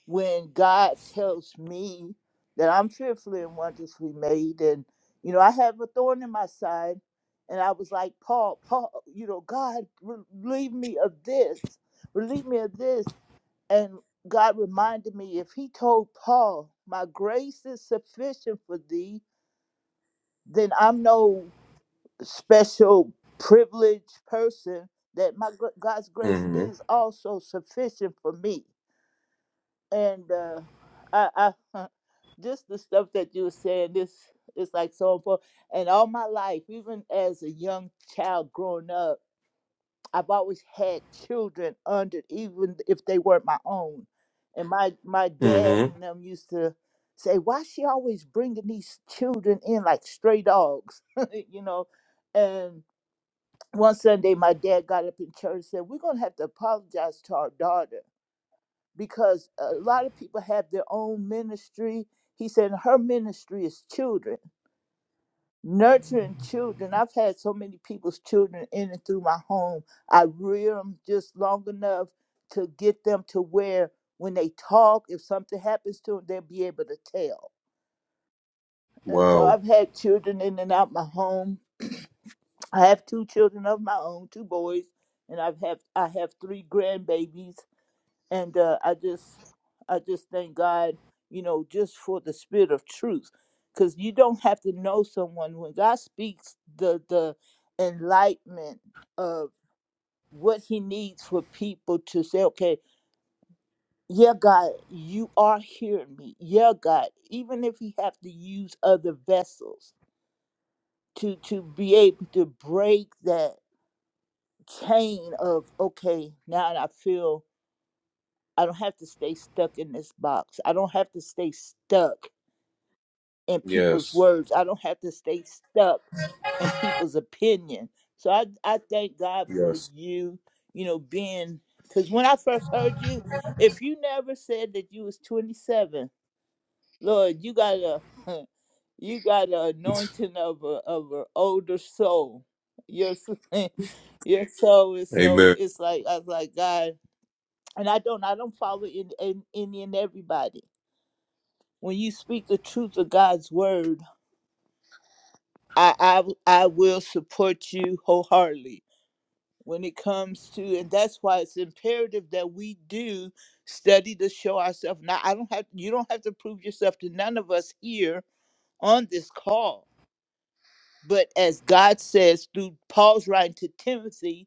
when God tells me that I'm fearfully and wonderfully made and you know I have a thorn in my side and I was like Paul Paul you know God relieve me of this relieve me of this and God reminded me if he told Paul my grace is sufficient for thee then I'm no special privileged person that my gr- God's grace is also sufficient for me. And uh, I, I just the stuff that you were saying, this is like so important. And all my life, even as a young child growing up, I've always had children under, even if they weren't my own. And my my dad and them used to say, "Why she always bringing these children in like stray dogs?" you know, and one Sunday, my dad got up in church and said, We're going to have to apologize to our daughter because a lot of people have their own ministry. He said, Her ministry is children, nurturing children. I've had so many people's children in and through my home. I rear them just long enough to get them to where when they talk, if something happens to them, they'll be able to tell. And so I've had children in and out my home I have two children of my own, two boys, and I've have I have three grandbabies, and uh, I just I just thank God, you know, just for the spirit of truth, because you don't have to know someone when God speaks the the enlightenment of what He needs for people to say, okay, yeah, God, you are hearing me, yeah, God, even if He have to use other vessels to to be able to break that chain of okay now i feel i don't have to stay stuck in this box i don't have to stay stuck in people's words i don't have to stay stuck in people's opinion so i, I thank god for you you know being because when i first heard you if you never said that you was 27 lord you got a you got an anointing of a of an older soul your, s- your soul is so it's like i was like god and I don't I don't follow in in, in and everybody. When you speak the truth of God's word, I I I will support you wholeheartedly. When it comes to and that's why it's imperative that we do study to show ourselves. Now I don't have you don't have to prove yourself to none of us here on this call. But as God says through Paul's writing to Timothy,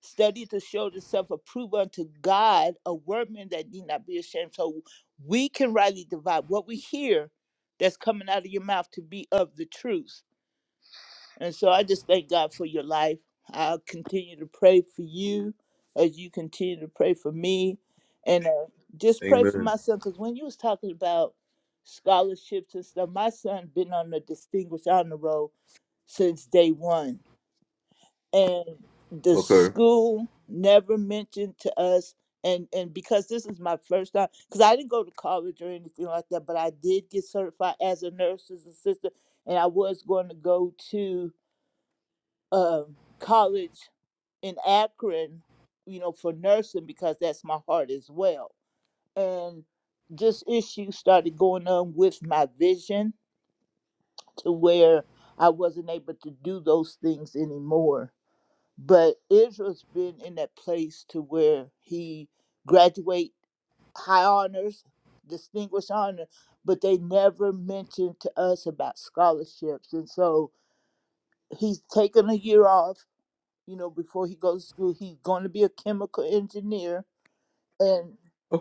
study to show itself approved unto God, a workman that need not be ashamed. So we can rightly divide what we hear that's coming out of your mouth to be of the truth. And so I just thank God for your life. I'll continue to pray for you as you continue to pray for me. And uh, just pray for my son, because when you was talking about scholarships and stuff, my son been on the Distinguished Honor Roll since day one and the school never mentioned to us and and because this is my first time because i didn't go to college or anything like that but i did get certified as a nurse's assistant and i was going to go to um, college in akron you know for nursing because that's my heart as well and just issues started going on with my vision to where i wasn't able to do those things anymore But Israel's been in that place to where he graduate high honors, distinguished honor, but they never mentioned to us about scholarships. And so he's taken a year off, you know, before he goes to school. He's going to be a chemical engineer. And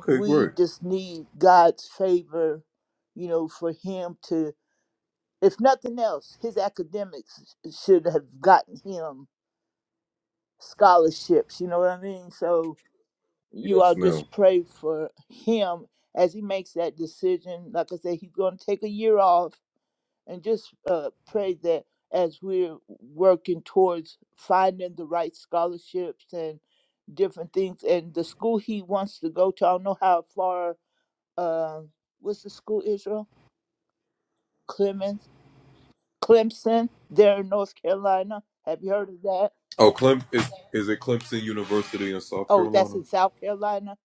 we just need God's favor, you know, for him to, if nothing else, his academics should have gotten him scholarships, you know what I mean? So you all just pray for him as he makes that decision. Like I said, he's going to take a year off and just uh, pray that as we're working towards finding the right scholarships and different things and the school he wants to go to, I don't know how far, uh, what's the school, Israel? Clemens, Clemson, there in North Carolina. Have you heard of that? Oh, that's in South Carolina?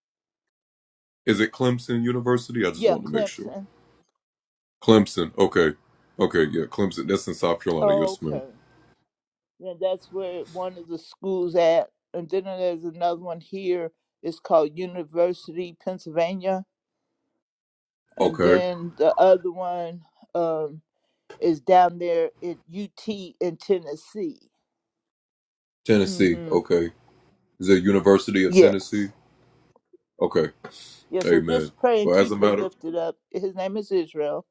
Yeah, Clemson. Oh, okay. And that's where one of the schools at, and then there's another one here. It's called University Pennsylvania, and then the other one um, is down there at UT in Tennessee. hmm Yes, yeah. So just pray and keep him lifted up. His name is Israel.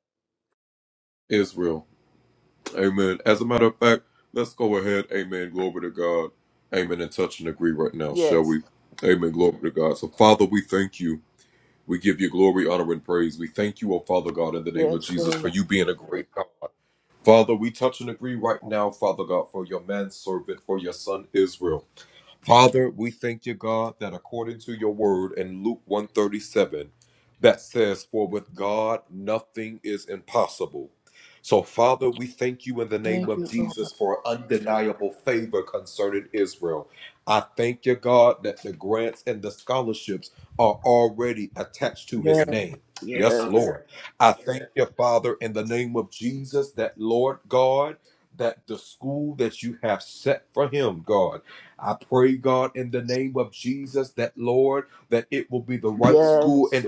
Yes, yes, Lord. Thank you, Lord. Yes, yes, yes,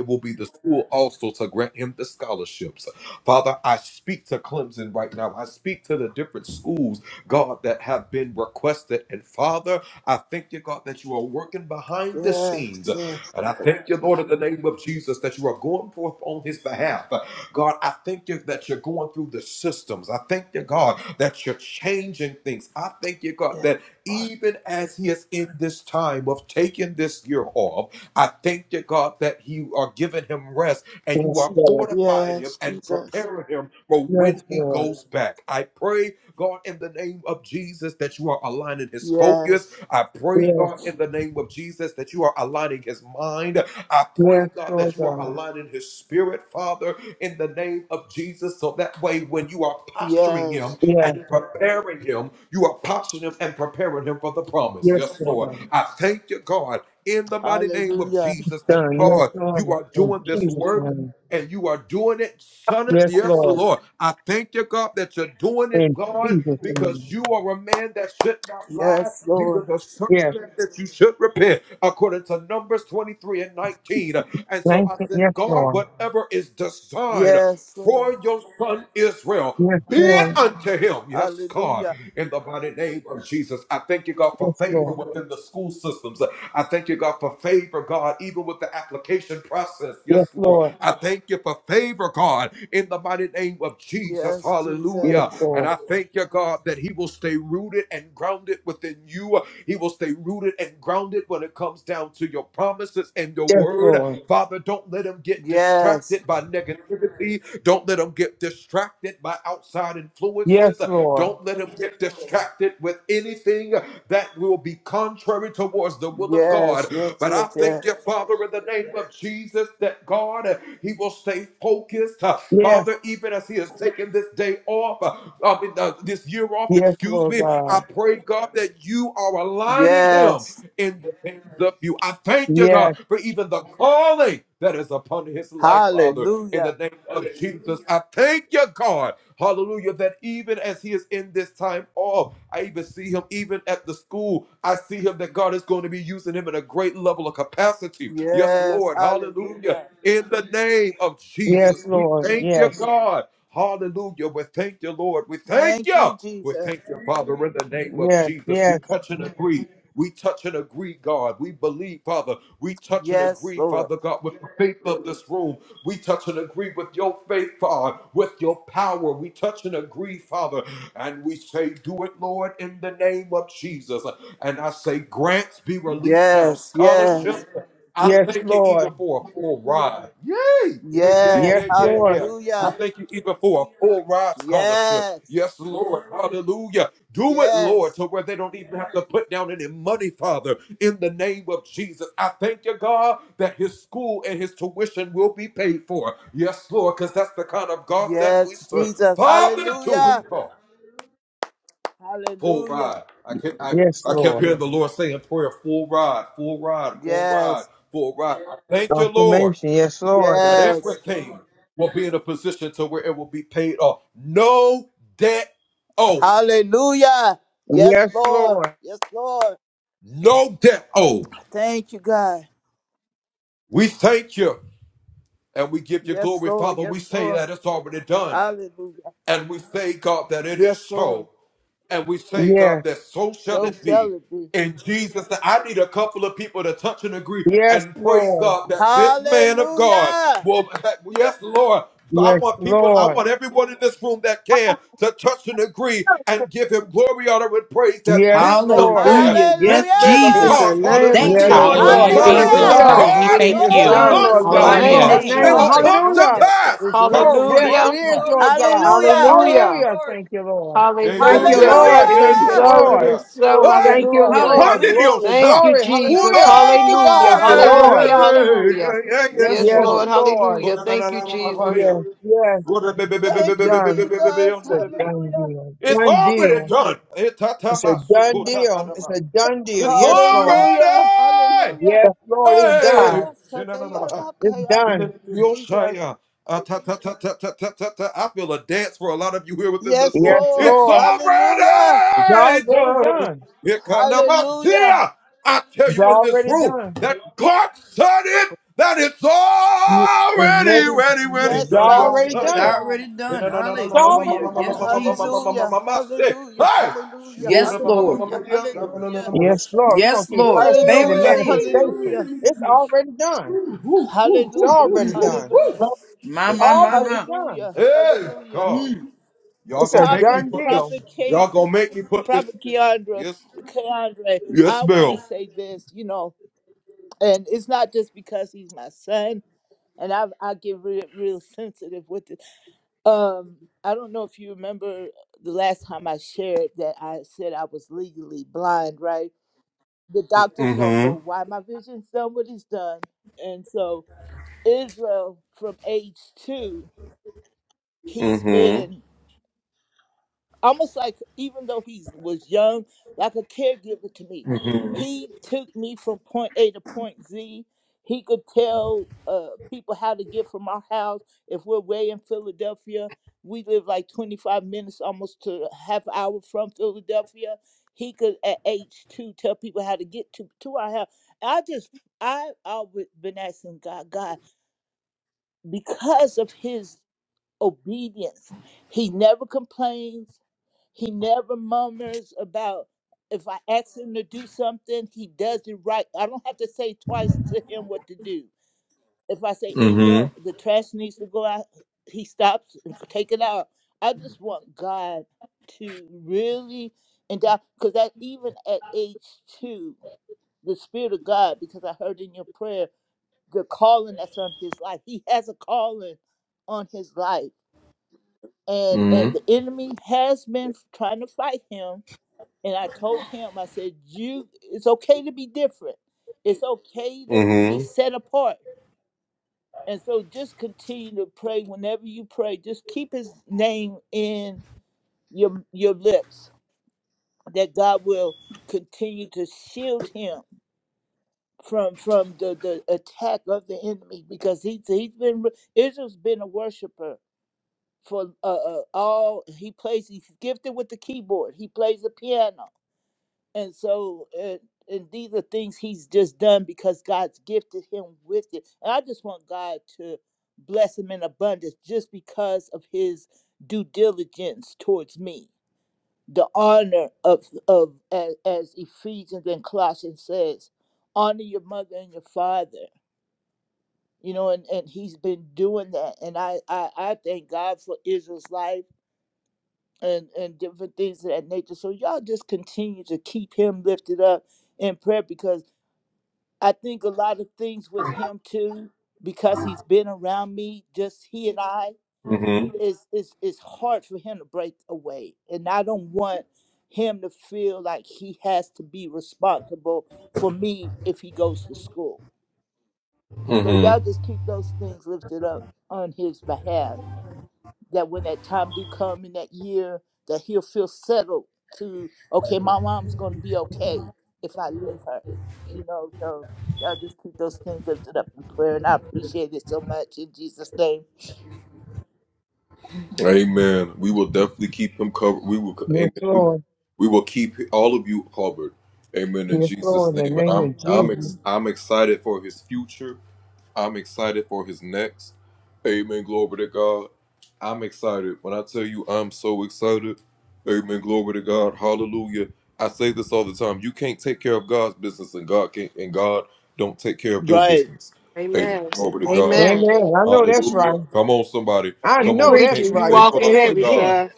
yes, yes, yes,
Yes, Lord.
yes, Jesus.
Yes, Lord.
Yes.
Yes, yes, Lord God.
Yes.
Yes, yes, Lord God.
Hallelujah.
Done. Yes, Lord. In Jesus' name. Yes, Lord. In Jesus' name.
Yes, Lord.
Yes. Thank you. Yes, Lord.
Yes, Lord.
Yes, Lord.
Hallelujah.
Yes, Lord. Yes, Lord.
Yes,
Yes,
Jesus.
Lord. Yes, Lord.
Yes.
Yes, Lord.
Yes. Yes. Yes. Yes.
Yes. Yes, Lord God.
Yes.
Yes,
Hallelujah. Yes. Hallelujah.
yes, Lord. Yes,
Thank you, Jesus.
yes, yes,
Yes, Lord. Yes. Yes.
yes, Lord. Yes,
Yes.
Lord.
Hallelujah. Yes. Yes. Yes, Jesus. Hallelujah. Hallelujah.
Yes, Lord.
Yes,
Confirmation. Yes, Lord.
yes. Hallelujah. Yes,
Yes,
Lord.
Lord.
Yes, Lord. Thank you, God. Yes, Lord. Yes, Lord. Hallelujah. Yes, Lord.
Yes,
So shall it be.
yes, Lord.
Hallelujah.
Yes, Lord. Yes, Lord.
Hallelujah. Yes,
In
Hallelujah.
Jesus.
the name of
Thank you,
Yes,
Hallelujah.
Lord,
The
Jesus,
Lord.
Hallelujah,
it
free
is
promises
of
Jesus.
Hallelujah.
of
Hallelujah.
so.
God, we
God
Yes,
charge
It
thank
is
It's
in
will
you.
Lord.
done,
come,
so.
Jesus'
Lord
In the
oh
God,
mighty
in
name
Hallelujah.
your
God.
of
Yes,
name.
They
name.
will
Lord.
Jesus.
come to
Hallelujah.
Hallelujah.
pass
It's so.
Glory,
Yes,
concerning
it
his
Hallelujah.
glory,
is,
life.
glory,
Lord
glory,
God.
glory,
Hallelujah.
glory,
Hallelujah.
Hallelujah.
glory.
Thank you, Lord.
Yeah,
Thank
Mm.
you,
yeah,
Hallelujah.
yeah,
Lord.
It
yeah,
is
Thank
Hallelujah.
you,
yeah,
Hallelujah.
so.
yeah,
It
Lord.
yeah.
is so.
Ooh,
Hey,
Thank you,
Jesus.
Hallelujah.
Lord.
Hallelujah.
Glory,
Thank
pandiriosha.
you,
glory.
Jesus.
Uma.
Hallelujah.
Thank you,
Hallelujah.
Thank
God.
you, Lord.
Hallelujah.
Thank you, God.
Hallelujah.
Yes,
Yes,
Yes,
Lord.
Lord.
Lord.
Hallelujah. Thank you, Jesus.
Yes, yes. It's
Thank you,
done.
Jesus.
It's a done
Hallelujah.
deal.
It's
Done
already
deal.
done.
It's a
Etatabasuko.
done deal. It's a done deal. Yes, Lord.
Hallelujah, hallelujah.
Yes,
Yes,
Lord.
Ooh,
It's done.
God.
yalala, sataya,
It's
makaya.
done.
Ooh, Jesus. Yes,
Yes,
Lord.
Lord.
Hallelujah.
It's already done.
Hallelujah.
It's already done. It's already. It's
Yes, God.
already
Yes,
It's
done.
already
God.
done.
It's already
Hallelujah. Yes,
done.
Jesus.
Hallelujah. Hallelujah. Hallelujah.
Yes, Lord.
Hallelujah. Hallelujah.
Yes, Lord. We're going
Yes,
to keep
Lord.
pressing, see the
Favor
Hallelujah.
seal.
manifestation.
Hallelujah.
It's already done. It's
Hallelujah.
already
Mm.
done.
Hallelujah.
My, my, my,
Already
my.
done.
Hallelujah. Hallelujah.
Mm.
It's a
Prophet,
done deal.
Prophet Kate, Prophet Keandra, Keandre, I want to say this, you know. and it's not just because he's my son and i i get real, real sensitive with it um i don't know if you remember the last time i shared that i said i was legally blind right the doctors don't know why my vision's done what it's done and so israel from age two he's been almost like even though he was young, like a caregiver to me. He took me from point A to point Z. He could tell uh, people how to get from our house. If we're way in Philadelphia, we live like 25 minutes, almost to a half hour from Philadelphia. He could at age two tell people how to get to, to our house. And I just, I always been asking God, God, because of his obedience, he never complains he never murmurs about if I ask him to do something, he does it right. I don't have to say twice to him what to do. If I say, Israel, the trash needs to go out, he stops and take it out. I just want God to really and because that even at age two, the spirit of God, because I heard in your prayer, the calling that's on his life. He has a calling on his life. And and the enemy has been trying to fight him and I told him, I said, you, it's okay to be different. It's okay to be set apart. And so just continue to pray whenever you pray. Just keep his name in your your lips that God will continue to shield him from from the, the attack of the enemy because he's he's been Israel's been a worshiper for uh, uh, all he plays he's gifted with the keyboard he plays the piano and so uh, and these are things he's just done because god's gifted him with it and i just want god to bless him in abundance just because of his due diligence towards me the honor of of as, as ephesians and colossians says honor your mother and your father you know and and he's been doing that and i i, I thank god for israel's life and and different things of that nature so y'all just continue to keep him lifted up in prayer because I think a lot of things with him too, because he's been around me, just he and I, it's it's it's hard for him to break away. And I don't want him to feel like he has to be responsible for me if he goes to school. So y'all just keep those things lifted up on his behalf that when that time do come in that year that he'll feel settled to okay my mom's gonna be okay if i leave her you know so y'all just keep those things lifted up in prayer and i appreciate it so much in jesus name
Yes, Lord. Yes, Lord, in the name of Jesus.
right
Amen. Amen.
Amen. I know that's right. I
You
know that's
preaching. You
right. You say
walking
that
heavy,
again.
sir.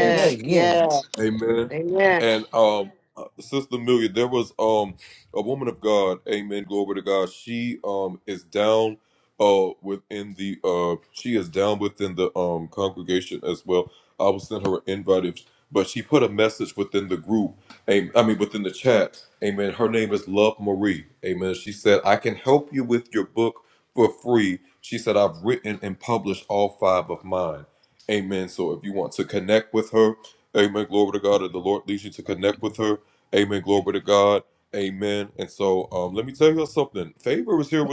Say that again.
Yeah. Amen.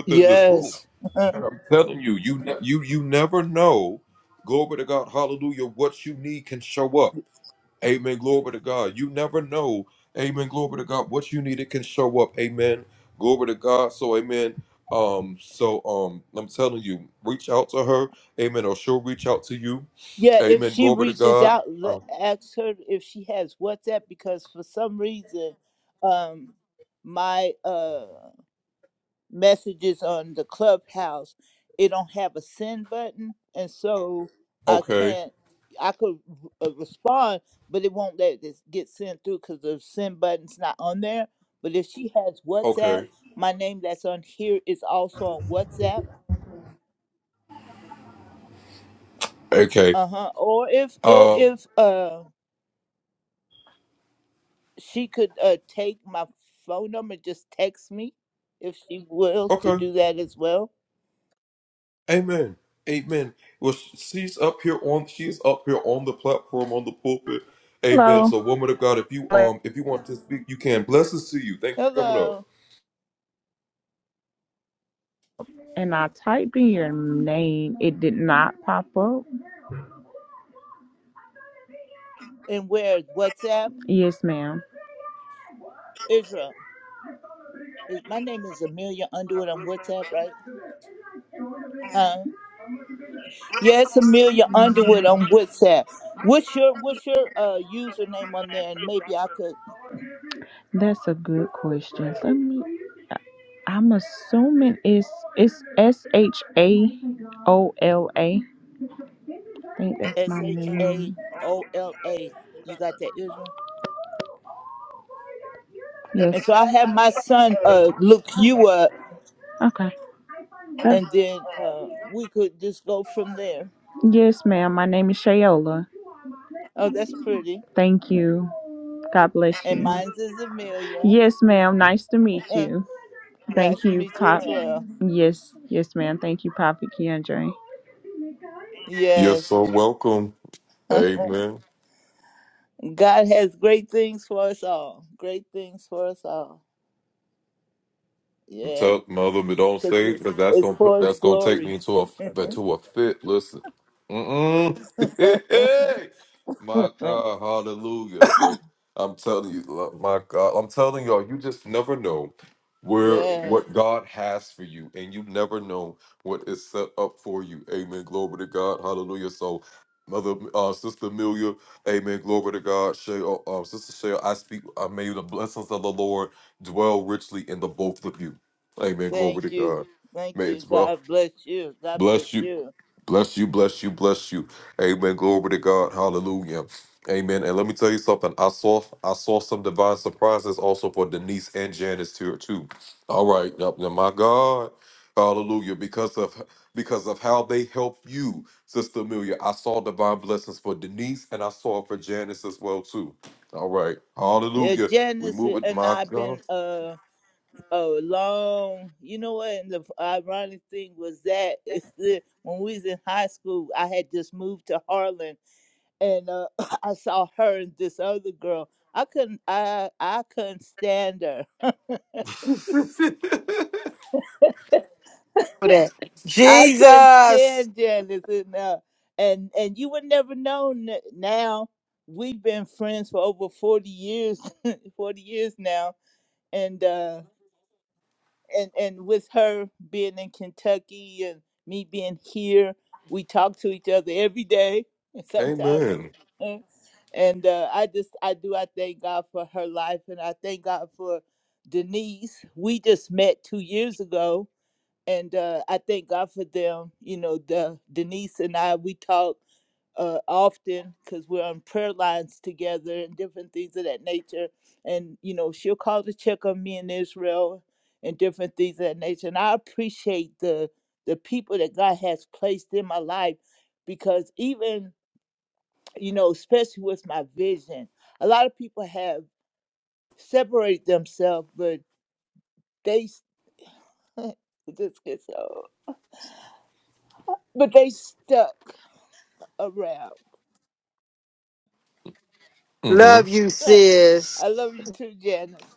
yes yeah if she reaches out le- ask her if she has whatsapp because for some reason um my uh messages on the clubhouse it don't have a send button and so i can't i could r- uh, respond but it won't let this get sent through because the send button's not on there but if she has whatsapp my name that's on here is also on whatsapp uh-huh or if or if uh she could uh take my phone number just text me if she will to do that as well
Hello.
hello
And I typed in your name. It did not pop up.
and where's whatsapp
Yes, ma'am.
israel Is- My name is Amelia Underwood on WhatsApp, right? Huh? Yeah, it's Amelia Underwood on WhatsApp. What's your What's your uh username on there? And maybe I could
That's a good question. Let me. I'm assuming it's it's S H A O L A. I think that's
S
my
H A
name.
O L A. You got that, Israel?
Yes.
And so I have my son uh look you up,
Okay. That's
and then uh we could just go from there.
yes, ma'am. My name is Shayola.
Oh, that's pretty.
Thank you. God bless
And
you.
mine's is Amelia.
Yes, ma'am. Nice to meet you. Thank
nice to
you,
meet you
Pop.
as well.
Yes, yes, ma'am. Thank you, Papa Keandre.
Yes. God has great things for us all. Great things for us all. Yes, because it's, it's for His glory. yes, thank you. Thank you. God bless you. God bless you. Yeah, Janice and I've been uh a long. You know what? And the ironic thing was that it's the, when we was in high school, I had just moved to Harlan, and uh, I saw her and this other girl. I couldn't. I I couldn't stand her.
For that.
I couldn't
Jesus.
stand Janice and uh, and and you would never know n- now. We've been friends for over forty years, forty years now, and uh, and and with her being in Kentucky and me being here, we talk to each other every day, and sometimes. uh, And uh, I just I do I thank God for her life, and I thank God for Denise. We just met two years ago, and uh, I thank God for them. You know, the Denise and I we talk uh, often because we're on prayer lines together and different things of that nature. And you know, she'll call to check on me in Israel and different things of that nature. And I appreciate the the people that God has placed in my life because even you know, especially with my vision, a lot of people have separated themselves, but they s- this gets old, but they stuck around.
Love you, sis.
I love you too, Janice.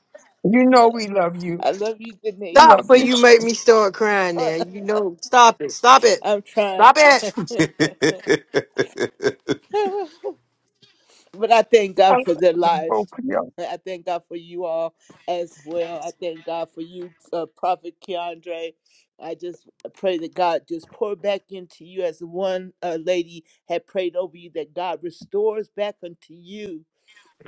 You know we love you.
I love you,
We
Stop
love
Denise.
when
you.
you make me start crying now. You know, stop it. Stop it.
I'm trying.
Stop it.
but I thank
I
God for
love
their lives.
both of you.
I thank God for you all as well. I thank God for you, uh, Prophet Keandre. I just pray that God just pour back into you as the one uh, lady had prayed over you, that God restores back unto you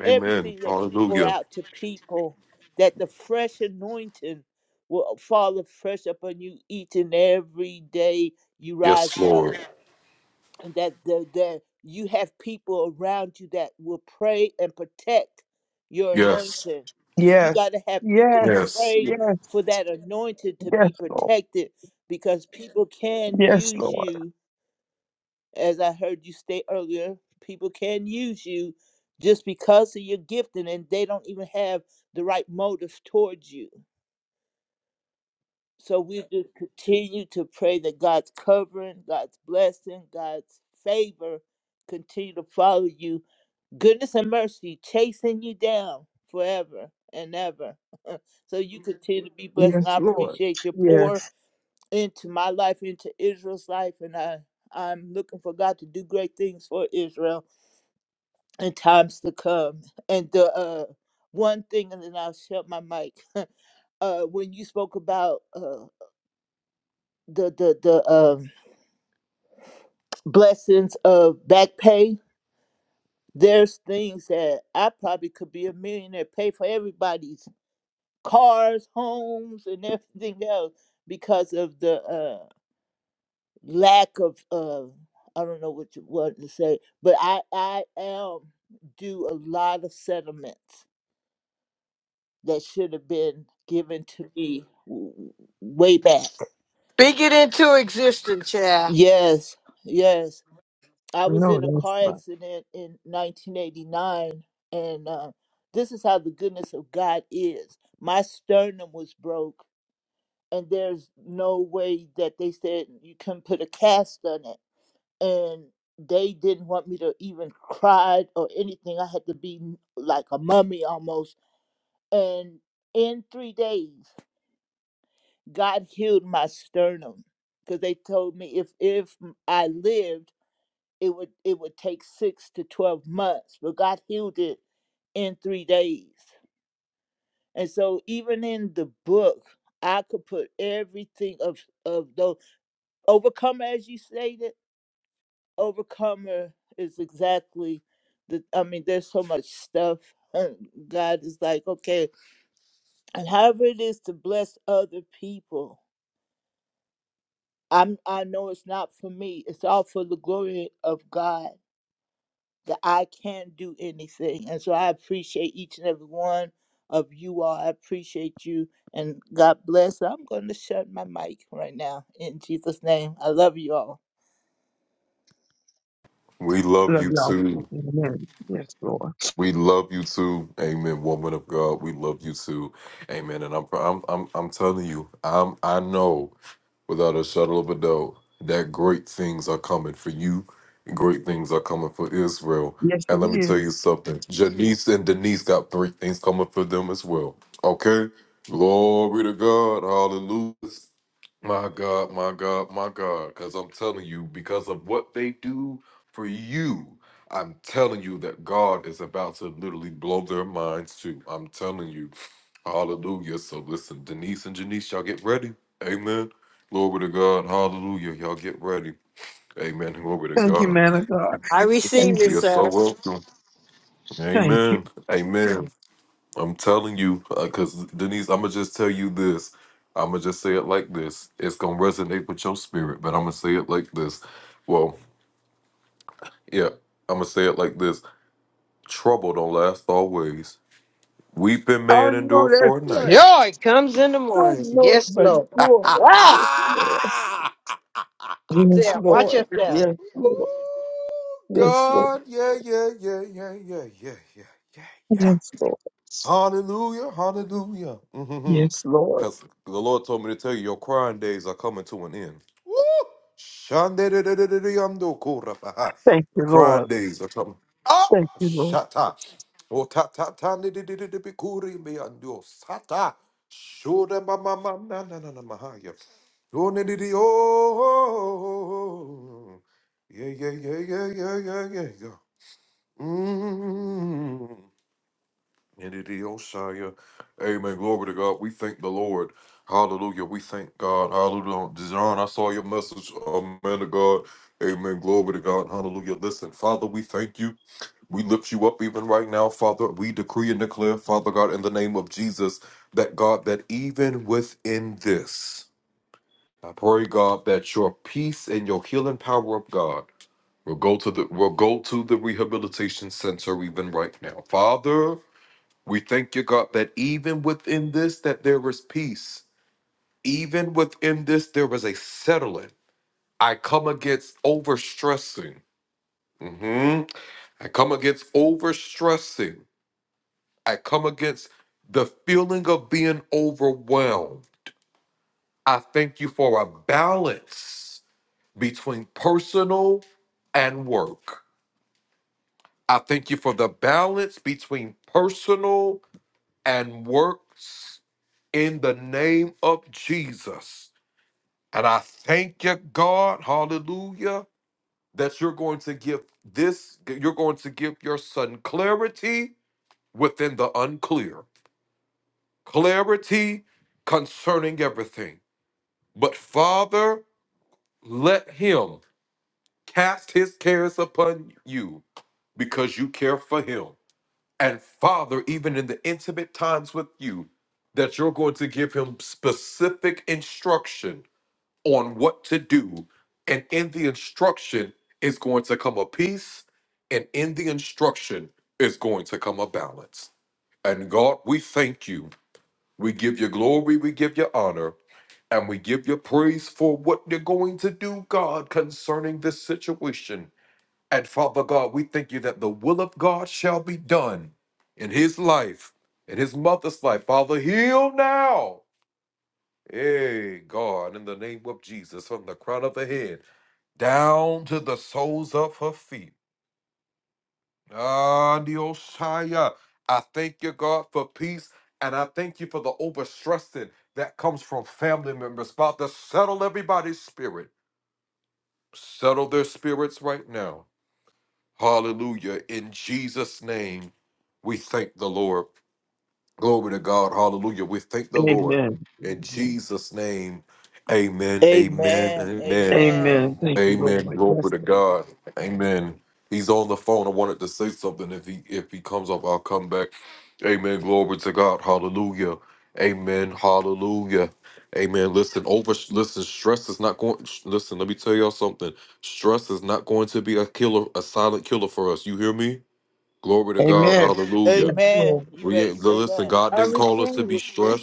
everything that you pour out to people, that the fresh anointing will fall afresh upon you each and every day you rise up, and that the, that you have people around you that will pray and protect your anointing, because you
Yes.
got to have people to
Yes.
pray
Yes.
for that anointing to
Yes,
be
Lord.
protected, because people can
Yes,
use
Lord.
you as I heard you state earlier, people can use you just because of your gifting and they don't even have the right motives towards you. So we just continue to pray that God's covering, God's blessing, God's favor continue to follow you. Goodness and mercy chasing you down forever and ever. so you continue to be blessed. And I
Yes, Lord.
appreciate your pour
Yes.
into my life, into Israel's life. And I, I'm looking for God to do great things for Israel in times to come. And the uh, one thing, and then I'll shut my mic. uh, when you spoke about uh, the the the um, blessings of back pay, there's things that I probably could be a millionaire, pay for everybody's cars, homes, and everything else because of the uh, lack of. Uh, I don't know what you want to say, but I I am do a lot of settlements. that should have been given to me w- way back.
Speak it into existence, child.
Yes, yes. I was
No,
in a
that's
car
right.
accident in 1989, and uh, this is how the goodness of God is. My sternum was broke, and there's no way that they said you can put a cast on it. And they didn't want me to even cry or anything. I had to be like a mummy almost. And in three days. God healed my sternum because they told me if if I lived, it would it would take six to twelve months, but God healed it in three days. And so even in the book, I could put everything of of those overcomer, as you stated, overcomer is exactly the. I mean, there's so much stuff. and God is like, okay, and however it is to bless other people, I'm, I know it's not for me. It's all for the glory of God that I can do anything. And so I appreciate each and every one of you all. I appreciate you. And God bless. I'm going to shut my mic right now in Jesus' name. I love you all.
Love y'all too. Amen. Yes, Lord. Yes, it is. Thank you, man of God.
I receive
Thank
it,
you.
sir.
Thank you. I know that's right.
Joy comes in the
I
morning.
know it,
Yes,
but
Lord.
Lord.
Ah,
Yes,
yeah, watch
Lord.
up there.
Yes, Lord. Yes, Lord. Yes, Lord. Yes, Lord. Yes, Lord. Thank you, Lord. Thank you, Lord. Amen. Amen.
Amen. Amen.
Amen. Thank you, Lord. Yes, Lord. Amen. Yes,
Amen.
Lord.
You better say that.
I receive it.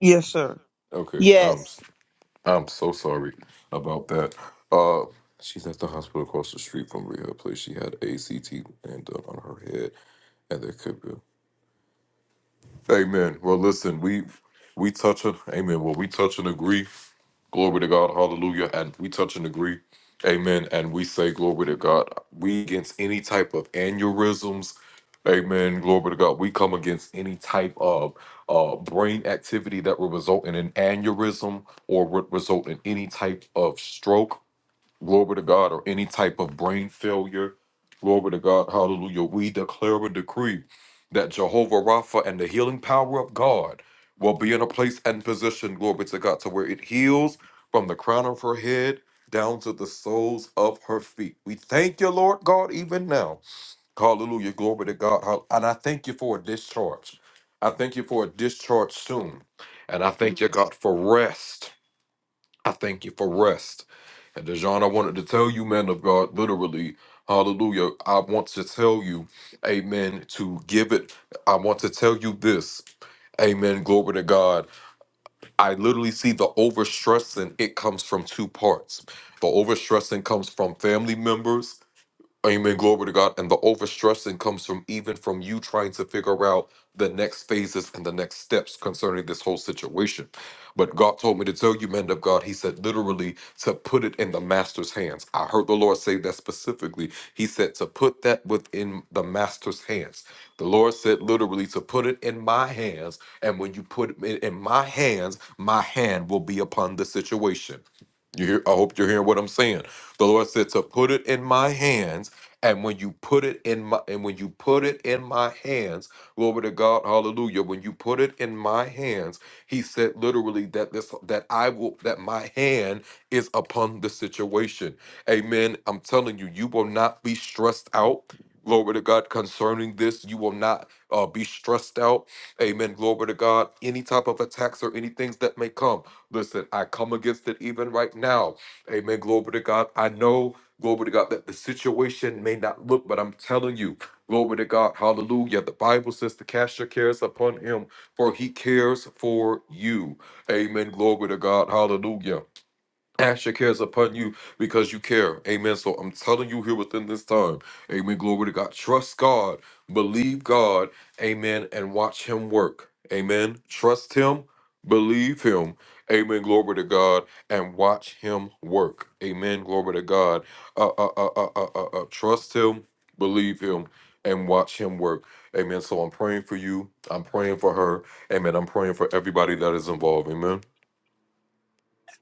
Yes, sir.
Yes.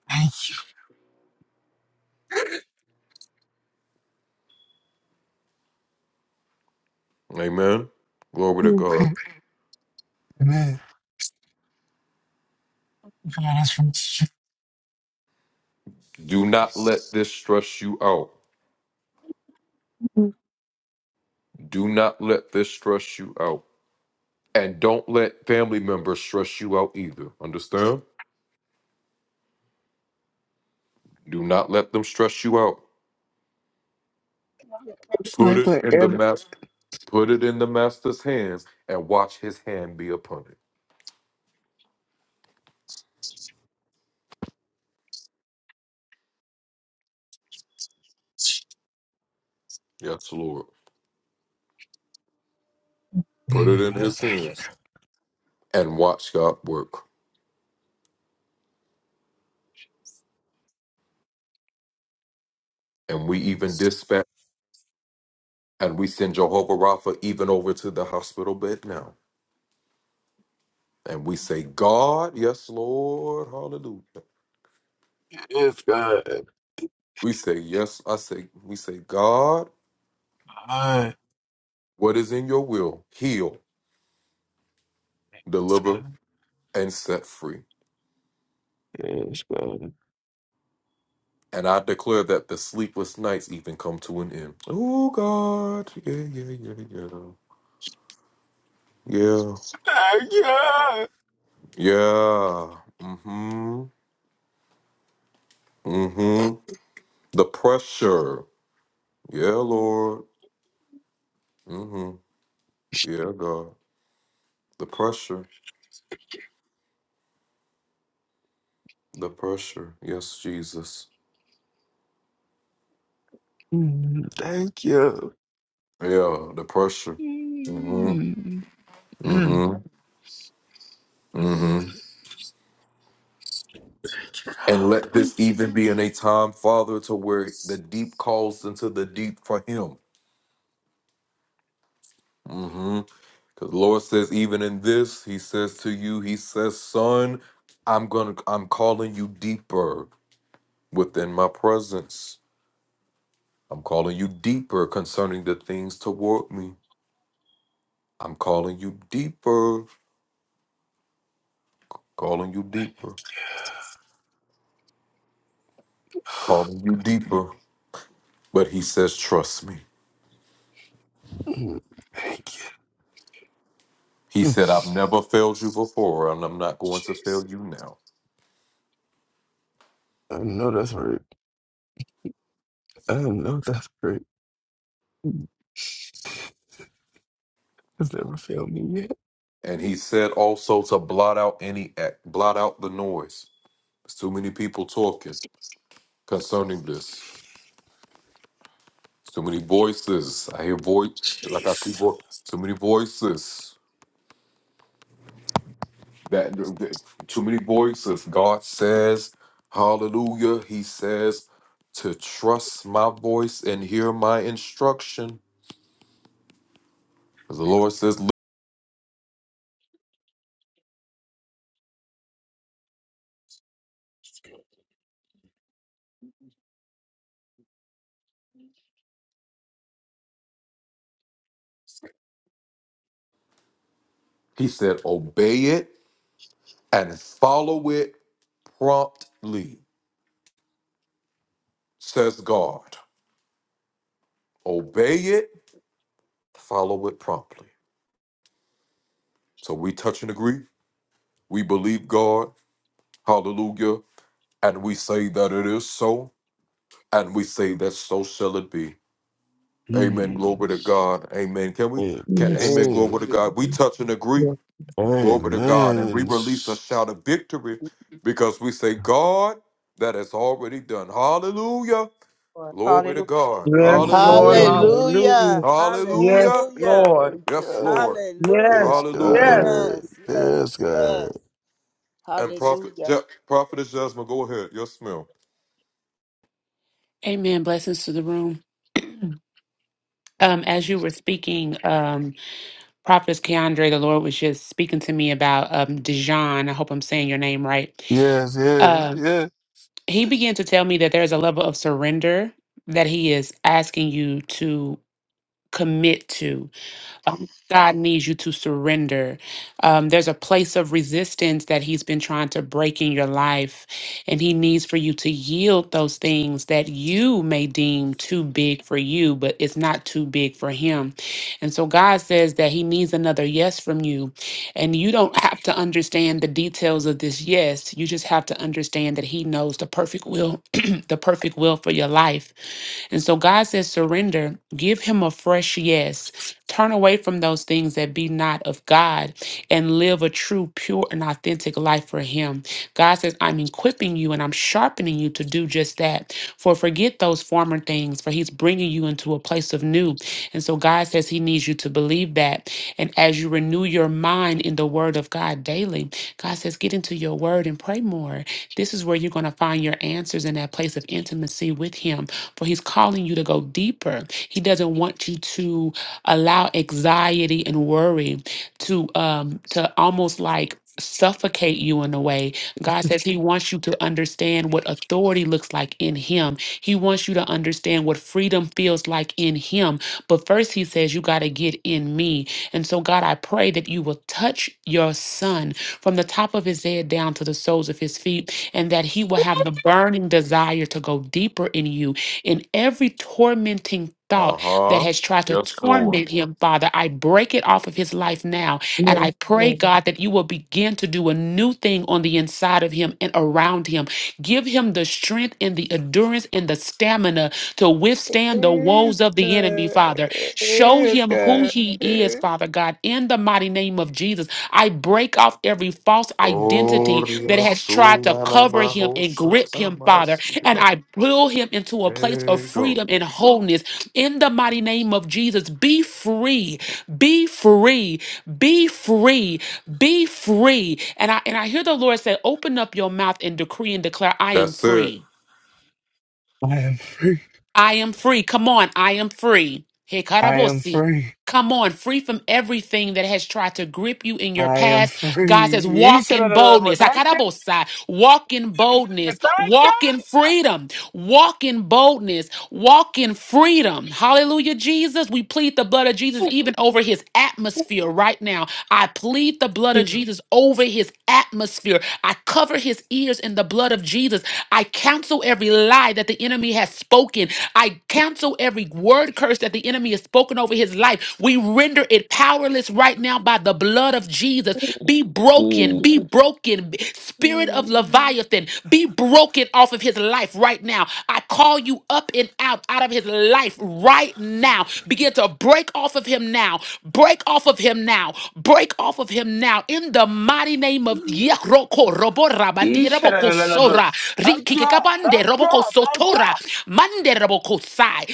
Thank you. Thank you, picked the man. God is from you. It's like whatever. Thank you, God. Thank you, God. Yes, God. Yes, God. Yes, God. Thank you. Mm, Thank you. Mm, mm. Thank you. Mm, Thank you. Mm, Jeez. I know that's right. I know that's great. It's never failed me yet. Jeez. Mm. Yeah.
Yes.
Mm.
Yes,
Amen.
Lord. Hallelujah.
Yes,
Thank
Lord.
you.
Hallelujah.
Hallelujah.
Yes,
Hallelujah.
Lord.
Thank you.
Yes.
Yes,
Hallelujah.
Yes.
God.
Yes. Yes.
Yes, God.
Yes. Hallelujah.
Amen. Blessings to the room. Um, as you were speaking, um, Prophetess Keandre, the Lord was just speaking to me about um, Dijon. I hope I'm saying your name right.
Yes, yes,
Uh,
yes.
he began to tell me that there's a level of surrender that he is asking you to commit to. Um, God needs you to surrender. Um, there's a place of resistance that He's been trying to break in your life, and He needs for you to yield those things that you may deem too big for you, but it's not too big for Him. And so God says that He needs another yes from you, and you don't have to understand the details of this yes. You just have to understand that He knows the perfect will, the perfect will for your life. And so God says, surrender, give him a fresh yes. Turn away from those things that be not of God and live a true, pure, and authentic life for Him. God says, I'm equipping you and I'm sharpening you to do just that. For forget those former things, for He's bringing you into a place of new. And so God says He needs you to believe that. And as you renew your mind in the Word of God daily, God says, get into your Word and pray more. This is where you're going to find your answers in that place of intimacy with Him. For He's calling you to go deeper. He doesn't want you to allow anxiety and worry to um to almost like suffocate you in a way. God says he wants you to understand what authority looks like in him. He wants you to understand what freedom feels like in him. But first he says you got to get in me. And so God, I pray that you will touch your son from the top of his head down to the soles of his feet and that he will have the burning desire to go deeper in you in every tormenting thought that has tried to torment him, Father. I break it off of his life now. And
Yes,
I pray,
Lord.
God, that you will begin to do a new thing on the inside of him and around him. Give him the strength and the endurance and the stamina to withstand the
Yes,
woes of the enemy,
God.
Father. Show
Yes,
him who
God.
he is, Father God, in the mighty name of Jesus. I break off every false identity that has tried to cover him and grip him, Father. And I pull him into a place of freedom and wholeness in the mighty name of Jesus. Be free, be free, be free, be free. And I and I hear the Lord say, open up your mouth and decree and declare, I am free.
I am free.
I am free. Come on, I am free.
I am
Hekarabosi.
free.
Come on, free from everything that has tried to grip you in your
I am
past. God
free.
says,
He
walk
said, "I
in
don't know,
boldness.
Thank you.
Hakarabosa. Walk in boldness.
Thank you.
Walk in freedom. Walk in boldness. Walk in freedom. Hallelujah, Jesus. We plead the blood of Jesus even over his atmosphere right now. I plead the blood of Jesus over his atmosphere. I cover his ears in the blood of Jesus. I counsel every lie that the enemy has spoken I cancel every word curse that the enemy has spoken over his life. We render it powerless right now by the blood of Jesus. Be broken, be broken. Spirit of
Mm.
Leviathan, be broken off of his life right now. I call you up and out out of his life right now. Begin to break off of him now. Break off of him him now. Break off of him now. In the mighty name of Yakroko
He said, "I don't know,
Roborabandierabokosora.
Thank you.
Rikikabande
Thank you.
Roboko
Thank you.
Sotora. Mande Roboko Sai.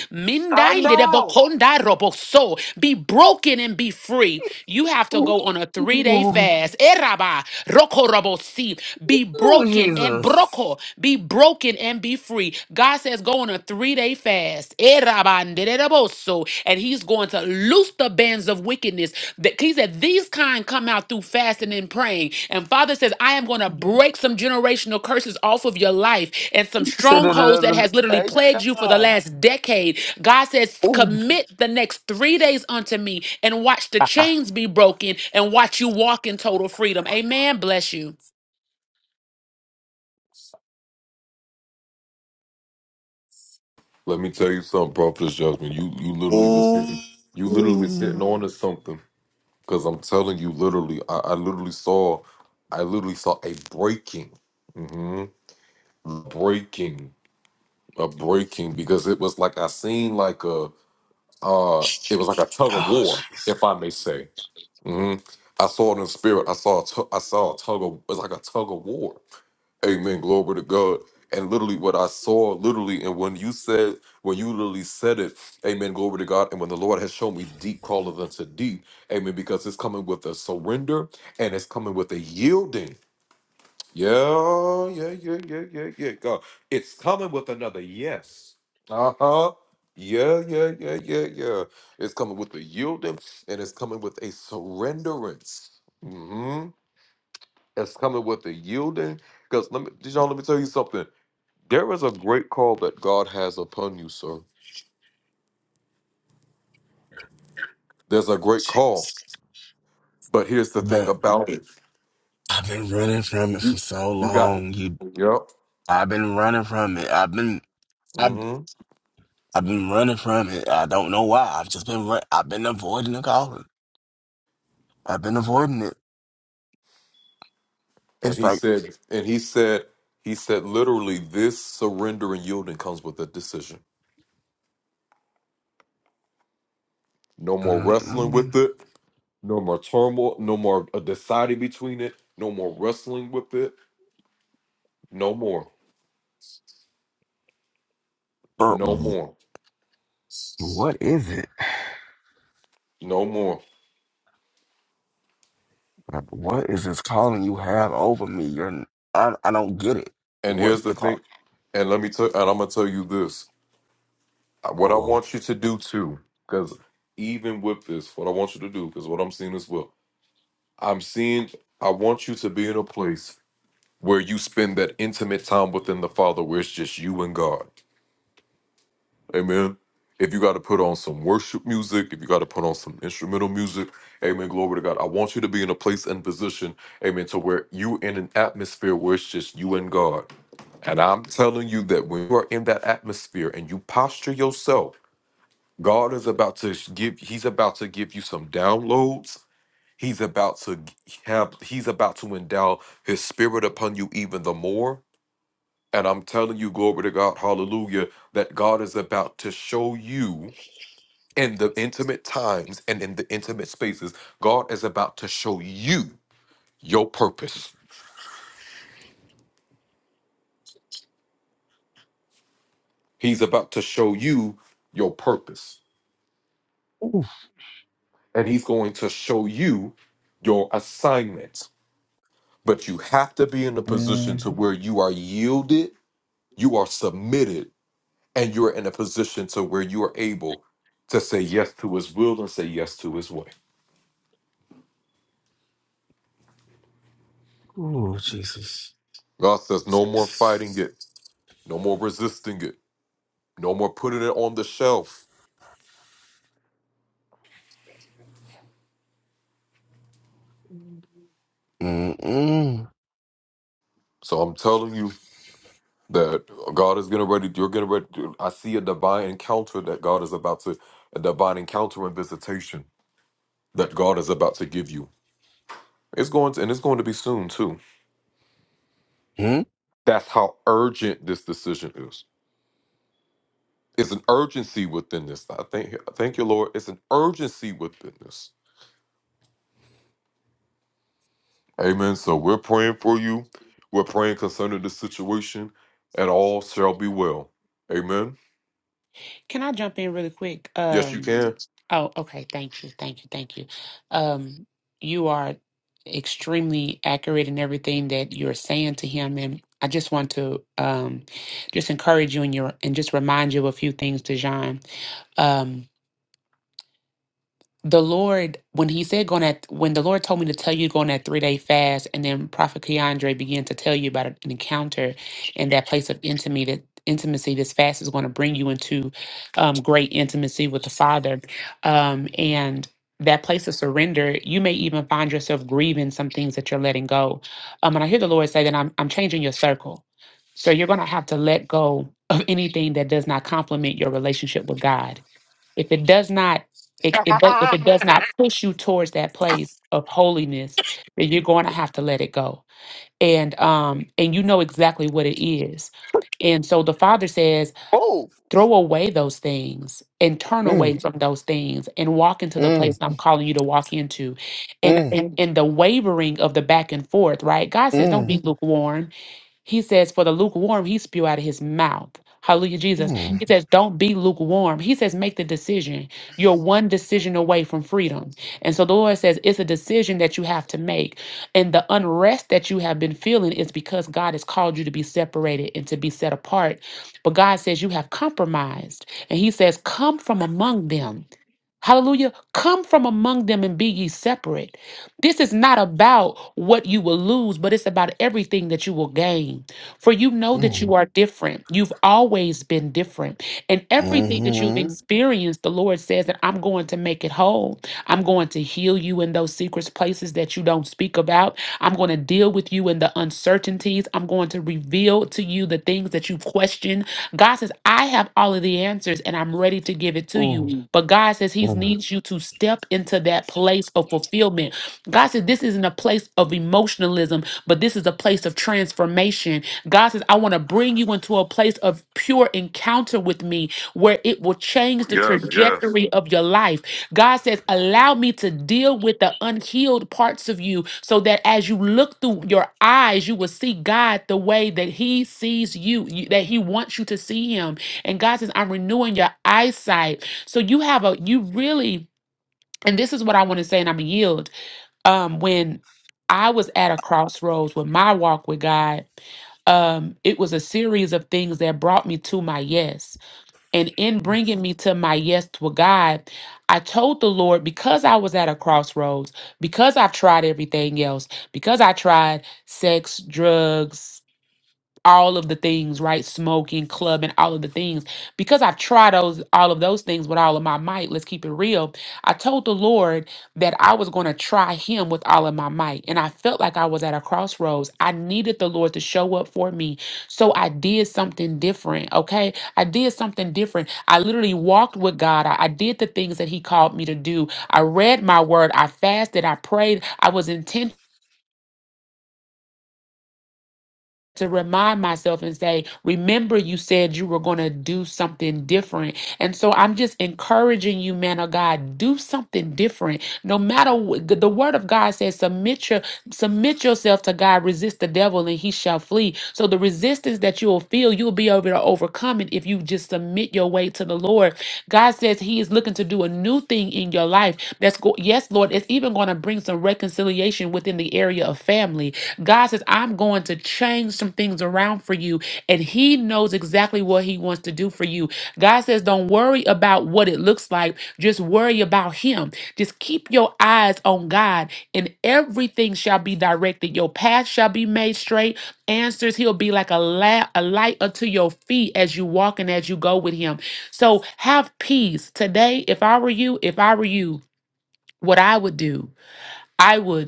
I
Mindai
know.
Lidebokonda Roboso. Be broken and be free. You have to
Ooh,
go on a three-day fast. Eraba Roko Robosi. Be
ooh,
broken broken and
Jesus.
broko, be broken and be free. God says, go on a three day fast. Eh, rabandereboso. And he's going to loose the bands of wickedness. That He said, these kind come out through fasting and praying. And Father says, I am going to break some generational curses off of your life and some
You Said it
strongholds that
another
has literally
thank you.
plagued you for the last decade. God says,
Ooh.
commit the next three days unto me and watch the chains be broken and watch you walk in total freedom. Amen. Bless you.
Ooh. Oh, Jesus. Jesus. But I've been running from it for so long. You, I've been running from it. I've been, I've, I've been running from it. I don't know why. I've just been, run, I've been avoiding the calling. I've been avoiding it. It's like, mm-mm. but what is it? Like, what is this calling you have over me? You're, I, I don't get it. What's the call? Oh, ooh, mm, ooh, Jesus, Jesus. Mm, mm, mm.
Can I jump in really quick? Um, oh, okay. Thank you. Thank you. Thank you. Um, you are extremely accurate in everything that you're saying to him. And I just want to um, just encourage you and your and just remind you of a few things, Dejan. Um, the Lord, when he said going at when the Lord told me to tell you going that three day fast, and then Prophet Keandre began to tell you about an encounter and that place of intimacy that intimacy this fast is going to bring you into um, great intimacy with the Father. Um, and that place of surrender, you may even find yourself grieving some things that you're letting go. Um, and I hear the Lord say that I'm I'm changing your circle. So you're gonna have to let go of anything that does not complement your relationship with God if it does not it, it does, if it does not push you towards that place of holiness then you're going to have to let it go and um and you know exactly what it is and so the father says
Oh,
throw away those things and turn
mm,
away from those things and walk into the place
mm,
i'm calling you to walk into and
mm, mm,
and, and the wavering of the back and forth right god says don't
mm,
be lukewarm he says, For the lukewarm, he spew out of his mouth. Hallelujah,
mm,
Jesus.
mm,
He says, Don't be lukewarm. He says, Make the decision. You're one decision away from freedom. And so the Lord says, It's a decision that you have to make. And the unrest that you have been feeling is because God has called you to be separated and to be set apart. But God says, You have compromised. And He says, Come from among them. Hallelujah. Come from among them and be ye separate. This is not about what you will lose, but it's about everything that you will gain. For you know that
mm,
you are different. You've always been different. And
mm, mm. Mm,
everything that you've
mm,
experienced, the Lord says that I'm going to make it whole. I'm going to heal you in those secret places that you don't speak about. I'm going to deal with you in the uncertainties. I'm going to reveal to you the things that you question. God says, I have all of the answers and I'm ready to give it to you. Mm. But God says, He needs you to step into that place of fulfillment. God said, This isn't a place of emotionalism, but this is a place of transformation. God says, I want to bring you into a place of pure encounter with me where it will change the trajectory of your life. God says, Allow me to deal with the unhealed parts of you so that as you look through your eyes, you will see God the way that He sees you, you- that He wants you to see Him. And God says, I'm renewing your eyesight. So you have a, you really, and this is what I want to say, and I'm going to yield. Um, when I was at a crossroads with my walk with God, um, it was a series of things that brought me to my yes and in bringing me to my yes to God, I told the Lord because I was at a crossroads, because I've tried everything else, because I tried sex, drugs, all of the things, right? Smoking, clubbing, all of the things. Because I've tried those all of those things with all of my might, let's keep it real. I told the Lord that I was going to try him with all of my might. And I felt like I was at a crossroads. I needed the Lord to show up for me. So I did something different, okay? I did something different. I literally walked with God. I, I did the things that he called me to do. I read my word. I fasted. I prayed. I was intentional to remind myself and say, Remember, you said you were going to do something different. And so I'm just encouraging you, man of God, do something different. No matter what the the word of God says, submit your submit yourself to God, resist the devil, and he shall flee. So the resistance that you will feel, you'll be able to overcome it if you just submit your way to the Lord. God says He is looking to do a new thing in your life. That's go- yes, Lord, it's even going to bring some reconciliation within the area of family. God says, I'm going to change some things around for you. And He knows exactly what He wants to do for you. God says, Don't worry about what it looks like. Just worry about Him. Just keep your eyes on God, and everything shall be directed. Your path shall be made straight. Answers, He'll be like a, la- a light unto your feet as you walk and as you go with Him. So have peace. Today, if I were you, if I were you, what I would do, I would.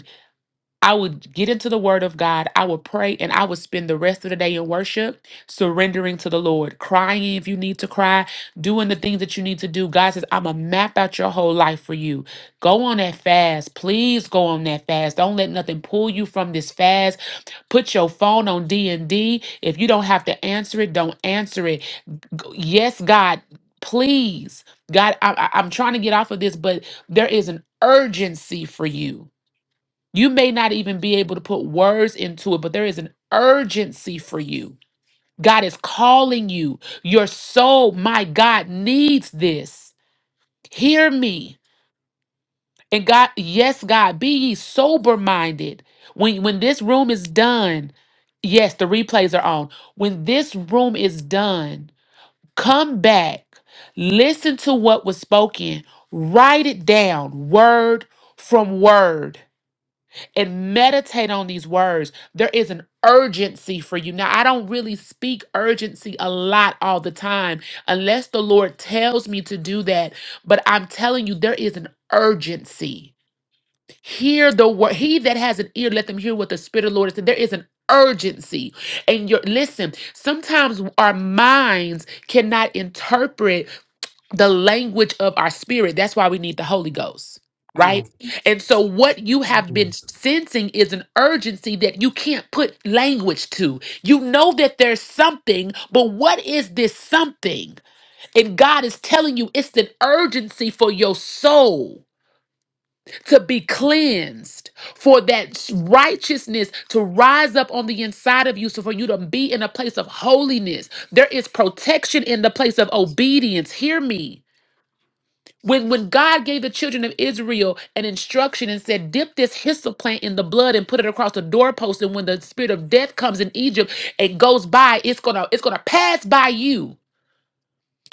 I would get into the word of God, I would pray, and I would spend the rest of the day in worship, surrendering to the Lord, crying if you need to cry, doing the things that you need to do. God says, I'm going to map out your whole life for you. Go on that fast. Please go on that fast. Don't let nothing pull you from this fast. Put your phone on D&D. If you don't have to answer it, don't answer it. G- Yes, God, please. God, I, I- I'm trying to get off of this, but there is an urgency for you you may not even be able to put words into it, but there is an urgency for you. God is calling you. Your soul, my God, needs this. Hear me. And God, yes, God, be ye sober minded. When, when this room is done, yes, the replays are on. When this room is done, come back, listen to what was spoken, write it down, word from word and meditate on these words. There is an urgency for you. Now, I don't really speak urgency a lot all the time unless the Lord tells me to do that, but I'm telling you, there is an urgency. Hear the word. He that has an ear, let them hear what the Spirit of the Lord is. saying. There is an urgency. And your listen, sometimes our minds cannot interpret the language of our spirit. That's why we need the Holy Ghost, right? And so, what you have been sensing is an urgency that you can't put language to. You know that there's something, but what is this something? And God is telling you it's an urgency for your soul to be cleansed, for that righteousness to rise up on the inside of you, so for you to be in a place of holiness. There is protection in the place of obedience. Hear me. When, when God gave the children of Israel an instruction and said, dip this hyssop plant in the blood and put it across the doorpost, and when the spirit of death comes in Egypt, it goes by, it's gonna, it's gonna pass by you.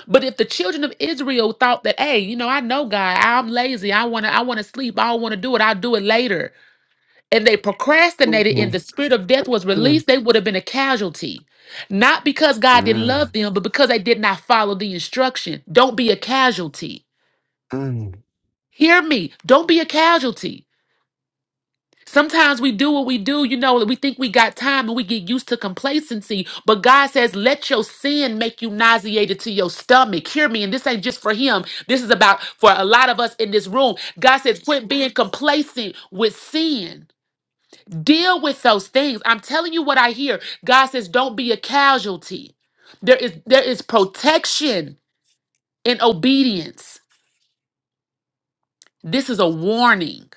But if the children of Israel thought that, hey, you know, I know God, I'm lazy, I wanna, I wanna sleep, I don't wanna do it, I'll do it later. And they
mm,
procrastinated
mm,
and the spirit of death was released, they would have been a casualty. Not because God didn't
mm,
love them, but because they did not follow the instruction. Don't be a casualty.
mm,
Hear me. Don't be a casualty. Sometimes we do what we do, you know, we think we got time and we get used to complacency. But God says, let your sin make you nauseated to your stomach. Hear me. And this ain't just for him. This is about for a lot of us in this room. God says, quit being complacent with sin. Deal with those things. I'm telling you what I hear. God says, don't be a casualty. There is there is protection in obedience. This is a warning.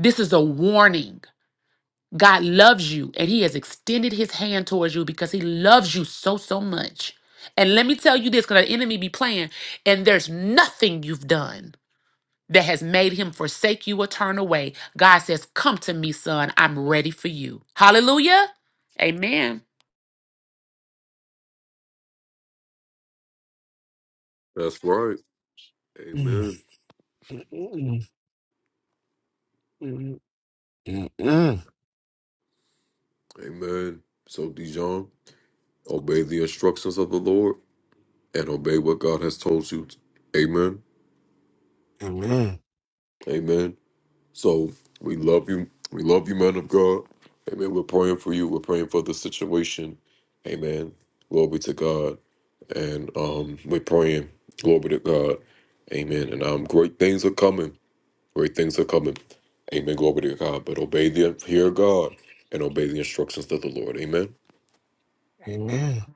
This is a warning. God loves you and He has extended His hand towards you because He loves you so, so much. And let me tell you this because the enemy be playing, and there's nothing you've done that has made Him forsake you or turn away. God says, Come to me, son. I'm ready for you. Hallelujah. Amen.
mm, mm, mm, mm. Amen. Amen.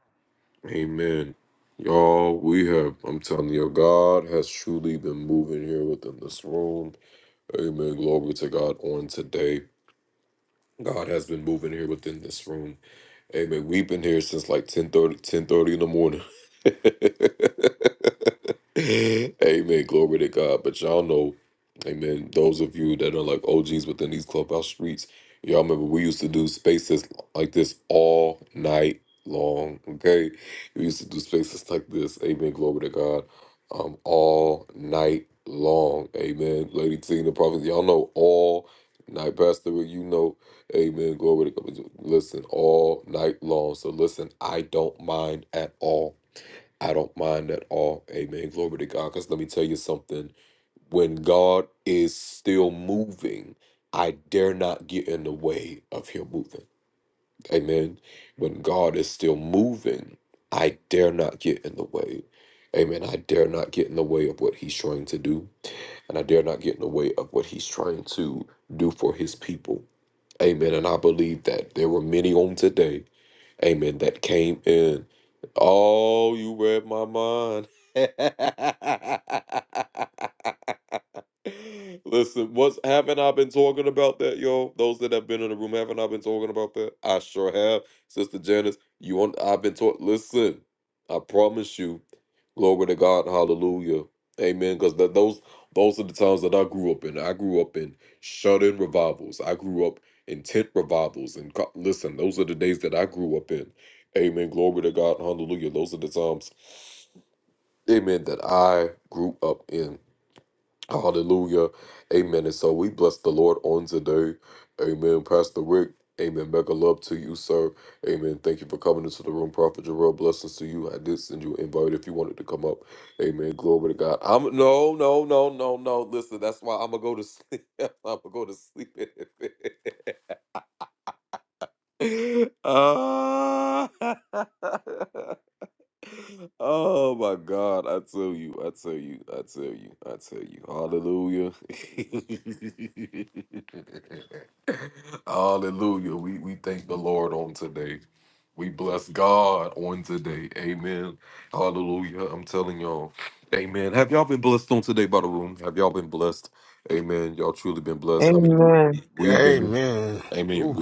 Amen.
Amen. Ooh.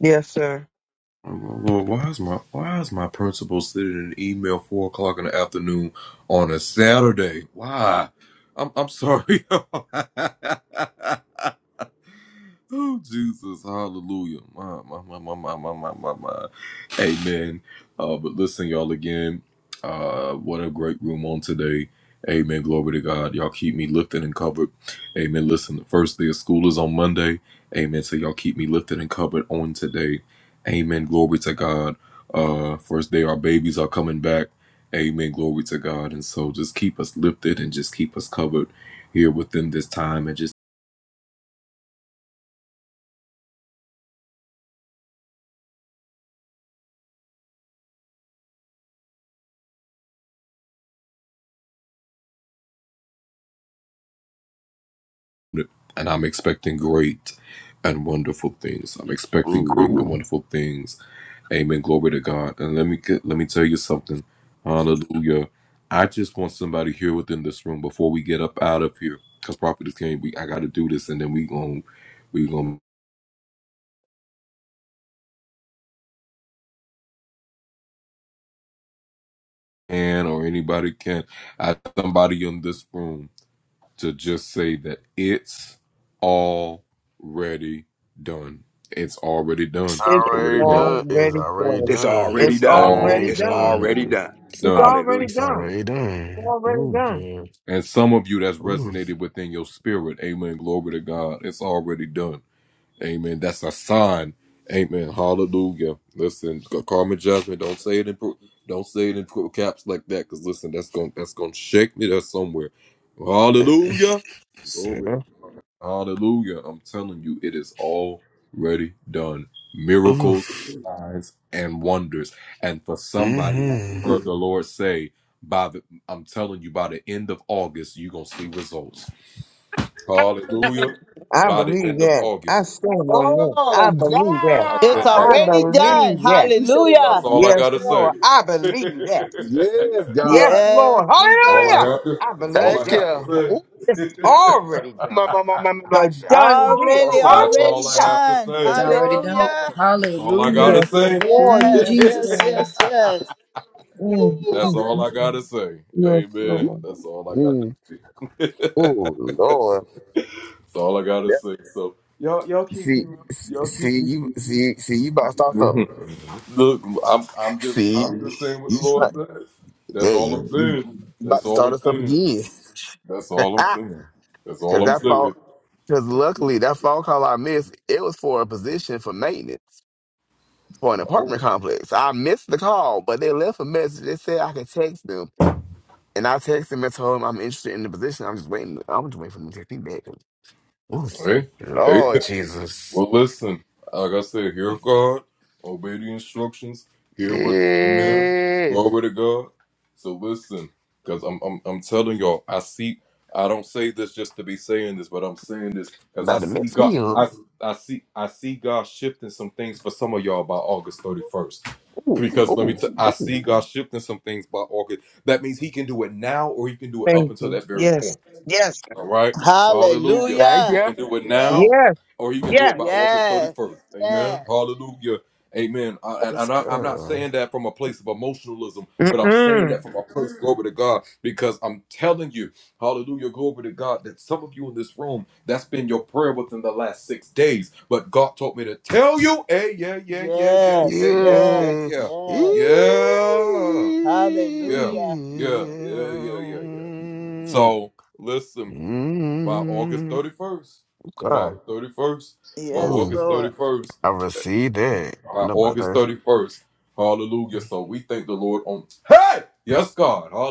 Yes, sir.
Mm. It's
It's
already done. It's
already
already
done.
It's
done.
already
It's
done.
already
Already
It's
done.
done.
already done.
It's already
Hallelujah.
It's
done.
already
It's
done.
already
Ooh,
done.
good. Ooh. Sarah. Ooh. Mm-hmm.
I believe that. I stand on that. I
oh,
believe that.
It's
I
already
God.
done.
believe that.
You said it, Mama.
Hallelujah.
Thank
Yes,
you.
Lord. I believe that.
Yes,
Yes,
God.
Yes,
Lord.
Jesus.
Hallelujah. I believe
Thank
that.
you. Ooh,
It's already
my,
done.
my, my, my, my,
The
my. I
done deal.
Already,
know.
already
Hallelujah.
done.
Yes,
Thank
It's already
Lord.
done.
Hallelujah.
Hallelujah.
Yes, Lord.
Ooh,
Yes,
Yes,
yes,
Jesus.
Lord.
yes, yes.
you.
Mm, mm, mm, mm. Yes, Lord.
Ooh. Oh Lord, that, see, s- see you, see, see you about to start something. See, you try, hey, you, you about to start us up again. Cause that phone, cause luckily that phone call I missed, it was for a position for maintenance for an apartment complex. I missed the call, but they left a message. They said I could text them, and I texted them and told them I'm interested in the position. I'm just waiting. I'm just waiting for them to text me back. Oof. Lord Jesus, yes. About to mix me up. Ooh, ooh, ooh.
Thank you. Yes. Yes.
Yeah,
Hallelujah.
yeah.
Yes,
Yes. Yes.
yes, yes,
Yes, girl.
Mm-mm.
yes, yes,
Yeah. Yeah.
yes. Hallelujah.
Mm, God.
Yes,
Ooh,
Lord.
I received that. No, about that.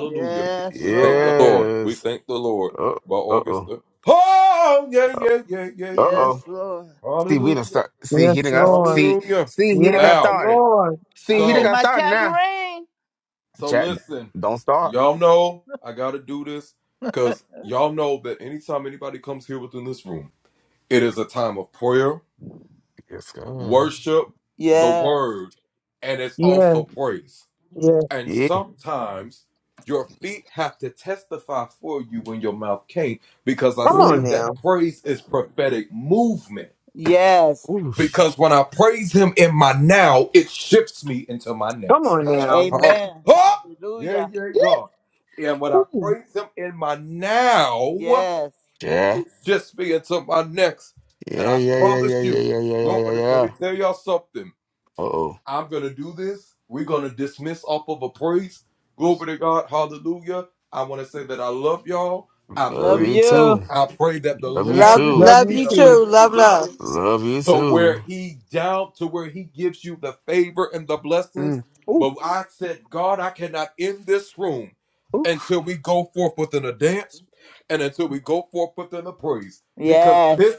Yes, Lord.
Yes. Uh oh. Uh oh.
Yes, Lord.
See, we done start. See, he done
Yes,
got.
Lord.
See, see, he done
Yes,
got started.
Lord.
See,
I'm
he done
getting
got
my
started now.
tambourine.
Chat, don't start. Yes, God.
Yes,
Yes. Yes.
Yeah.
Come on
Ooh.
now.
yes.
Ooh. sh-
Come on now.
Amen. Hallelujah.
Ooh.
Yes.
Yeah. Yeah, yeah, yeah, yeah, yeah, yeah, yeah, yeah, yeah, yeah. Uh-oh. Love
Love
you
you.
too. Love you
Love,
Love
too.
love
you
you
too.
too. Love, love.
Love you too. Mm. Ooh. Ooh.
Yes.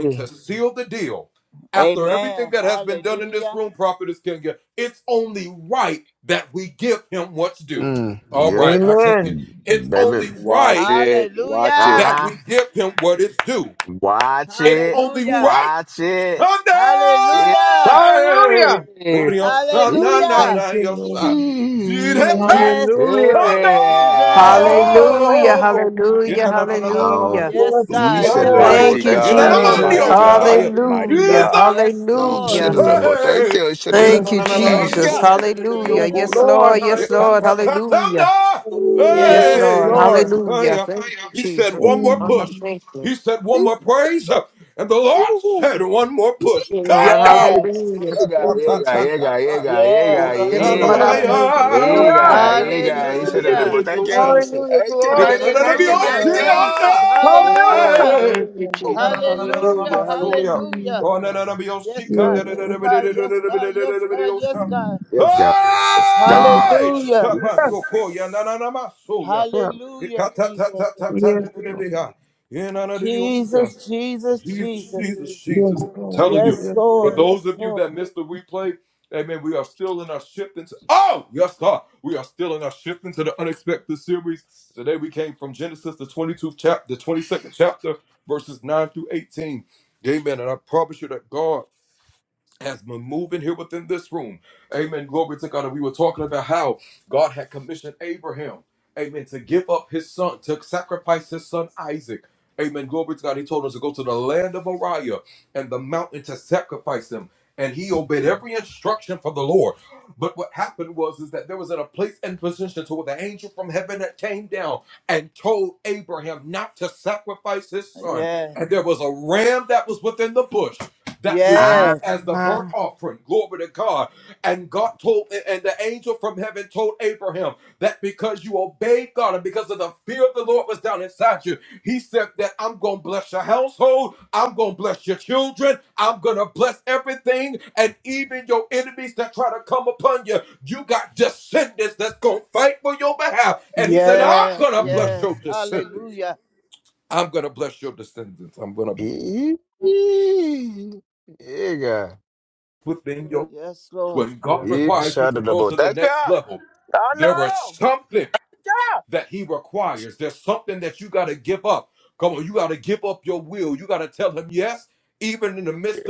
Mm.
Amen. Hallelujah.
Mm. Yep.
Amen.
Mm. Baby.
Watch it. Watch it.
Hallelujah.
Uh-huh. Watch it.
Hallelujah.
Watch it. Yeah.
Hallelujah.
Hallelujah. Thank
Hallelujah.
you, Lord.
Yes,
Hallelujah.
Jesus. Jesus.
Mm,
Yeah. Yeah.
Hallelujah,
Jesus.
mm,
hallelujah,
mm.
Oh,
hallelujah.
Yes,
Yes,
you
God.
set
Yes,
it up,
Lord.
God.
boy.
Thank
Mighty
you,
Thank
Yes, God.
God,
Yes,
Yes,
you.
Jesus.
mighty
God.
Lord.
God, mighty
Hallelujah,
Mm.
God.
Yes,
You
Lord.
hallelujah.
should have done
mm.
more. Thank you. You should have
Yes,
done.
Thank you,
Lord.
Thank
Jesus.
you.
Jesus.
Hallelujah.
Yes,
Jesus.
Yes,
Lord.
Lord.
Jesus.
Yes, Lord.
Hallelujah.
Jesus.
Hallelujah.
Hallelujah.
Yes,
Yes,
Lord.
Mm-hmm.
Lord.
Hallelujah. Thank Jesus.
Hallelujah.
Oh,
Hallelujah.
thank you. Thank you, Lord.
Yes.
Hallelujah.
Ega,
Thank you,
ega, ega,
Jesus.
ega, ega,
Yes.
Yes, Lord, I
Glory to
thank you.
you.
Thank you,
ega, ega,
God.
ega. He
Hallelujah.
should have done more.
Hallelujah.
Thank you,
Thank you.
Jesus.
Thank you. Thank you. Thank you.
Yes,
Hallelujah,
Thank
Lord.
Jesus.
you.
Yes,
Hallelujah.
Lord.
Hallelujah.
Thank you,
Hallelujah.
Ooh,
Jesus.
Hallelujah.
Hallelujah. Hallelujah.
Hallelujah.
God.
Yes, God.
Yes,
Yes,
Lord.
God. Yes, God. Yes, God. Yes, God.
Yes, God. Yes, God.
Hallelujah.
Yeah.
Hallelujah, Jesus.
Yes, Lord. Yes, Lord.
Jesus, Jesus, Jesus.
Yes, Lord.
Yes,
Yes.
Lord. Yes, Lord. Yes.
Ah.
Yes. Yes. Yes. Hallelujah.
Ega.
Yes, Lord.
He should have done more. Thank you. Oh no. Yeah.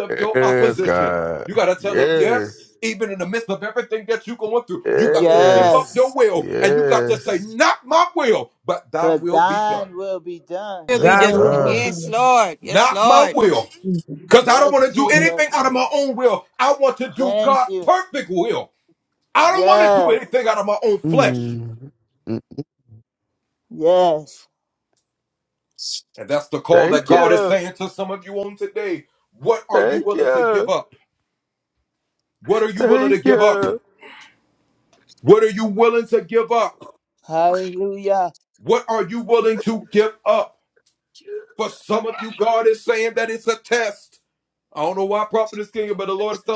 Yes, God. Yes.
Yes.
Yes. Yes.
But thine will be done.
Will be
Yes,
Yes,
Thy will be
done.
Lord.
God.
Yes,
done.
Lord. Yes, Lord.
in Jesus'
Yes,
name.
Jesus. Thank you. Yes.
Mm. Mm.
Yes.
Thank you. Thank you. Thank you.
Hallelujah.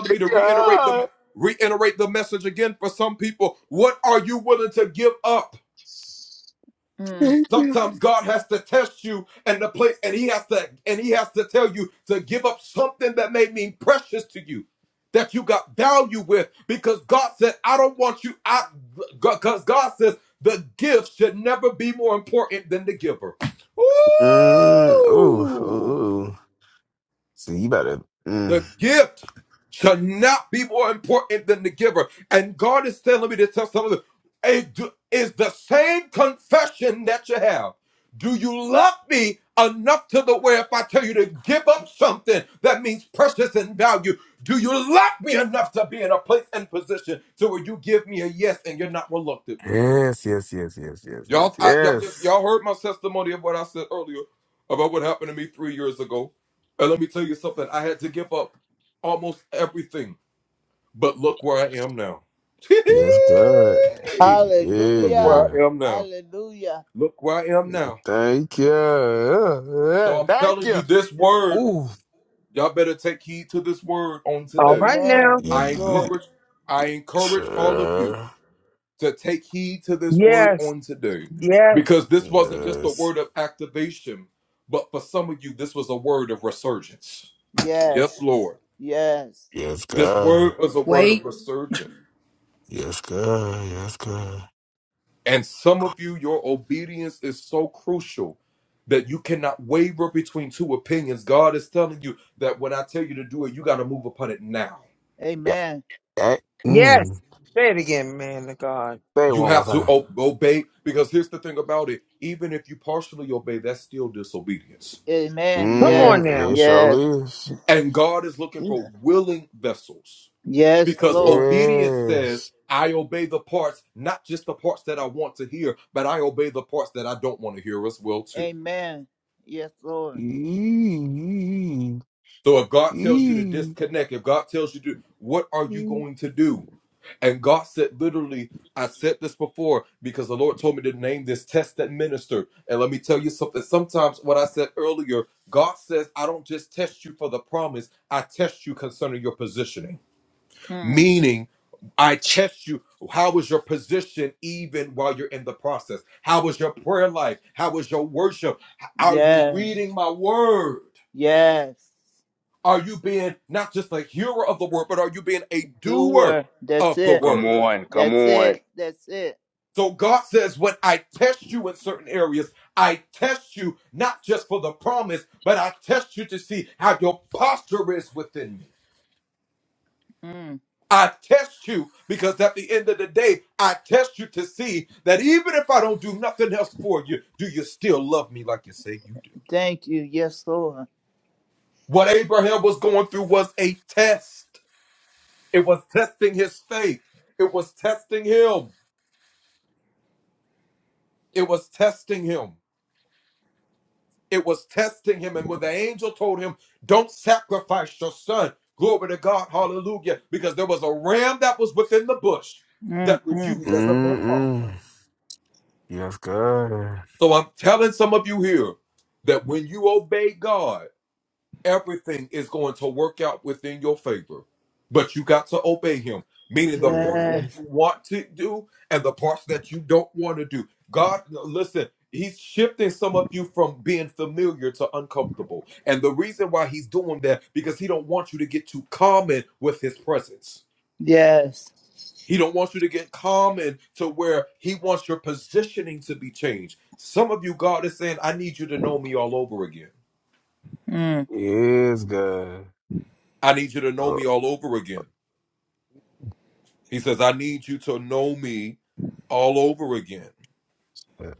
Thank you.
Mm.
Thank you. Mm. Ooh, ooh, ooh. So you better. Mm. Yes, yes, yes, yes, yes, yes, yes. Yes, God. Yeah,
Hallelujah.
God.
Hallelujah.
Thank you. Yeah, yeah, Thank you. Ooh.
All right
Amen.
now.
Yes,
Ye-
Lord.
Sure.
Yes. Yes.
Yes.
Yes. Yes.
Yes, God.
Wait.
Yes, God. Yes, God. Yeah.
Amen.
eh,
Yes.
Mm.
Say it again, man of God.
Say it one more time.
Amen.
Come
Yes.
on
Mm,
now.
it
Yes.
sure is.
Jesus. Yes, Lord.
Yes.
Amen. Yes, Lord.
Yee, yee, yee,
Mm. Yes. Yes. Doer. That's it.
Come on, come
That's
on.
it. That's it. Mm. Thank you. Yes, Lord. Mm. Mm.
Mm-mm. Yes, God. Mm.
Yes. Yes. Mm,
Yes, God. Oh, yeah.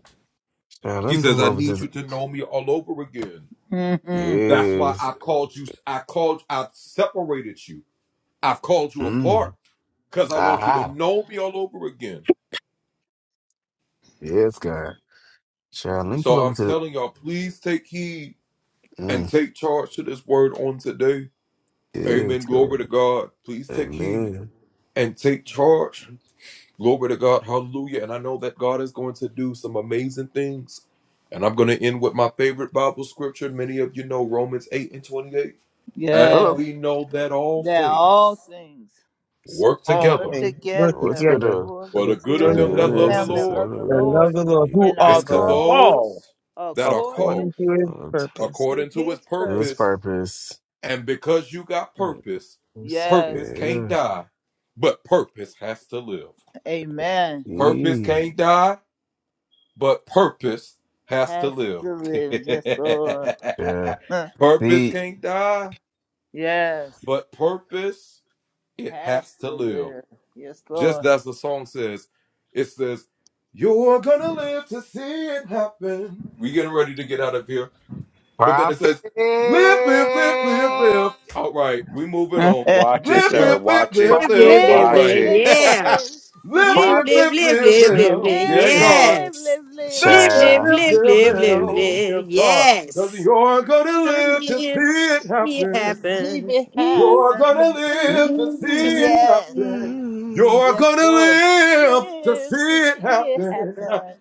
now let me pull over to the...
mm, mm.
Yes. Mm. Aha. Yeah, it's good. Sharon, let me pull over to the. Mm, yeah, it's good. Amen.
Yeah,
Hello.
that all things
All
work
things work
What's
together
good.
together
Uh,
for
for
the
the
for
good
the
of
good
the
of
goodness,
them
Lord.
it's,
that love the
uh,
The
yeah,
Lord
love of the Lord,
Yeah,
who
and are
are
it's
the
God.
called
called.
according
according to his
Uh,
purpose.
to his
His
purpose.
purpose. Uh,
Yes,
Yeah.
amen.
Yeah.
Has to live, yes, Lord.
yeah.
Huh.
The
Yes, has to live, yes, Lord.
prophet.
Watch it,
yeah.
sir. Watch it.
Live, live,
Prophet.
Live,
live,
Watch
live,
live.
it.
live, live, live.
Yes. Live,
Prophet.
live, live, live, live, live.
live,
Listen.
live, live,
Yes.
live, live.
Live, live,
Child.
live, live,
Live,
live,
live.
live. Yes. Live, see it
and see
happen.
it
Mm,
happen.
mm, mm, mm.
Yes,
mm.
yes, Lord. Live to see it happen.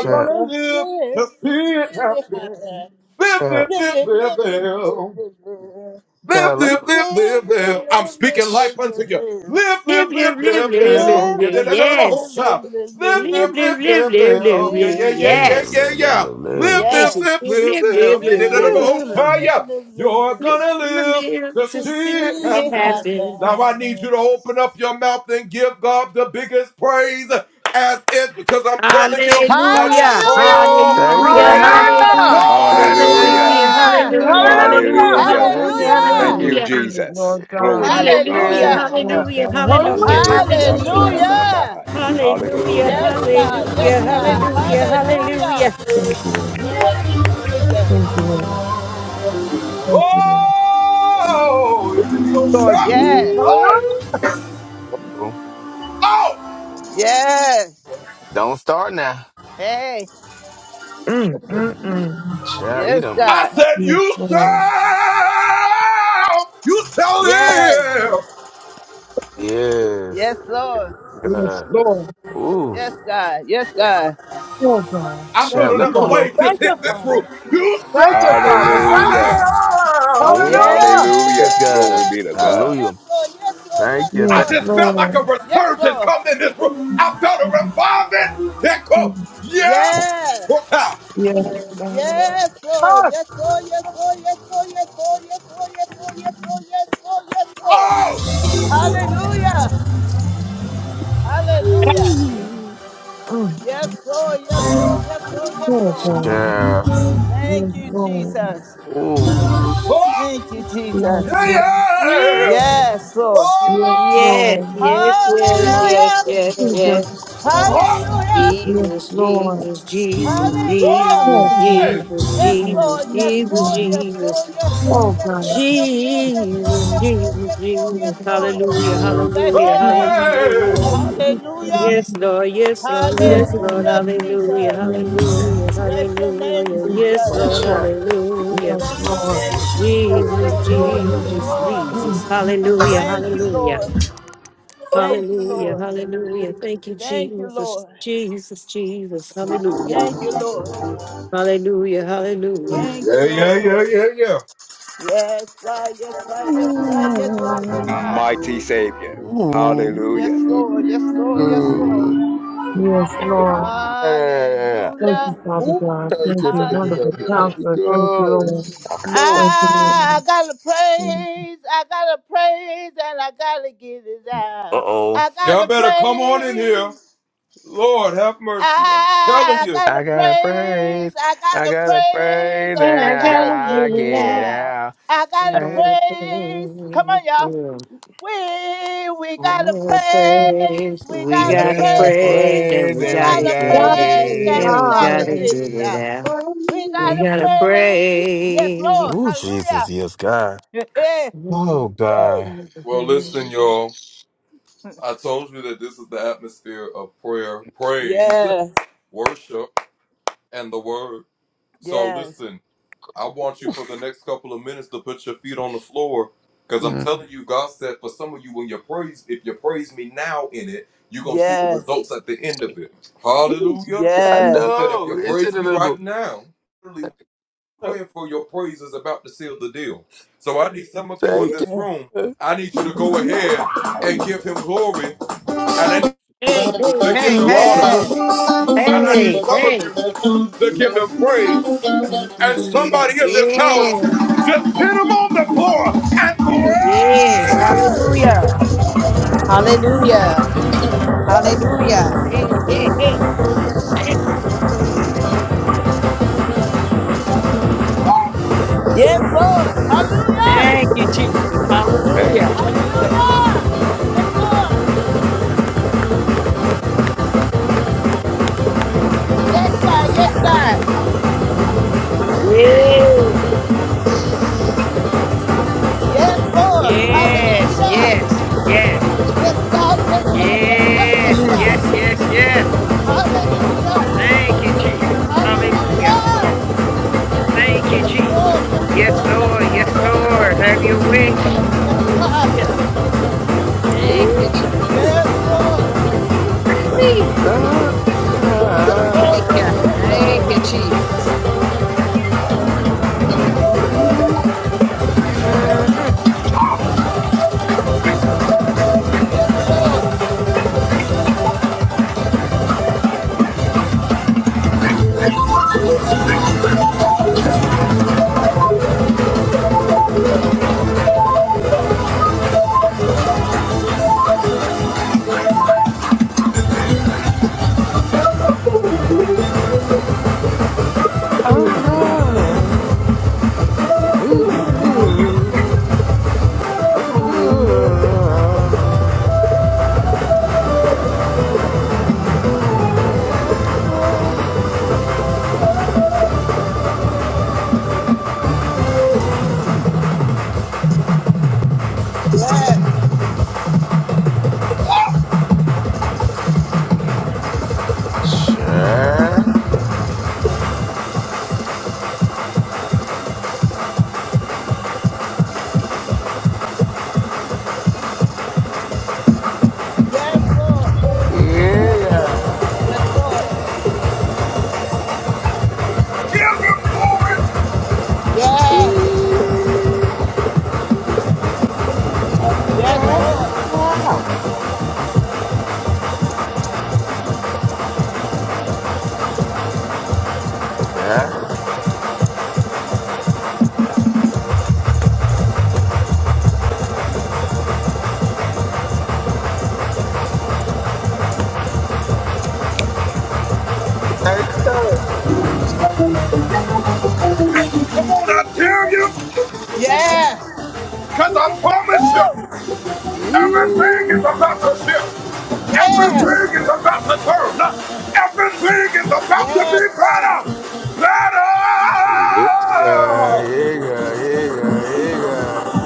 Yes, Lord. Live to see it happen.
child,
Live, live, live, live, live, live, live.
child, let
Live, live, live, live, live, live, live.
Live, live, live, live, live,
Live,
live.
live, live, live,
Yes.
live, live,
Live,
live.
live, live, live, live, live.
me
Live.
live,
Yes.
live, live, live, live, live.
And
Yeah.
she Live, live, live, live,
Live,
Live,
live.
live,
live,
live,
live.
live, live, live, live.
Live, live to
To
see
see
it
it
happen.
happen.
Hallelujah,
Hallelujah!
Thank
hallelujah,
you.
Hallelujah.
hallelujah,
Thank you.
Thank
Hallelujah.
you,
hallelujah, hallelujah,
Jesus.
Thank you.
hallelujah,
Hallelujah.
Hallelujah.
Thank
hallelujah,
you.
I
Thank
Thank
Hallelujah!
you,
you.
hallelujah.
receive it,
Jesus.
Lord
Glory be
God.
to
Yeah,
God.
Hallelujah,
Yes,
yeah,
Hallelujah!
yeah. yeah.
Lord
hallelujah,
God.
hallelujah,
Hallelujah.
hallelujah.
Hallelujah!
Mandebekiasoladambahaya.
Hallelujah,
Hallelujah.
Yes, God. Yes, God.
Thank you,
hallelujah,
Lord.
Hallelujah.
hallelujah,
Thank you, Lord.
hallelujah.
Thank you, Jesus.
Thank you, Lord. Thank you, Lord.
Oh,
Lord
pandiriosha.
Jesus.
Yes.
Hallelujah.
Hey,
Ooh.
oh,
Yes.
Don't start now.
Hey.
Mm, mm, mm.
Child, eat
Yes,
them.
I
God.
said
Yes,
you sell,
Lord.
you sell
Yes.
live.
Yes.
Yes, Lord.
Yes,
God.
Lord.
Ooh.
Yes, God. Yes, God.
Oh, God.
I
Thank
feel
Child,
you,
let me
another
pull
Father.
up.
wave
Thank
just
you,
hit this room.
Father.
You
Thank you, Father. Thank you,
Hallelujah.
Father.
sell.
Yes,
Hallelujah.
Hallelujah. Glory
God.
Yes,
be to
Lord.
God.
Yes,
Hallelujah.
Lord. Yes, Lord.
Thank
Yes,
you.
Yes,
I
Thank
Lord.
just felt like
Lord.
a
Yes,
resurgence come in this room. I felt a revival. That quote,
Lord.
yeah,
Yes.
what time?
Yes, God.
Yes, Lord.
Fuck!
Yes, Lord. Yes, Lord. Yes, Lord. Yes, Lord. Yes, Lord. Yes, Lord. Yes, Lord. Yes, Lord. Yes, Lord. Hallelujah. Hallelujah.
you.
Mm.
Yes, Lord. Yes, Lord. Yes, Lord. Yes,
Yes,
Lord.
God.
Child.
Thank
Yes,
you,
Lord.
Jesus.
Ooh.
Thank
Oh,
you,
Yes,
Jesus.
yeah,
Lord.
yeah.
Yes,
Yes, Lord.
Yes,
Oh,
yes,
Lord.
yes, yes, yes,
Hallelujah.
yes,
Jesus.
yes.
Hallelujah.
Yes,
Jesus,
Lord.
Jesus, Jesus,
Hallelujah.
Jesus,
Oh,
hey,
God.
Jesus,
Yes,
Thank
Jesus,
Lord.
you,
Yes,
Jesus,
Lord.
Lord.
Yes, Lord.
Jesus.
Yes, Lord.
Oh,
Yes,
God.
Lord. Yes, Lord. Yes, Lord. Yes, Lord.
Jesus,
Yes, Lord.
Jesus,
Yes, Lord.
Yes,
Jesus,
Yes, Lord.
Lord.
hallelujah,
hey.
Bless
hallelujah,
your name,
Jesus.
Jesus.
hallelujah.
Yes,
Hallelujah.
Lord.
Yes, Lord, yes, Lord,
Yes,
yes, Lord,
Hallelujah,
hallelujah,
Jesus.
hallelujah,
Lord.
Bless your name,
hallelujah.
Yes,
Yes,
Jesus.
Lord.
Lord, hallelujah.
Yes, Lord. Yes,
Bless your
Lord.
name, Jesus.
Jesus,
Yes,
Yes,
Lord. Yes,
Lord.
Jesus,
Lord.
Mm,
Jesus,
We
hallelujah,
thank you,
hallelujah.
Lord. Thank you,
Hallelujah,
Lord.
hallelujah. Thank you,
Thank you,
Jesus,
Lord.
Jesus, Jesus. Hallelujah,
Thank you, Lord.
hallelujah, hallelujah.
Thank you, Lord. Yes, God. Yes, God. Yes, God. Yes, God. Yes,
Ooh,
God.
mighty Savior.
ooh,
Hallelujah.
Yes, Lord. Yes, Lord. Yes, Lord.
ooh,
Yes, Lord. Yes, Lord.
yeah.
Thank you,
Hallelujah.
Father
Ooh,
God.
thank
Thank
you,
you,
thank you,
wonderful
thank you,
Hallelujah.
thank
counselor.
you.
Thank you, Lord.
I know.
Thank
I
you,
gotta
Lord.
praise, I gotta praise, and I gotta get it
Uh
out.
oh.
I gotta praise, I gotta
I gotta
praise,
praise.
I
I
gotta
gotta
praise,
praise,
and
And
and
I
I
I
gotta
gotta
get
give
gotta
you
it
get
that.
out.
out.
I
I
gotta
I
got.
gotta
praise. Come on,
praise
y'all.
you.
We we
We
gotta
gotta
praise,
praise,
we
we
We
gotta
gotta
gotta
praise,
praise,
and
praise,
we
we
and we
gotta
gotta
give
gotta
God
get
it,
is
praise, and
and
we
we
it.
gotta
gotta
alive.
get
give
it
it
out.
Yeah.
out.
We
We
gotta
gotta
Okay.
praise. Yes,
praise.
Lord.
Ooh, Jesus,
Hallelujah.
yes, God. Oh, God.
Yes. Yes.
Mm.
Yes.
I
Yes.
know. It's a little. Thank
Yes.
you.
Hey, hey, hey, hey.
Yes.
Hey, hey, Yes, yes, hallelujah, hallelujah, hallelujah. Hey, hey, hey, thank you, Jesus.
Yes, Lord. Hallelujah.
thank you, Jesus,
Thank
hallelujah.
you,
Hallelujah. Yes, Lord. Yes, God. Yes, God.
Yes,
Yes, Lord.
yes,
Hallelujah.
yes, yes,
Yes, God. Yes, God. Yes, God. Yes,
yes,
God.
yes,
Jesus.
yes, yes.
Hallelujah.
Thank you, Jesus, hallelujah.
Hallelujah.
Thank you,
Yes,
Jesus.
Lord. Yes,
Yes,
Lord. Yes,
Lord,
Lord.
yes,
Yes, Lord.
Lord, have your way, God,
Yes, God.
hallelujah. Thank
Eee.
you, Jesus.
Yes, Lord.
Wee.
Ah,
Yes, Lord.
Thank
Yes,
you.
ah,
Lord. Yes,
ah,
Thank you,
Lord.
Jesus.
ah,
Mm-mm.
Yes, Lord.
ah, ooh, ooh, ah, ah.
Yes.
Sure.
Yes, Lord.
Yeah.
Yes, Lord. Yes.
Eee.
Yes,
Ah,
Lord.
wow. Yeah. Thank you.
Come on, I tell you,
Yeah.
because I promise you, everything is
Eee.
about to shift.
Yeah.
Everything is about to turn. Everything is about to be
Yes, Lord.
better.
Yeah, yeah, yeah, yeah, yeah.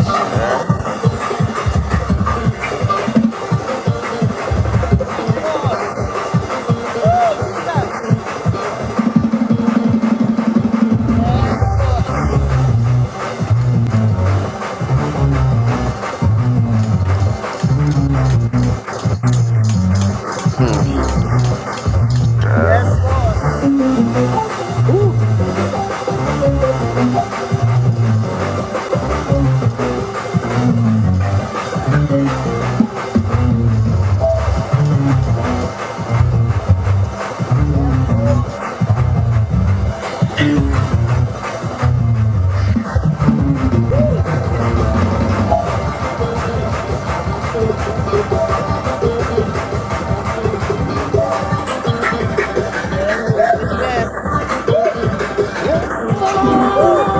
Sure.
Yes, Lord. Woo, Jesus. Yes, Lord.
Mm, sure.
Yes, Lord.
Ooh,
Yes, Lord. Woo, yes, Lord. Yes, yes, yes, yes.
yeah.
Woo.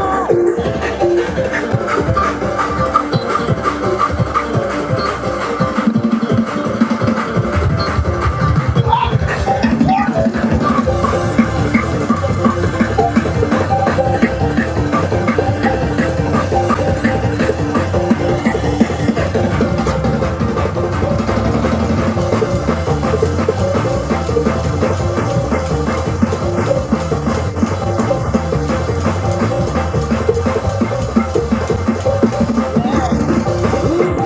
Yes.
Ooh,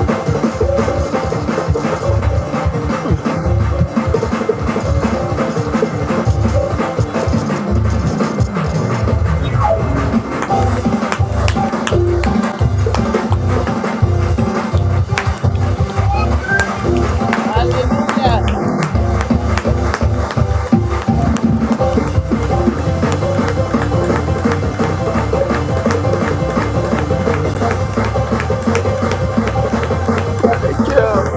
Hallelujah.
thank you.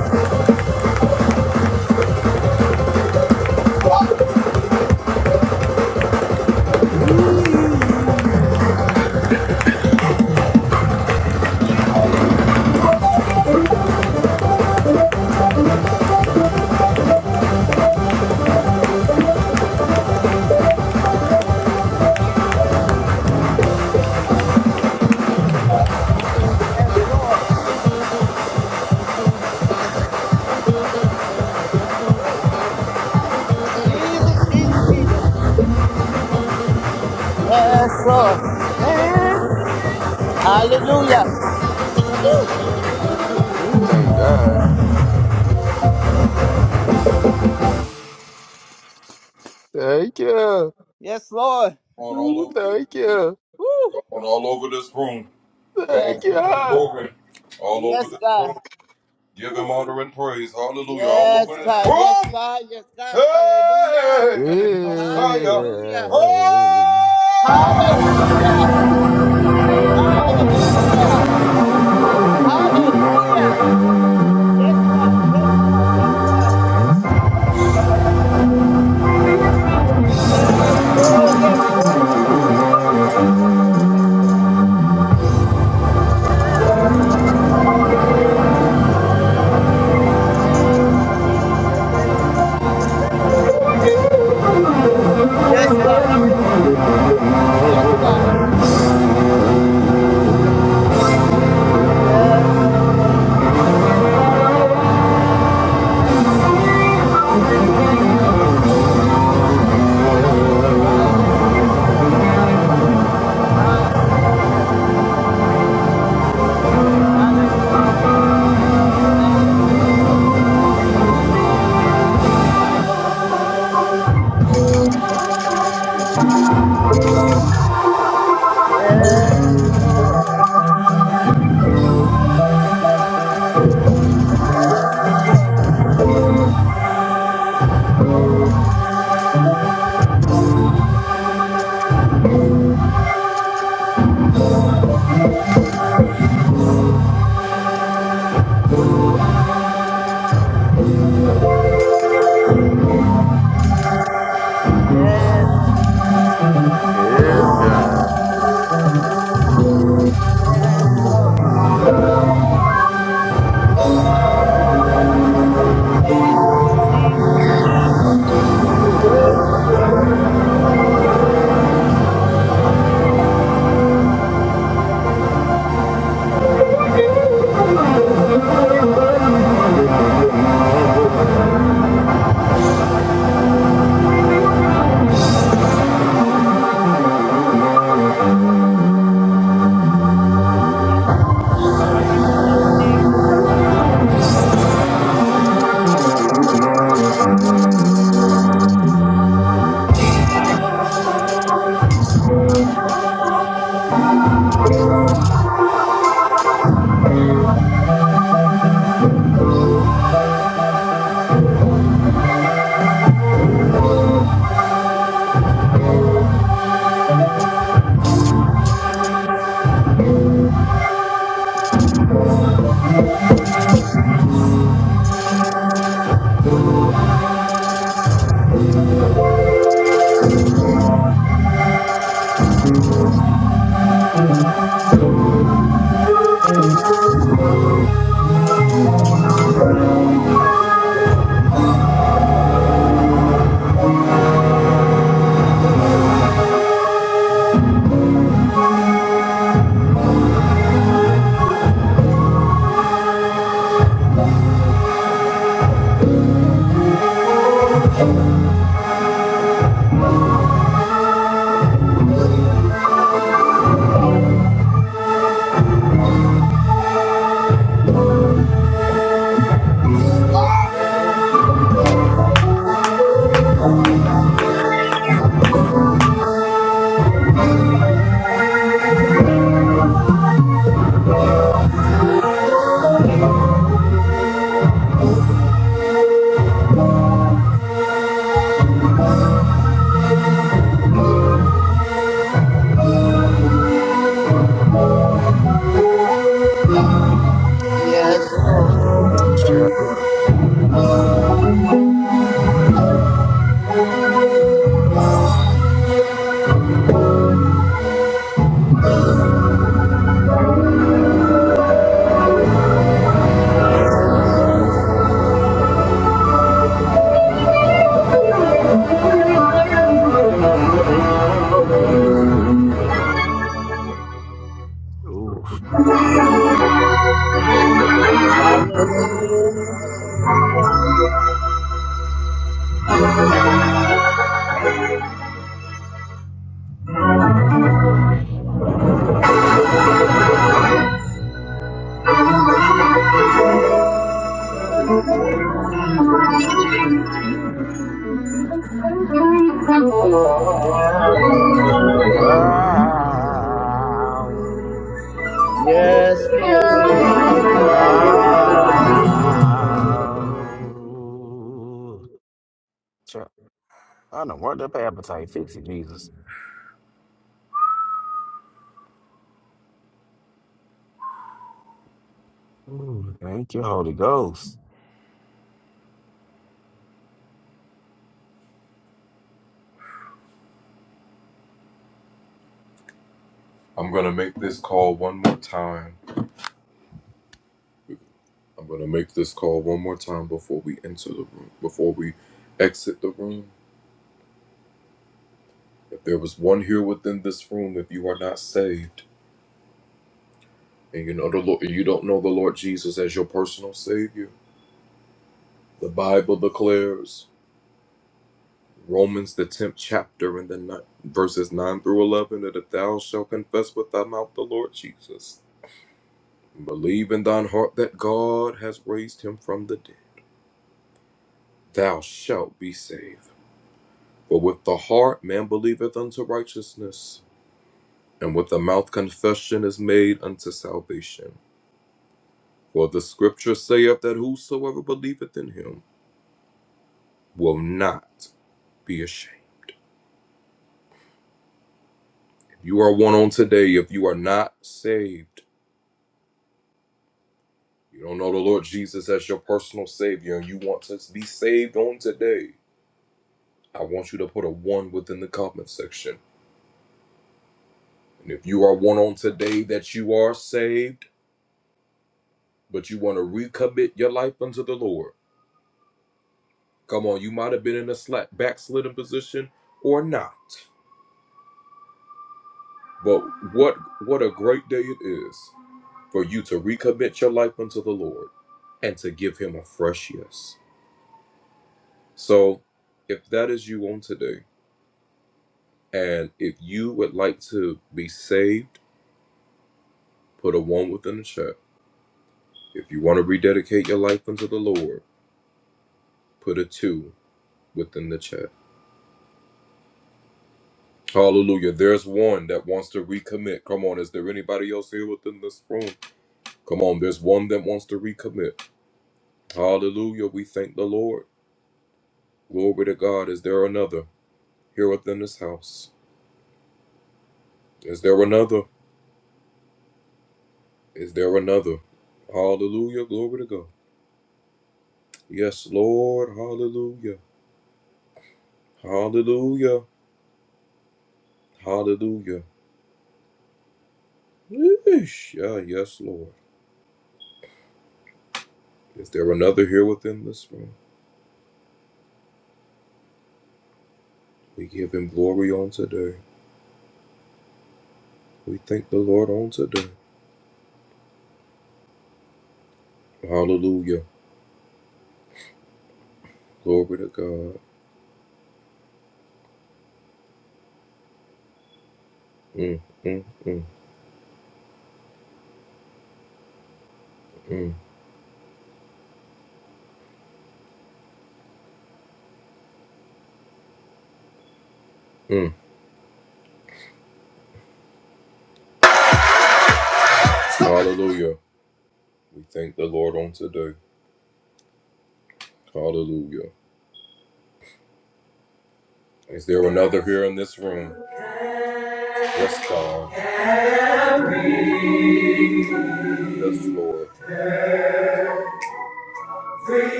Yes, Lord. Jesus, Jesus, Jesus. Yes, Lord. Hallelujah.
Ooh, thank God. Thank you.
Yes, Lord.
Ooh, thank you.
Woo.
Thank
Yes, God.
you.
Yes, God.
Ooh, thank you.
Yes, God. Yes, God. Yes, God. Hallelujah. Hallelujah.
Yeah.
Hallelujah. Hallelujah.
Hold
Hallelujah. Yes, God. Yes, God. Yes, God. Yes, oh, yes, oh, yes, oh,
on.
yes, oh, yes, oh, yes, oh. Yes, oh. Thank you, Jesus. Thank you, Jesus. Thank you, Lord. Thank you, Lord. Yes, God. Yes, God. Good Jesus. Yes, Lord. Yes, Lord. Yes, Lord. Yes, Lord. Hallelujah. Hallelujah. Hallelujah. Hallelujah. Thank you, Jesus. Yes, Lord. Yes, Lord. Yes.
Yes, God.
Yes, Lord. Jesus, Jesus, Jesus, Jesus. You're worthy, you're worthy, you're worthy. Jesus, Jesus, Jesus, Jesus, Jesus, Jesus, Jesus. Yes, Lord. Yes, Lord. Yes, Lord. Yes, Lord.
Yeah.
Yes, Lord. Yes, Lord. Yes, Lord. Yes, Lord.
Ooh. Ooh.
Hallelujah. Hallelujah.
Better.
Ah.
Yes, Lord.
Ah. Sure. I don't work up an appetite. Fix it, Jesus. Ooh, thank you, Holy Ghost.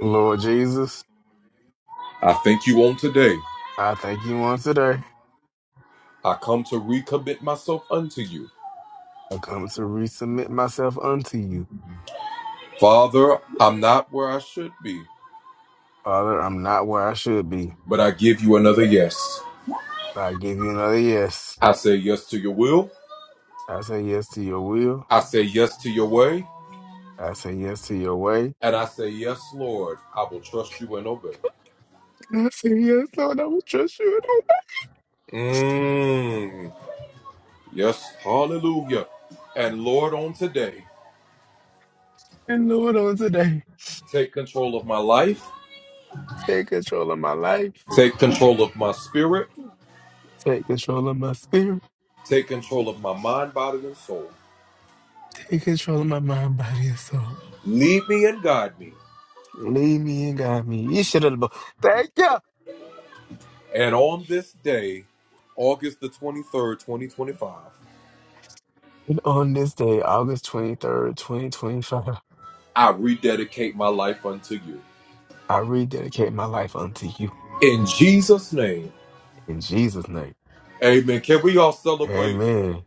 Lord Jesus, I thank you once today. I come to resubmit myself unto you. Father, I'm not where I should be, but I give you another yes. I say yes to your will. I say yes to your way. And I said, Yes, Lord, I will trust you and obey. And Lord, on today, take control of my life, take control of my spirit, take control of my mind, body, and soul. Lead me and guide me. You should have. Thank you. And on this day, August 23rd, 2025, I rededicate my life unto you. In Jesus' name. Amen.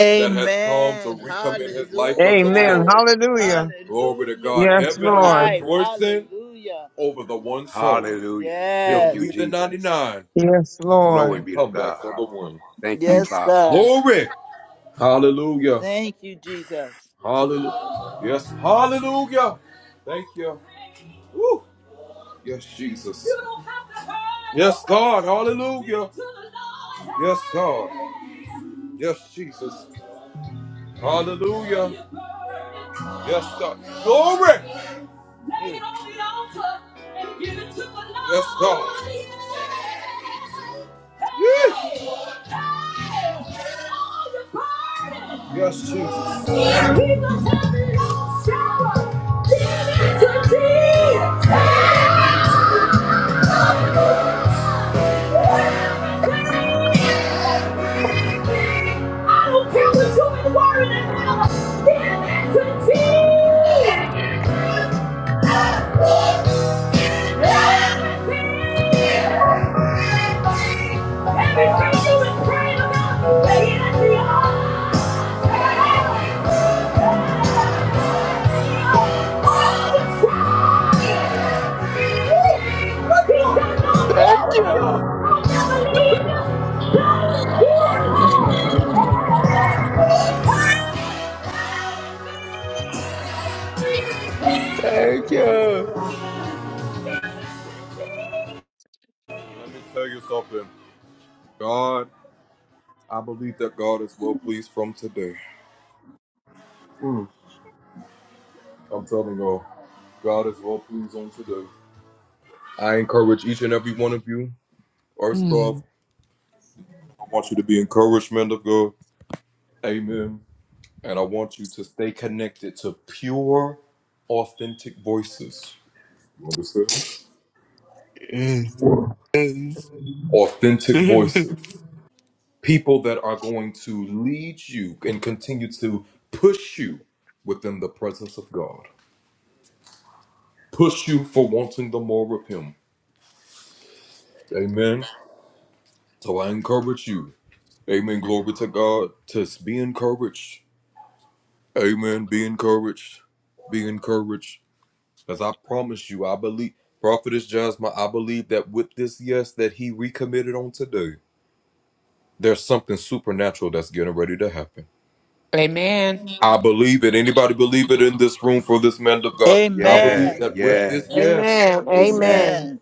Amen. Hallelujah.
Amen. Hallelujah.
Hallelujah for
Yes,
his
Lord.
life. Hallelujah.
Hallelujah. Thank you,
Yes.
Jesus.
Yes,
Glory
Lord.
be to God. Thank you,
Yes,
Father.
God. Thank you, Jesus.
Yes, Jesus. I don't care what you've been worrying about. Give it to
Yes.
Jesus. God, God
Thank you.
Yes, Lord.
Thank you. Mm. Yes. yes.
Amen.
Yes,
Amen.
yes.
Amen.
Amen.
Amen.
Amen.
Amen.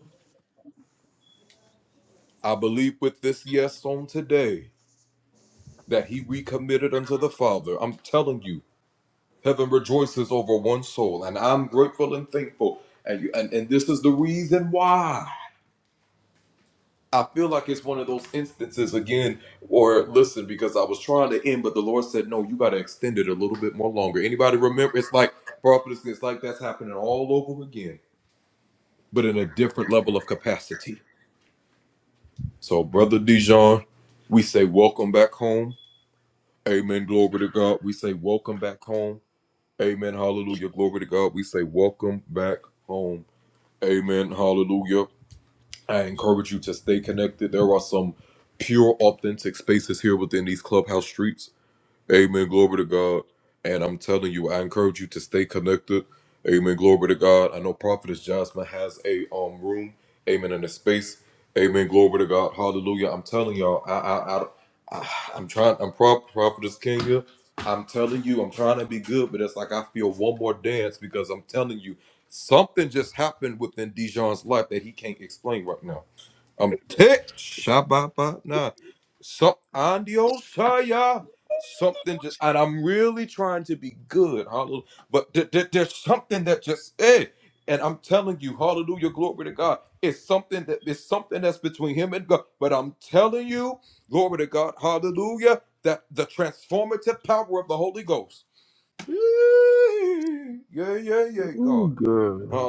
Ooh, good.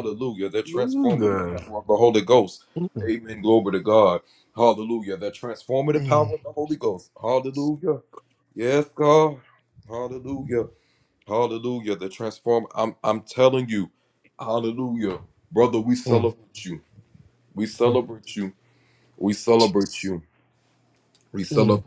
Ooh, good. Mm, mm, mm, mm,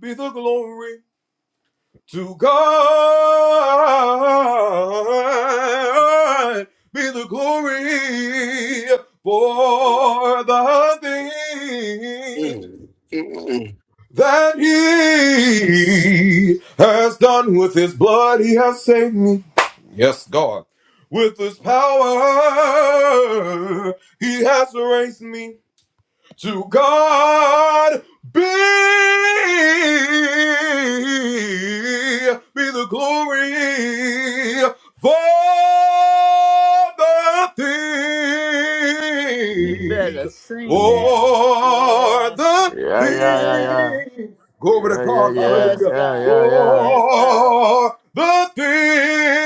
be the Be the glory for the thing.
mm, mm.
You
Mm,
better sing
mm.
that. Yes,
Yeah, yeah,
yes,
yeah, yeah, yeah, yeah,
yes,
yeah, yeah, yeah,
God. Yes, God.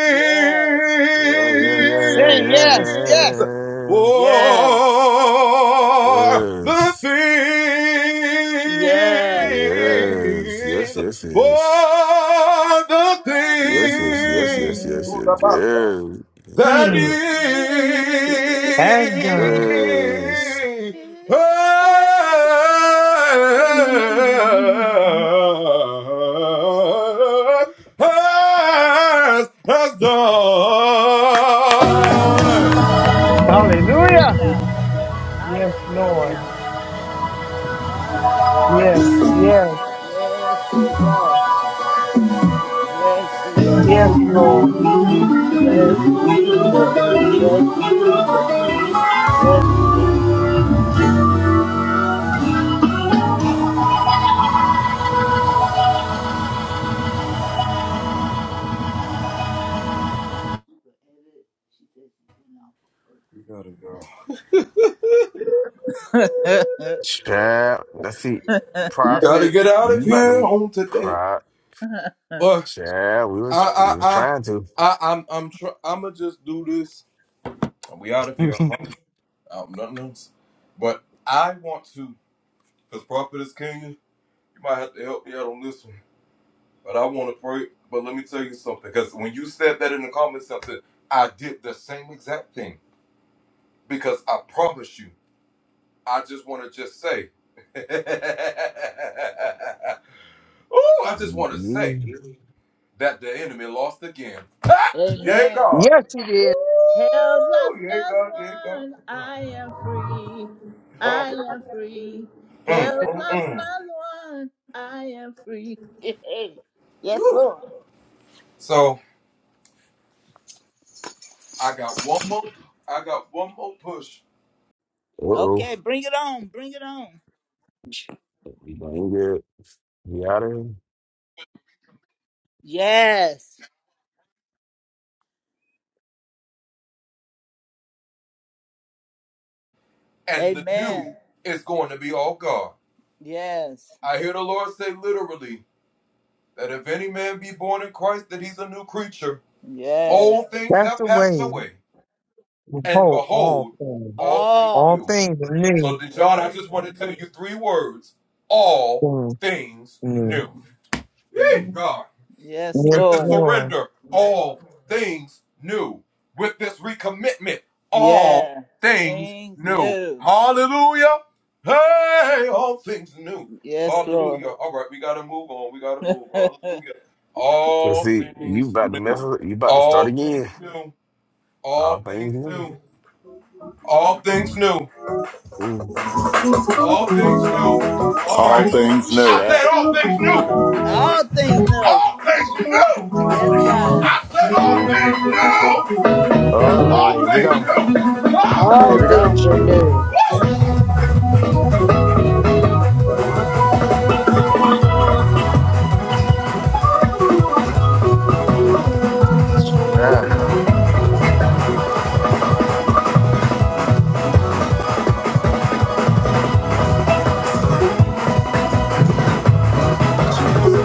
Yes,
yeah, yeah, yeah, yeah,
Say yes, yes.
yeah,
yes,
yeah.
yes, yes.
Yes, yes, yes, yes, yes, yes, yes, yes, yes, yes, yes, yes. Shut
Hmm.
up.
Has done.
Yes.
Hallelujah. Yes, Lord.
Hallelujah, hallelujah, hallelujah.
Yes, yes,
Yes, Jesus. Yes, Jesus.
yes, Lord.
Bless you, Jesus. Bless you, Jesus. Bless you, Lord.
Chad, that's it. Profit, you about to cry. Chad, we was we was trying to. you,
Amen.
Yes, He did.
Hell's lost another one. I am free. I am free. Hell's lost another one. I am free. yes, Lord.
uh oh,
Okay, bring it on. Bring it on.
ain't good. We out of here.
Yes. Amen. Yes. Yes.
That's the way we hold all things. All things are new. Things are new.
Yes,
Yes,
Lord.
Lord.
Yeah. Things new. Yes, Lord.
Let's see, you about to mess up. You about to start again. All things new. Ooh,
All things new.
Chad.
All things new. Yes, God.
Oh Lord, here we go.
All
Here we go.
things are new.
Yeah. Listen, eat. Jeez.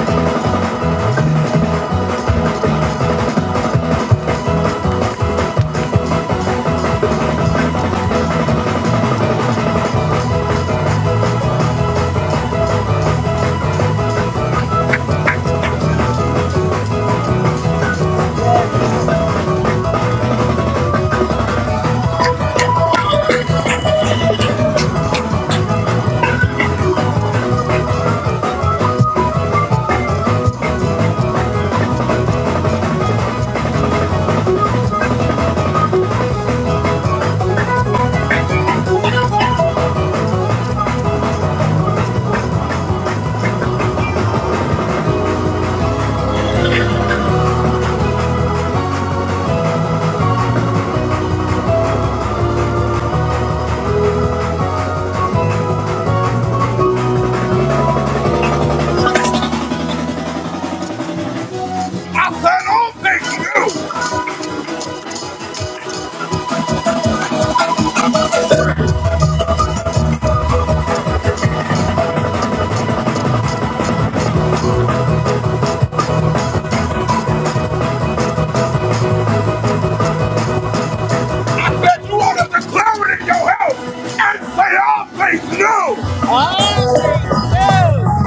Whoa.
Yes, Lord. Whew. Jesus. Whew.
Glory
All things new.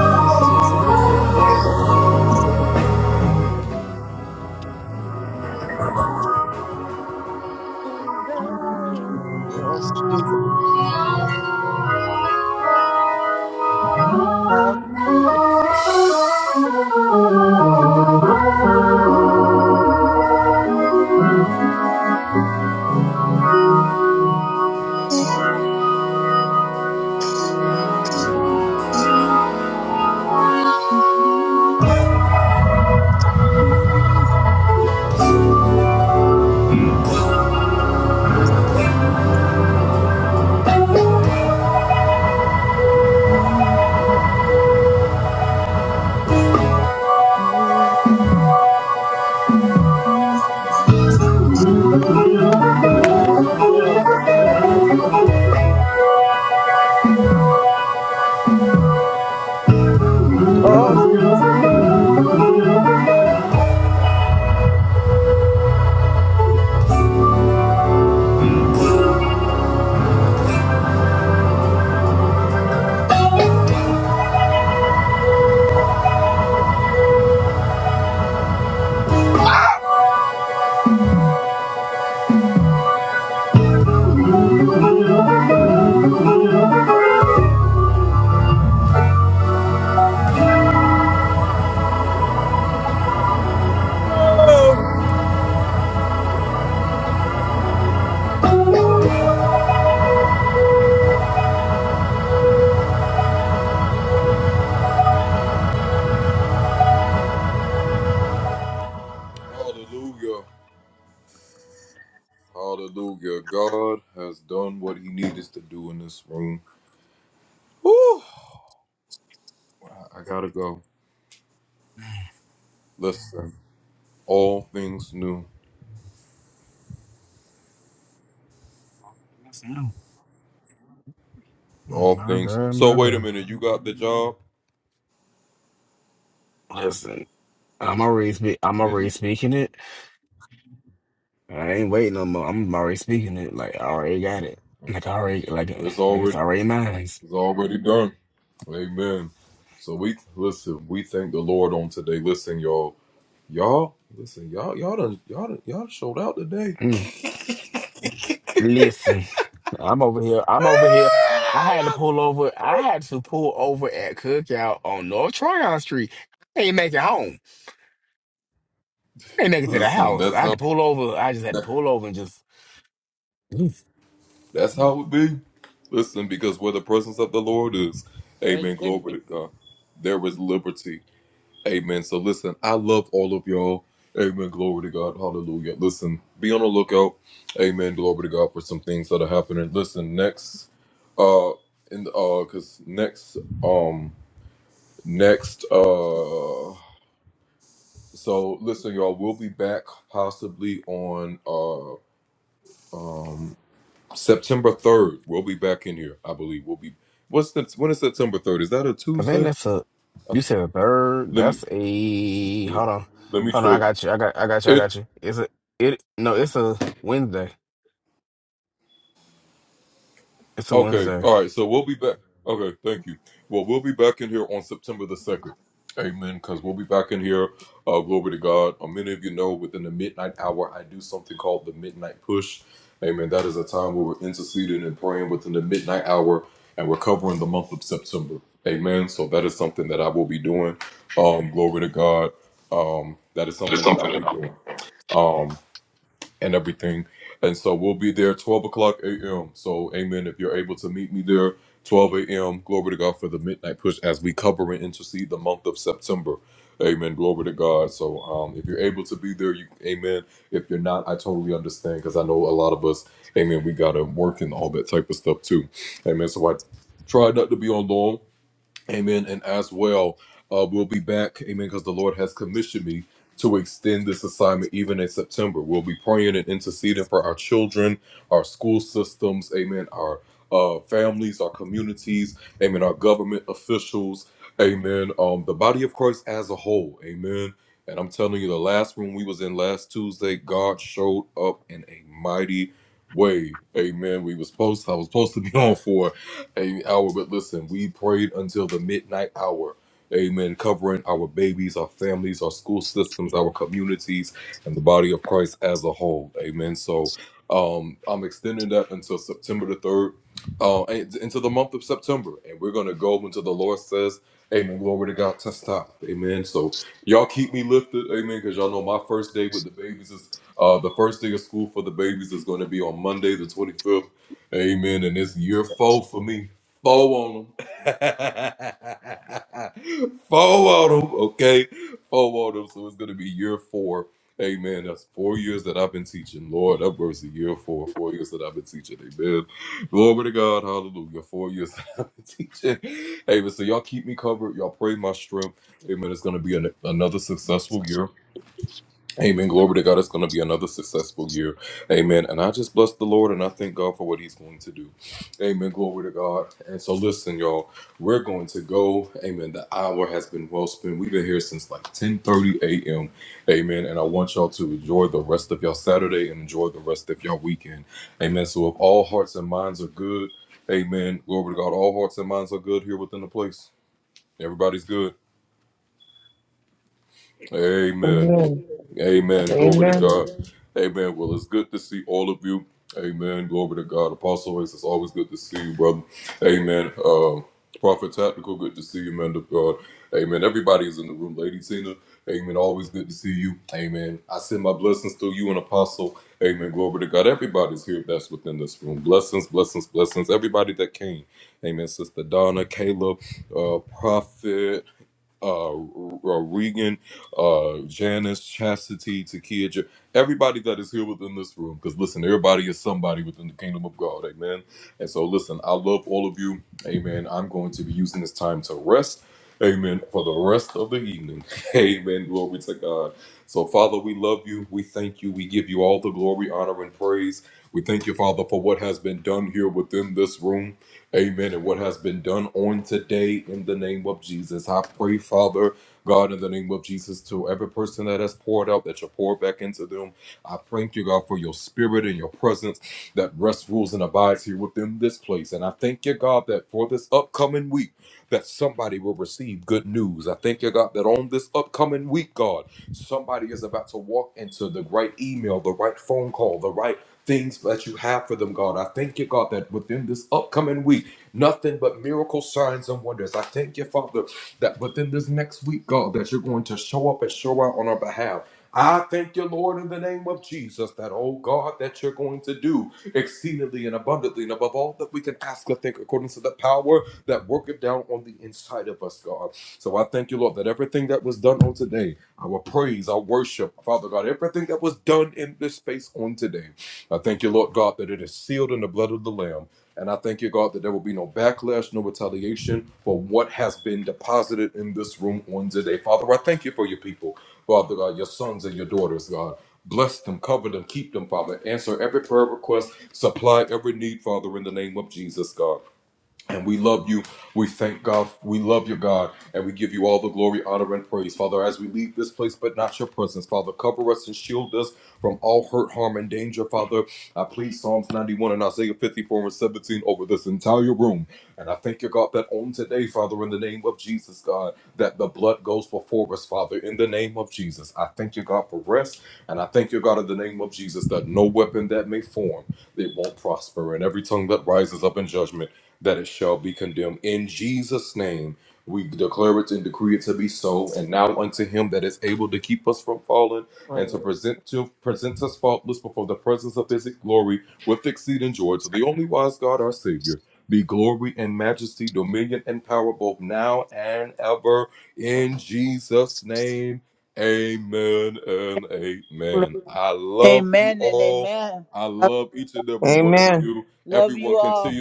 Yes, Jesus. Yes, Lord. Yes, Lord. Yes, Lord. Yes, Jesus. Hallelujah. Yes, Lord. Yes, Lord. Yes, Lord. Yes, Lord. All things new, Jesus.
Mm, My God, my God. Listen, I'm already speak. I'm already speaking it. I ain't waiting no more. I'm already speaking it. Like I already got it. Like I already like like it's already mine. Mm. Listen, I'm over here. I'm over here. I had to pull over. I had to pull over at Cookout on North Tryon Street. I ain't make it home. ain't nigga to the house. I had to pull over. I just had to pull over and just. Oof.
Very good.
I think that's a. You said a bird. That's a. Hold on, hold on. I got you. I got. I got you. I got you. It's a. It no. It's a Wednesday. It's a Wednesday.
Amen. Amen.
Amen and amen.
Amen.
Love you all.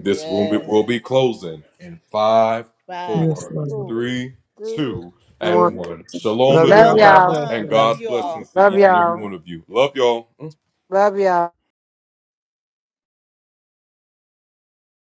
Yes. Five,
Yes, Lord.
four, three, two.
Love you
Love
all.
Shalom,
God
y'all.
bless
shalom.
you.
Love you all.
Love y'all. Love y'all.